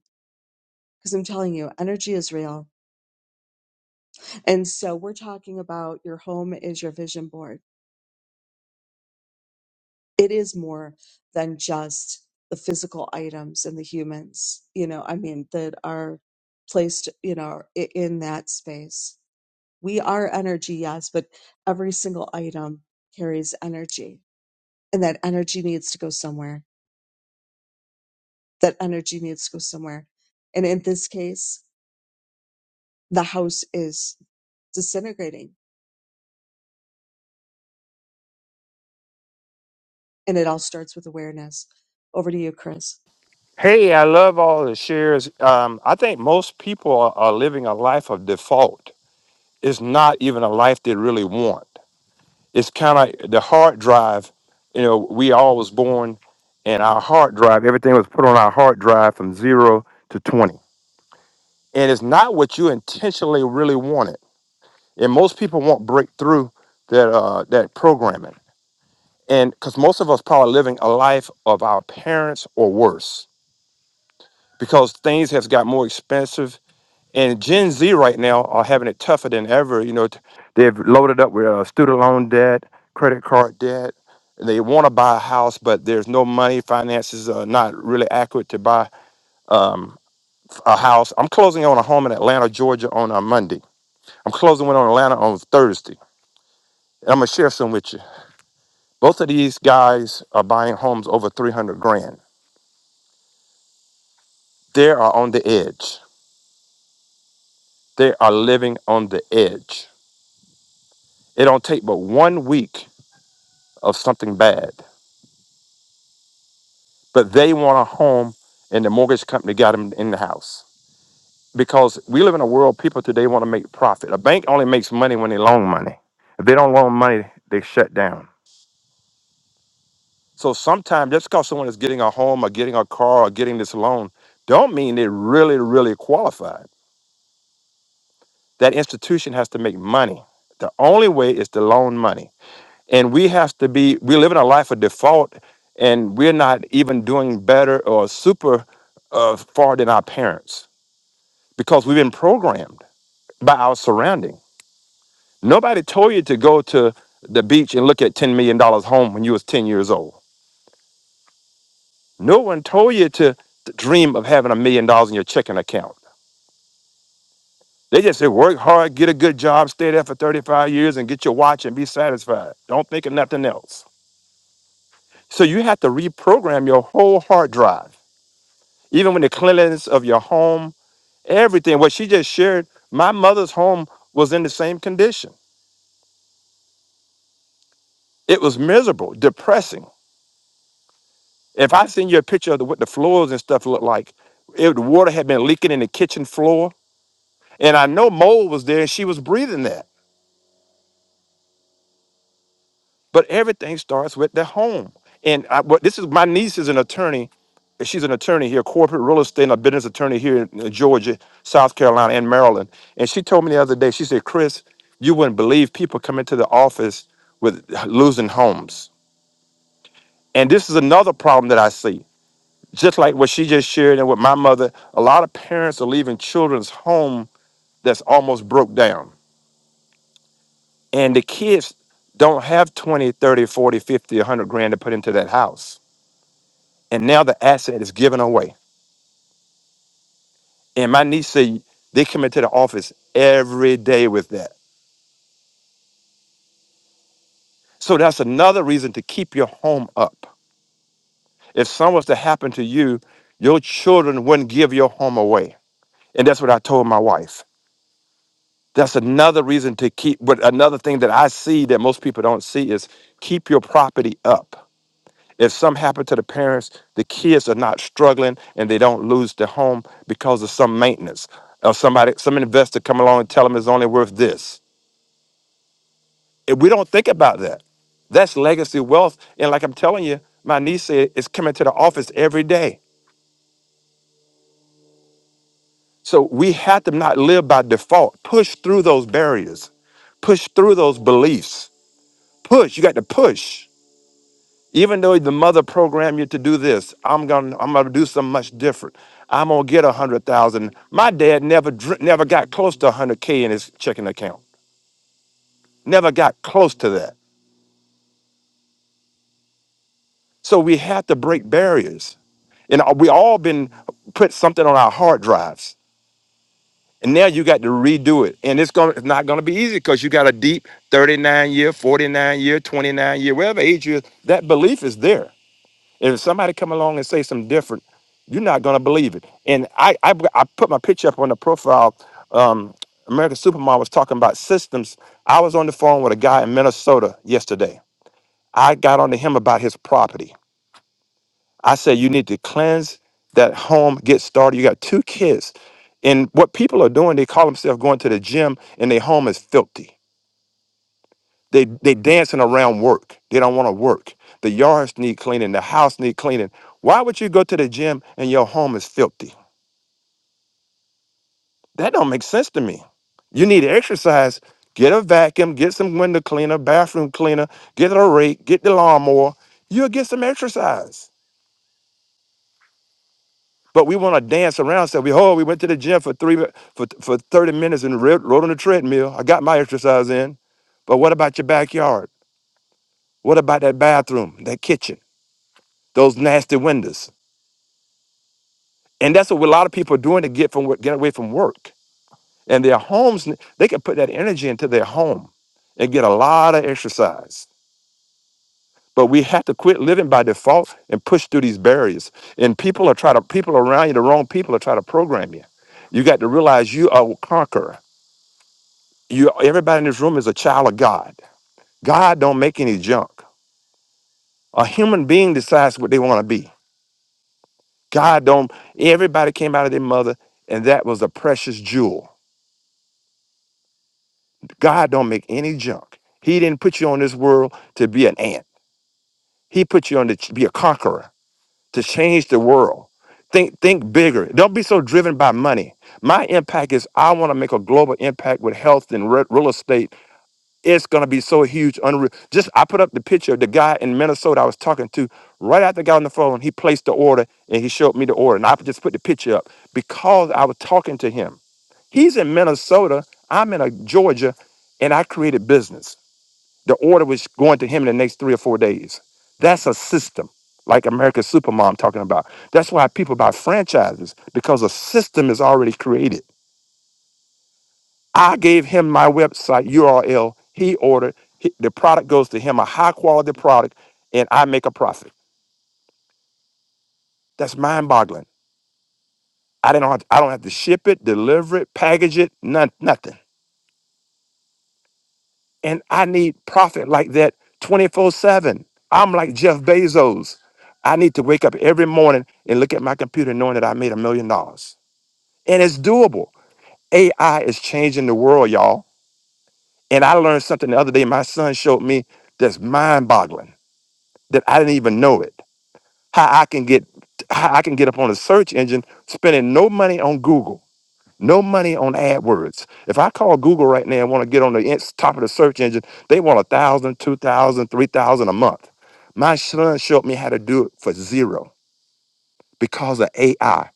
[SPEAKER 1] Because I'm telling you, energy is real. And so we're talking about your home is your vision board it is more than just the physical items and the humans you know i mean that are placed you know i- in that space we are energy yes but every single item carries energy and that energy needs to go somewhere that energy needs to go somewhere and in this case the house is disintegrating and it all starts with awareness over to you chris
[SPEAKER 8] Hey, I love all the shares. Um, I think most people are, are living a life of default. It's not even a life they really want. It's kind of the hard drive. You know, we all was born, and our hard drive, everything was put on our hard drive from zero to twenty, and it's not what you intentionally really wanted. And most people won't break through that uh, that programming, and because most of us probably living a life of our parents or worse, because things have got more expensive And Gen Z right now are having it tougher than ever. You know, t- they've loaded up with uh, student loan debt, credit card debt. and They want to buy a house, but there's no money. Finances are not really accurate to buy um, a house. I'm closing on a home in Atlanta, Georgia on a Monday. I'm closing one on Atlanta on Thursday. And I'm going to share some with you. Both of these guys are buying homes over 300 grand. They are on the edge. They are living on the edge. It don't take but one week of something bad. but they want a home and the mortgage company got them in the house because we live in a world people today want to make profit a bank only makes money when they loan money if they don't loan money they shut down so sometimes just because someone is getting a home or getting a car or getting this loan don't mean they really really qualified that institution has to make money the only way is to loan money and we have to be we live in a life of default and we're not even doing better or super uh, far than our parents because we've been programmed by our surrounding. Nobody told you to go to the beach and look at $10 million dollars home when you was 10 years old. No one told you to to dream of having a million dollars in your checking account. They just said work hard, get a good job, stay there for 35 years and get your watch and be satisfied. Don't think of nothing else. So you have to reprogram your whole hard drive, even when the cleanliness of your home, everything. What she just shared, my mother's home was in the same condition. It was miserable, depressing If I send you a picture of the, what the floors and stuff looked like, it, the water had been leaking in the kitchen floor, and I know mold was there, and she was breathing that. But everything starts with the home. And I, what this is, my niece is an attorney. She's an attorney here, corporate real estate and a business attorney here in Georgia, South Carolina, and Maryland. And she told me the other day, she said, "Chris, you wouldn't believe people come into the office with losing homes." And this is another problem that I see. just like what she just shared and with my mother, a lot of parents are leaving children's home that's almost broke down. And the kids don't have 20, 30, 100 grand to put into that house. And now the asset is given away. And my niece said they come into the office every day with that. So that's another reason to keep your home up. If something was to happen to you, your children wouldn't give your home away. And that's what I told my wife. That's another reason to keep, but another thing that I see that most people don't see is keep your property up. If something happened to the parents, the kids are not struggling and they don't lose their home because of some maintenance or somebody, some investor come along and tell them it's only worth this. If we don't think about that. That's legacy wealth. And like I'm telling you, my niece said it's coming to the office every day. So we have to not live by default. Push through those barriers, push through those beliefs. Push. You got to push. Even though the mother programmed you to do this, I'm gonna I'm gonna do something much different. I'm gonna get a hundred thousand. My dad never dr- never got close to a hundred k in his checking account. Never got close to that. So we have to break barriers, and uh, we all been put something on our hard drives, and now you got to redo it. And it's gonna it's not gonna be easy because you got a deep 39 year, 49 year, 29 year, whatever age you is. That belief is there If somebody come along and say something different, you're not gonna believe it. And I I, I put my picture up on the profile. Um, American Supermodel was talking about systems. I was on the phone with a guy in Minnesota yesterday. I got on to him about his property. I said, you need to cleanse that home, get started. You got two kids. And what people are doing, they call themselves going to the gym and their home is filthy They they dancing around work. They don't want to work. The yards need cleaning. The house need cleaning. Why would you go to the gym and your home is filthy? That don't make sense to me. You need to exercise. Get a vacuum. Get some window cleaner, bathroom cleaner. Get a rake. Get the lawnmower. You'll get some exercise. But we want to dance around. So we oh we went to the gym for three mi- for for thirty minutes and ri- rode on the treadmill. I got my exercise in. But what about your backyard? What about that bathroom, that kitchen, those nasty windows? And that's what a lot of people are doing to get from work- get away from work. And their homes, they can put that energy into their home and get a lot of exercise. But we have to quit living by default and push through these barriers. And people are trying to people around you, the wrong people are trying to program you. You got to realize you are a conqueror. You everybody in this room is a child of God. God don't make any junk. A human being decides what they want to be. God don't everybody came out of their mother and that was a precious jewel. God don't make any junk. He didn't put you on this world to be an ant. He put you on to ch- be a conqueror, to change the world. Think think bigger. Don't be so driven by money. My impact is I want to make a global impact with health and re- real estate. It's going to be so huge. Unreal. Just I put up the picture of the guy in Minnesota I was talking to right after I got on the phone. He placed the order and he showed me the order. And I just put the picture up because I was talking to him. He's in Minnesota. I'm in a Georgia and I created business. The order was going to him in the next three or four days. That's a system, like America's Supermom talking about. That's why people buy franchises because a system is already created. I gave him my website URL. He ordered he- the product goes to him, a high quality product, and I make a profit. That's mind boggling. I didn't. Have I don't have to ship it, deliver it, package it, none, nothing. And I need profit like that 24 7. I'm like Jeff Bezos. I need to wake up every morning and look at my computer knowing that I made a million dollars. And it's doable. AI is changing the world, y'all. And I learned something the other day my son showed me that's mind boggling that I didn't even know it. How I can get how I can get up on a search engine spending no money on Google no money on AdWords. If I call Google right now and want to get on the ins- top of the search engine, they want a thousand, two thousand, three thousand a month. My son showed me how to do it for zero because of AI.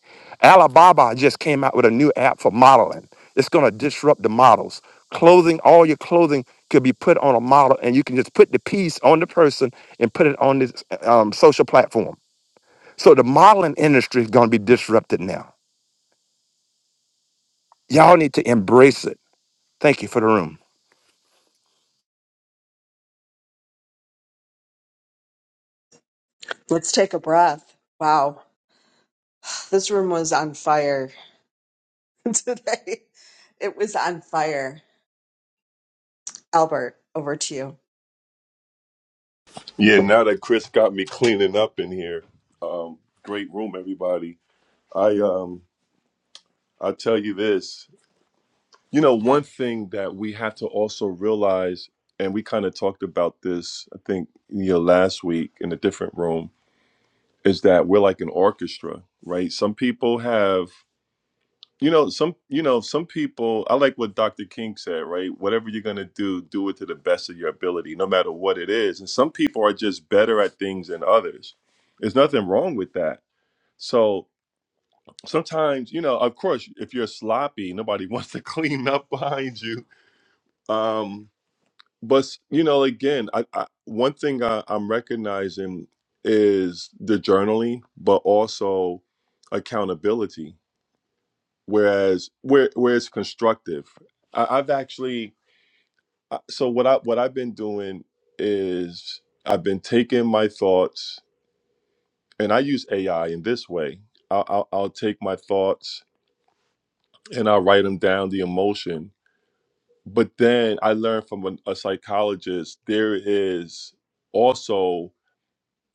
[SPEAKER 8] Alibaba just came out with a new app for modeling. It's going to disrupt the models. Clothing, all your clothing could be put on a model, and you can just put the piece on the person and put it on this um, social platform. So the modeling industry is going to be disrupted now. Y'all need to embrace it. Thank you for the room.
[SPEAKER 1] let's take a breath wow this room was on fire [LAUGHS] today. It was on fire. Albert, over to you.
[SPEAKER 6] Yeah, now that Chris got me cleaning up in here, um, great room, everybody. I um I tell you this. You know, one thing that we have to also realize, and we kind of talked about this, I think, you know, last week in a different room, is that we're like an orchestra, right? Some people have, you know, some, you know, some people. I like what Dr. King said, right? Whatever you're gonna do, do it to the best of your ability, no matter what it is. And some people are just better at things than others. There's nothing wrong with that. So sometimes, you know, of course, if you're sloppy, nobody wants to [LAUGHS] clean up behind you. Um, but you know again i, I one thing I, i'm recognizing is the journaling but also accountability whereas where where it's constructive I, i've actually I- so what i what i've been doing is i've been taking my thoughts and i use ai in this way i'll, I'll, I'll take my thoughts and i'll write them down the emotion but then i learned from a, a psychologist there is also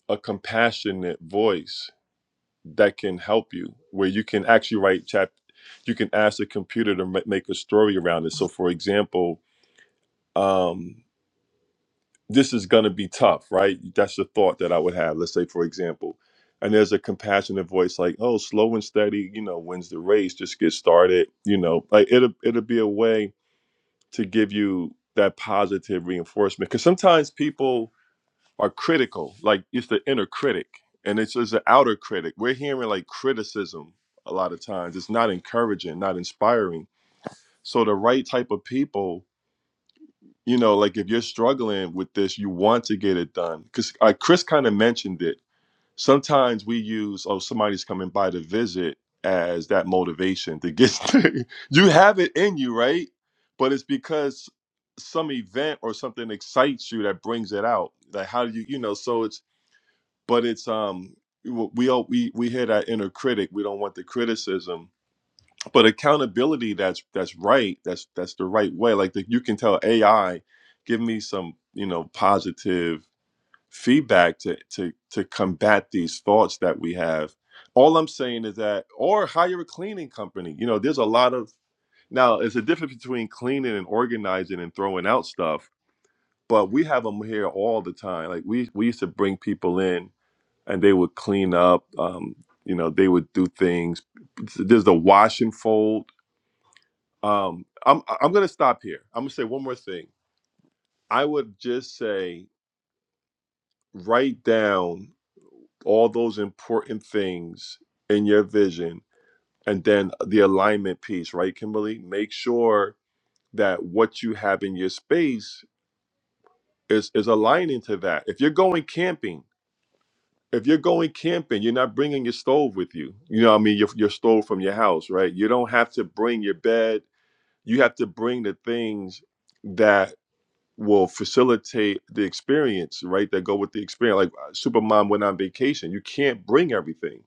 [SPEAKER 6] a compassionate voice that can help you where you can actually write chap you can ask the computer to ma- make a story around it so for example um this is going to be tough right that's the thought that i would have let's say for example and there's a compassionate voice like oh slow and steady you know wins the race just get started you know like it'll it'll be a way to give you that positive reinforcement because sometimes people are critical. Like it's the inner critic and it's just the outer critic. We're hearing like criticism a lot of times. It's not encouraging, not inspiring. So the right type of people, you know, like if you're struggling with this, you want to get it done. Because uh, Chris kind of mentioned it. Sometimes we use, oh, somebody's coming by to visit as that motivation to get [LAUGHS] you have it in you, right? But it's because some event or something excites you that brings it out. Like how do you, you know, so it's but it's um we all we we hear that inner critic we don't want the criticism but accountability that's that's right that's that's the right way like the, you can tell ai give me some you know positive feedback to to to combat these thoughts that we have all i'm saying is that or hire a cleaning company you know there's a lot of now it's a difference between cleaning and organizing and throwing out stuff but we have them here all the time like we we used to bring people in and they would clean up. Um, you know, they would do things. There's the wash and fold. Um, I'm I'm gonna stop here. I'm gonna say one more thing. I would just say write down all those important things in your vision, and then the alignment piece, right, Kimberly? Make sure that what you have in your space is is aligning to that. If you're going camping if you're going camping, you're not bringing your stove with you. You know, what I mean, your your stove from your house, right? You don't have to bring your bed. You have to bring the things that will facilitate the experience, right? That go with the experience. Like uh, Supermom went on vacation. You can't bring everything.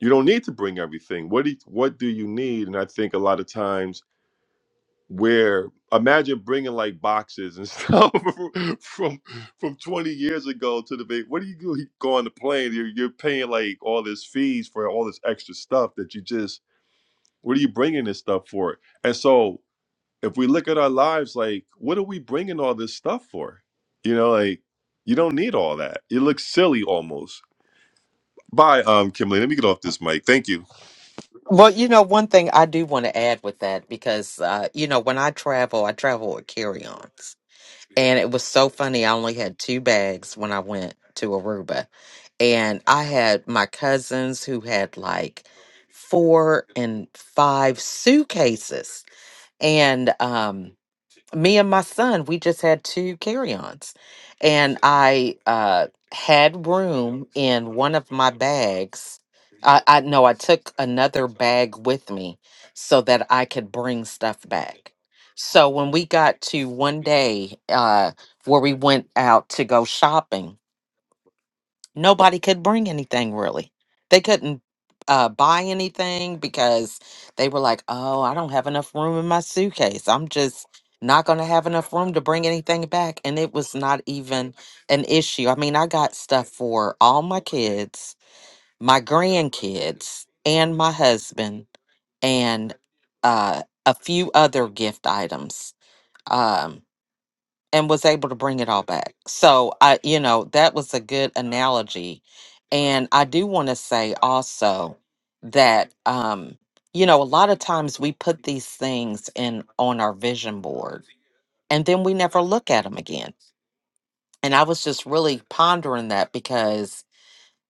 [SPEAKER 6] You don't need to bring everything. What do you, what do you need? And I think a lot of times where imagine bringing like boxes and stuff [LAUGHS] from from 20 years ago to the big what do you do you go on the plane you're, you're paying like all this fees for all this extra stuff that you just what are you bringing this stuff for and so if we look at our lives like what are we bringing all this stuff for you know like you don't need all that it looks silly almost bye um kimberly let me get off this mic thank you
[SPEAKER 4] Well, you know, one thing I do want to add with that because uh, you know when I travel, I travel with carry-ons, and it was so funny. I only had two bags when I went to Aruba, and I had my cousins who had like four and five suitcases, and um, me and my son, we just had two carry-ons and I uh, had room in one of my bags. I, I no, I took another bag with me so that I could bring stuff back. So when we got to one day uh, where we went out to go shopping, nobody could bring anything really. They couldn't uh, buy anything because they were like, oh, I don't have enough room in my suitcase. I'm just not going to have enough room to bring anything back. And it was not even an issue. I mean, I got stuff for all my kids, my grandkids, and my husband, and uh, a few other gift items. Um, and was able to bring it all back. So I, you know, that was a good analogy. And I do want to say also that um, you know, a lot of times we put these things in on our vision board and then we never look at them again. And I was just really pondering that because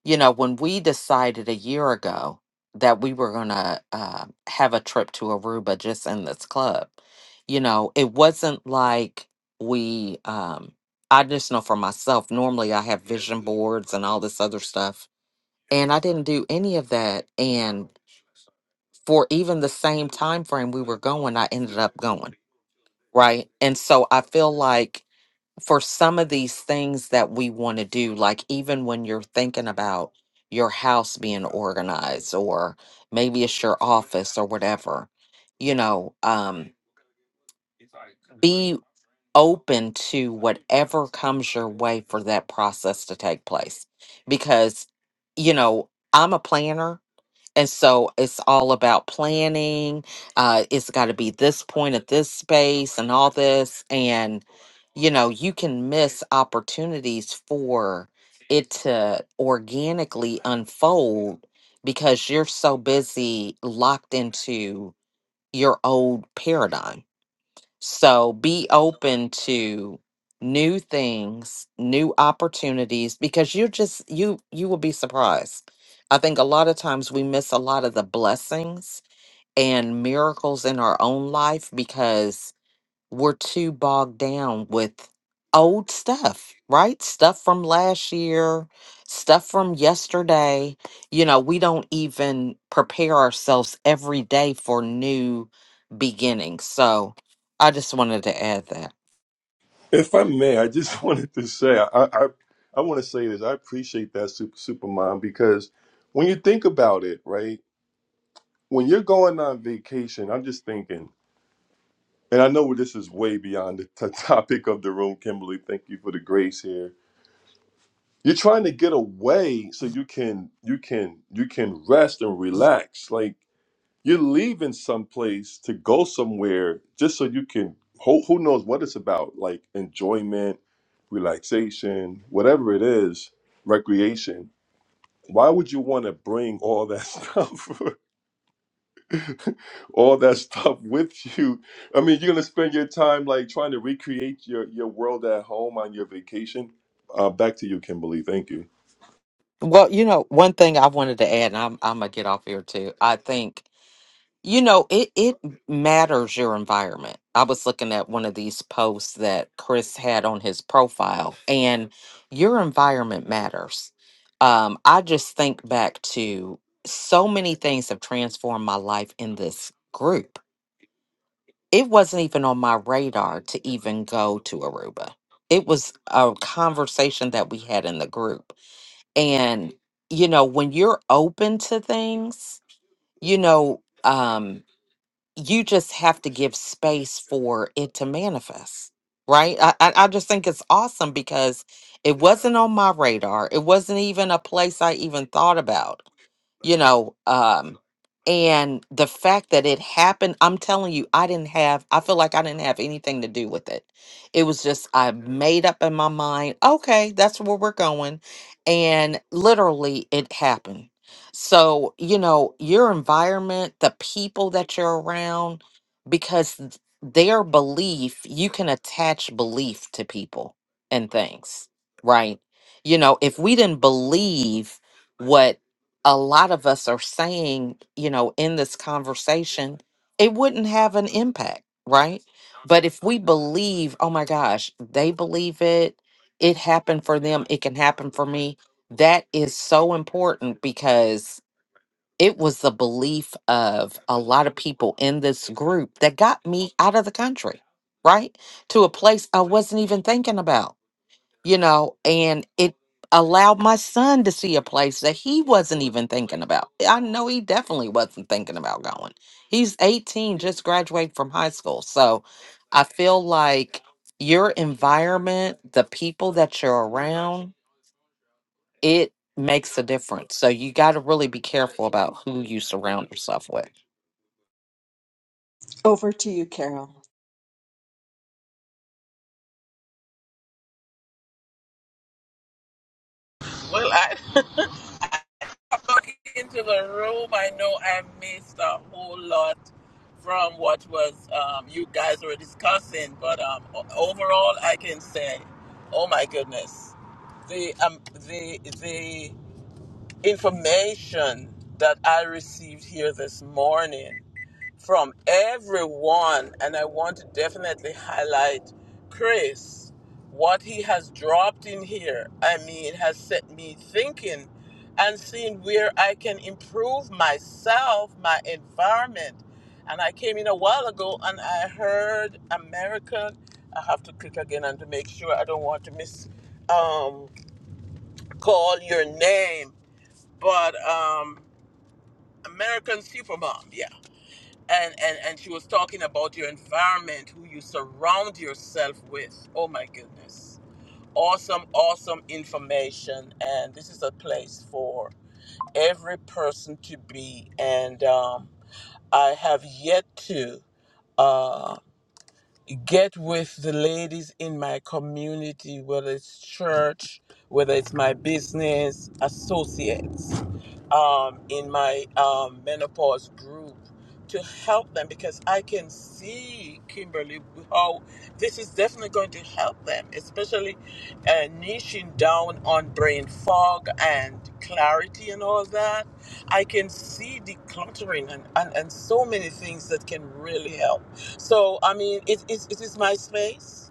[SPEAKER 4] you know, when we decided a year ago that we were going to uh, have a trip to Aruba just in this club, you know, it wasn't like we, um, I just know for myself, normally I have vision boards and all this other stuff. And I didn't do any of that. And for even the same time frame we were going, I ended up going. Right. And so I feel like for some of these things that we want to do, like even when you're thinking about your house being organized, or maybe it's your office or whatever, you know, um, be open to whatever comes your way for that process to take place. Because, you know, I'm a planner and so it's all about planning. Uh, it's got to be this point at this space and all this. And, you know, you can miss opportunities for it to organically unfold because you're so busy locked into your old paradigm so be open to new things, new opportunities because you're just you you will be surprised. I think a lot of times we miss a lot of the blessings and miracles in our own life because we're too bogged down with old stuff, right? Stuff from last year, stuff from yesterday. You know, we don't even prepare ourselves every day for new beginnings. So I just wanted to add that.
[SPEAKER 6] If I may, I just [LAUGHS] wanted to say, I, I, I want to say this. I appreciate that super super mom because when you think about it, right? When you're going on vacation, I'm just thinking, and I know this is way beyond the t- [LAUGHS] topic of the room, Kimberly. Thank you for the grace here. You're trying to get away so you can you can you can rest and relax. Like You're leaving someplace to go somewhere just so you can, who, who knows what it's about, like enjoyment, relaxation, whatever it is, recreation. Why would you want to bring all that [LAUGHS] stuff, all that stuff with you? I mean, you're gonna spend your time like trying to recreate your your world at home on your vacation. Uh, back to you, Kimberly. Thank you.
[SPEAKER 4] Well, you know, one thing I wanted to add, and I'm, I'm going to get off here too. I think You know, it it matters your environment. I was looking at one of these posts that Chris had on his profile, and your environment matters. Um, I just think back to so many things have transformed my life in this group. It wasn't even on my radar to even go to Aruba. It was a conversation that we had in the group. And, you know, when you're open to things, you know, um, you just have to give space for it to manifest right I, I I just think it's awesome because it wasn't on my radar it wasn't even a place i even thought about you know um and the fact that it happened i'm telling you i didn't have i feel like i didn't have anything to do with it it was just i made up in my mind okay that's where we're going and literally it happened so you know your environment the people that you're around because th- their belief you can attach belief to people and things right you know if we didn't believe a lot of us are saying, you know, in this conversation, it wouldn't have an impact, right? But if we believe, oh my gosh, they believe it, it happened for them, it can happen for me, that is so important because it was the belief of a lot of people in this group that got me out of the country, right? To a place I wasn't even thinking about you know, and it allowed my son to see a place that he wasn't even thinking about. I know he definitely wasn't thinking about going. He's 18, just graduated from high school. So I feel like your environment, the people that you're around, it makes a difference. So you got to really be careful about who you surround yourself with.
[SPEAKER 1] Over to you, Carol.
[SPEAKER 5] Well, I. [LAUGHS] walk into the room, I know I missed a whole lot from what was um, you guys were discussing, but um, o- overall, I can say, oh my goodness, the um, the the information that I received here this morning from everyone, and I want to definitely highlight Chris. What he has dropped in here, I mean, has set me thinking and seeing where I can improve myself, my environment. And I came in a while ago and I heard American. I have to click again and to make sure I don't want to miss um, call your name, but um, American Supermom, yeah and and and she was talking about your environment who you surround yourself with oh my goodness awesome awesome information and this is a place for every person to be and um, i have yet to uh, get with the ladies in my community, whether it's church, whether it's my business associates, um, in my um, menopause group to help them because I can see, Kimberly, how this is definitely going to help them, especially uh, niching down on brain fog and clarity and all that. I can see decluttering and, and, and so many things that can really help. So, I mean, it, it, it is my space,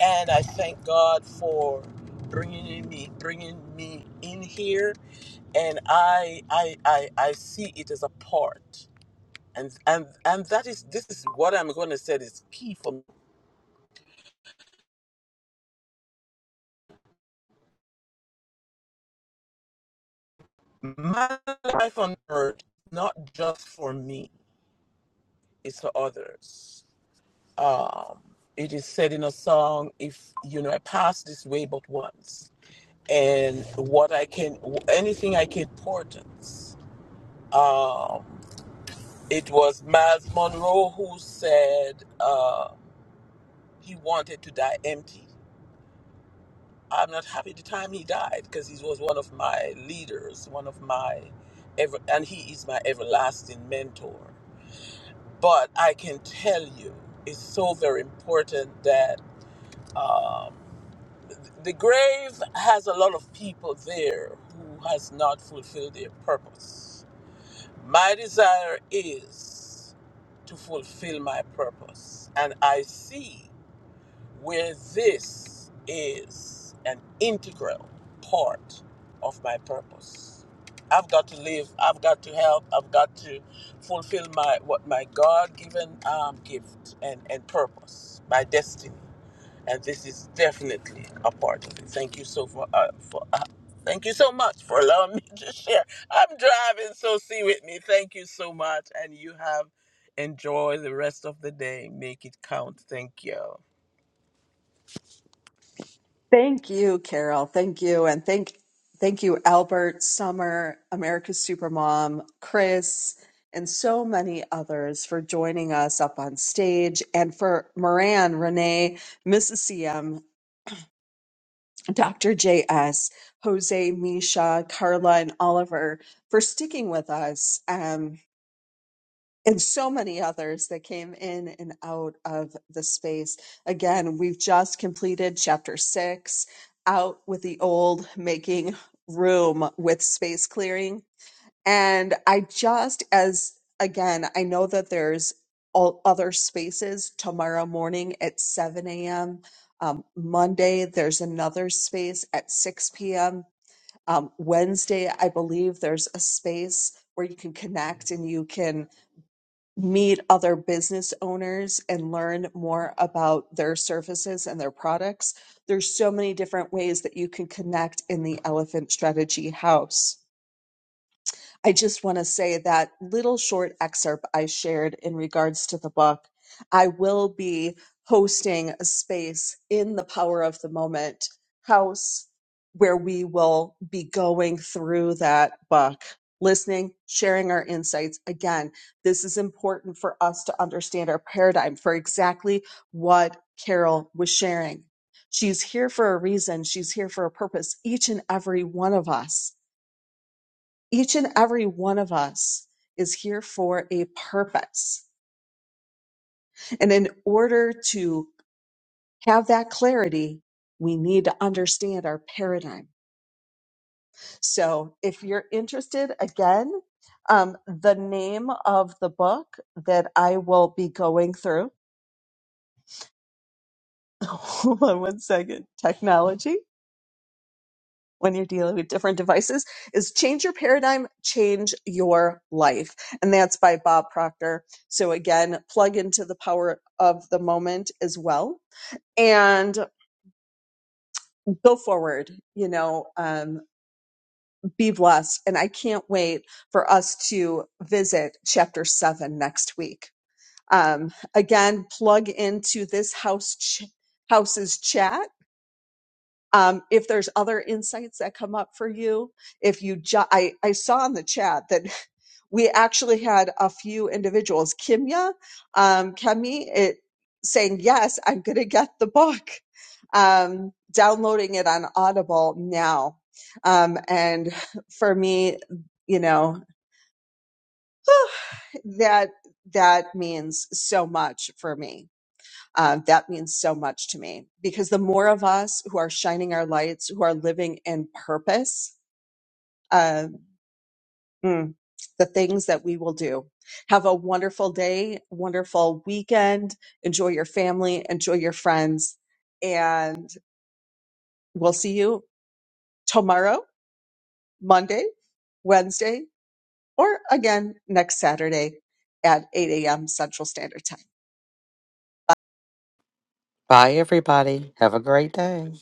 [SPEAKER 5] and I thank God for bringing in me, bringing me in here, and I, I, I, I see it as a part, and and and that is this is what I'm going to say is key for me. my life on earth, not just for me, it's for others. Um, it is said in a song, if you know, I pass this way but once, and what I can, anything I can portend. um, it was Miles Monroe who said uh, he wanted to die empty. I'm not happy the time he died because he was one of my leaders, one of my ever, and he is my everlasting mentor. But I can tell you, it's so very important that the grave has a lot of people there who has not fulfilled their purpose My desire is to fulfill my purpose, and I see where this is an integral part of my purpose. I've got to live. I've got to help. I've got to fulfill my what my God-given um, gift and and purpose, my destiny and this is definitely a part of it. Thank you so for uh, for uh, thank you so much for allowing me to share. I'm driving, so see with me. Thank you so much, and you have enjoy the rest of the day. Make it count. Thank you.
[SPEAKER 1] Thank you, Carol. Thank you. And thank thank you, Albert, Summer, America's Supermom, Chris, and so many others for joining us up on stage and for Moran, Renee, Mrs. CM, Dr. JS, Jose, Misha, Carla, and Oliver for sticking with us. Um, and so many others that came in and out of the space. Again, we've just completed chapter six out with the old, making room with space clearing. And I just, as again, I know that there's all other spaces tomorrow morning at 7 a.m. Um, Monday, there's another space at 6 p.m. Um, Wednesday, I believe there's a space where you can connect and you can meet other business owners and learn more about their services and their products. There's so many different ways that you can connect in the Elephant Strategy House. I just want to say that little short excerpt I shared in regards to the book. I will be hosting a space in the Power of the Moment house where we will be going through that book, listening, sharing our insights. Again, this is important for us to understand our paradigm for exactly what Carol was sharing. She's here for a reason. She's here for a purpose, each and every one of us each and every one of us is here for a purpose. And in order to have that clarity, we need to understand our paradigm. So if you're interested, again, um, the name of the book that I will be going through, [LAUGHS] hold on one second, technology. when you're dealing with different devices is change your paradigm, change your life. And that's by Bob Proctor. So again, plug into the power of the moment as well and go forward, you know, um, be blessed. And I can't wait for us to visit chapter seven next week. Um, again, plug into this house, ch- house's chat. Um, if there's other insights that come up for you, if you jo- I, I saw in the chat that we actually had a few individuals, Kimya, um, Kemi, it saying, yes, I'm going to get the book, um, downloading it on Audible now. Um, and for me, you know, [SIGHS] that, that means so much for me. Uh, that means so much to me because the more of us who are shining our lights, who are living in purpose, um, Mm, the things that we will do. Have a wonderful day, wonderful weekend. Enjoy your family, enjoy your friends, and we'll see you tomorrow, Monday, Wednesday, or again next Saturday at 8 a.m. Central Standard Time.
[SPEAKER 4] Bye, everybody. Have a great day.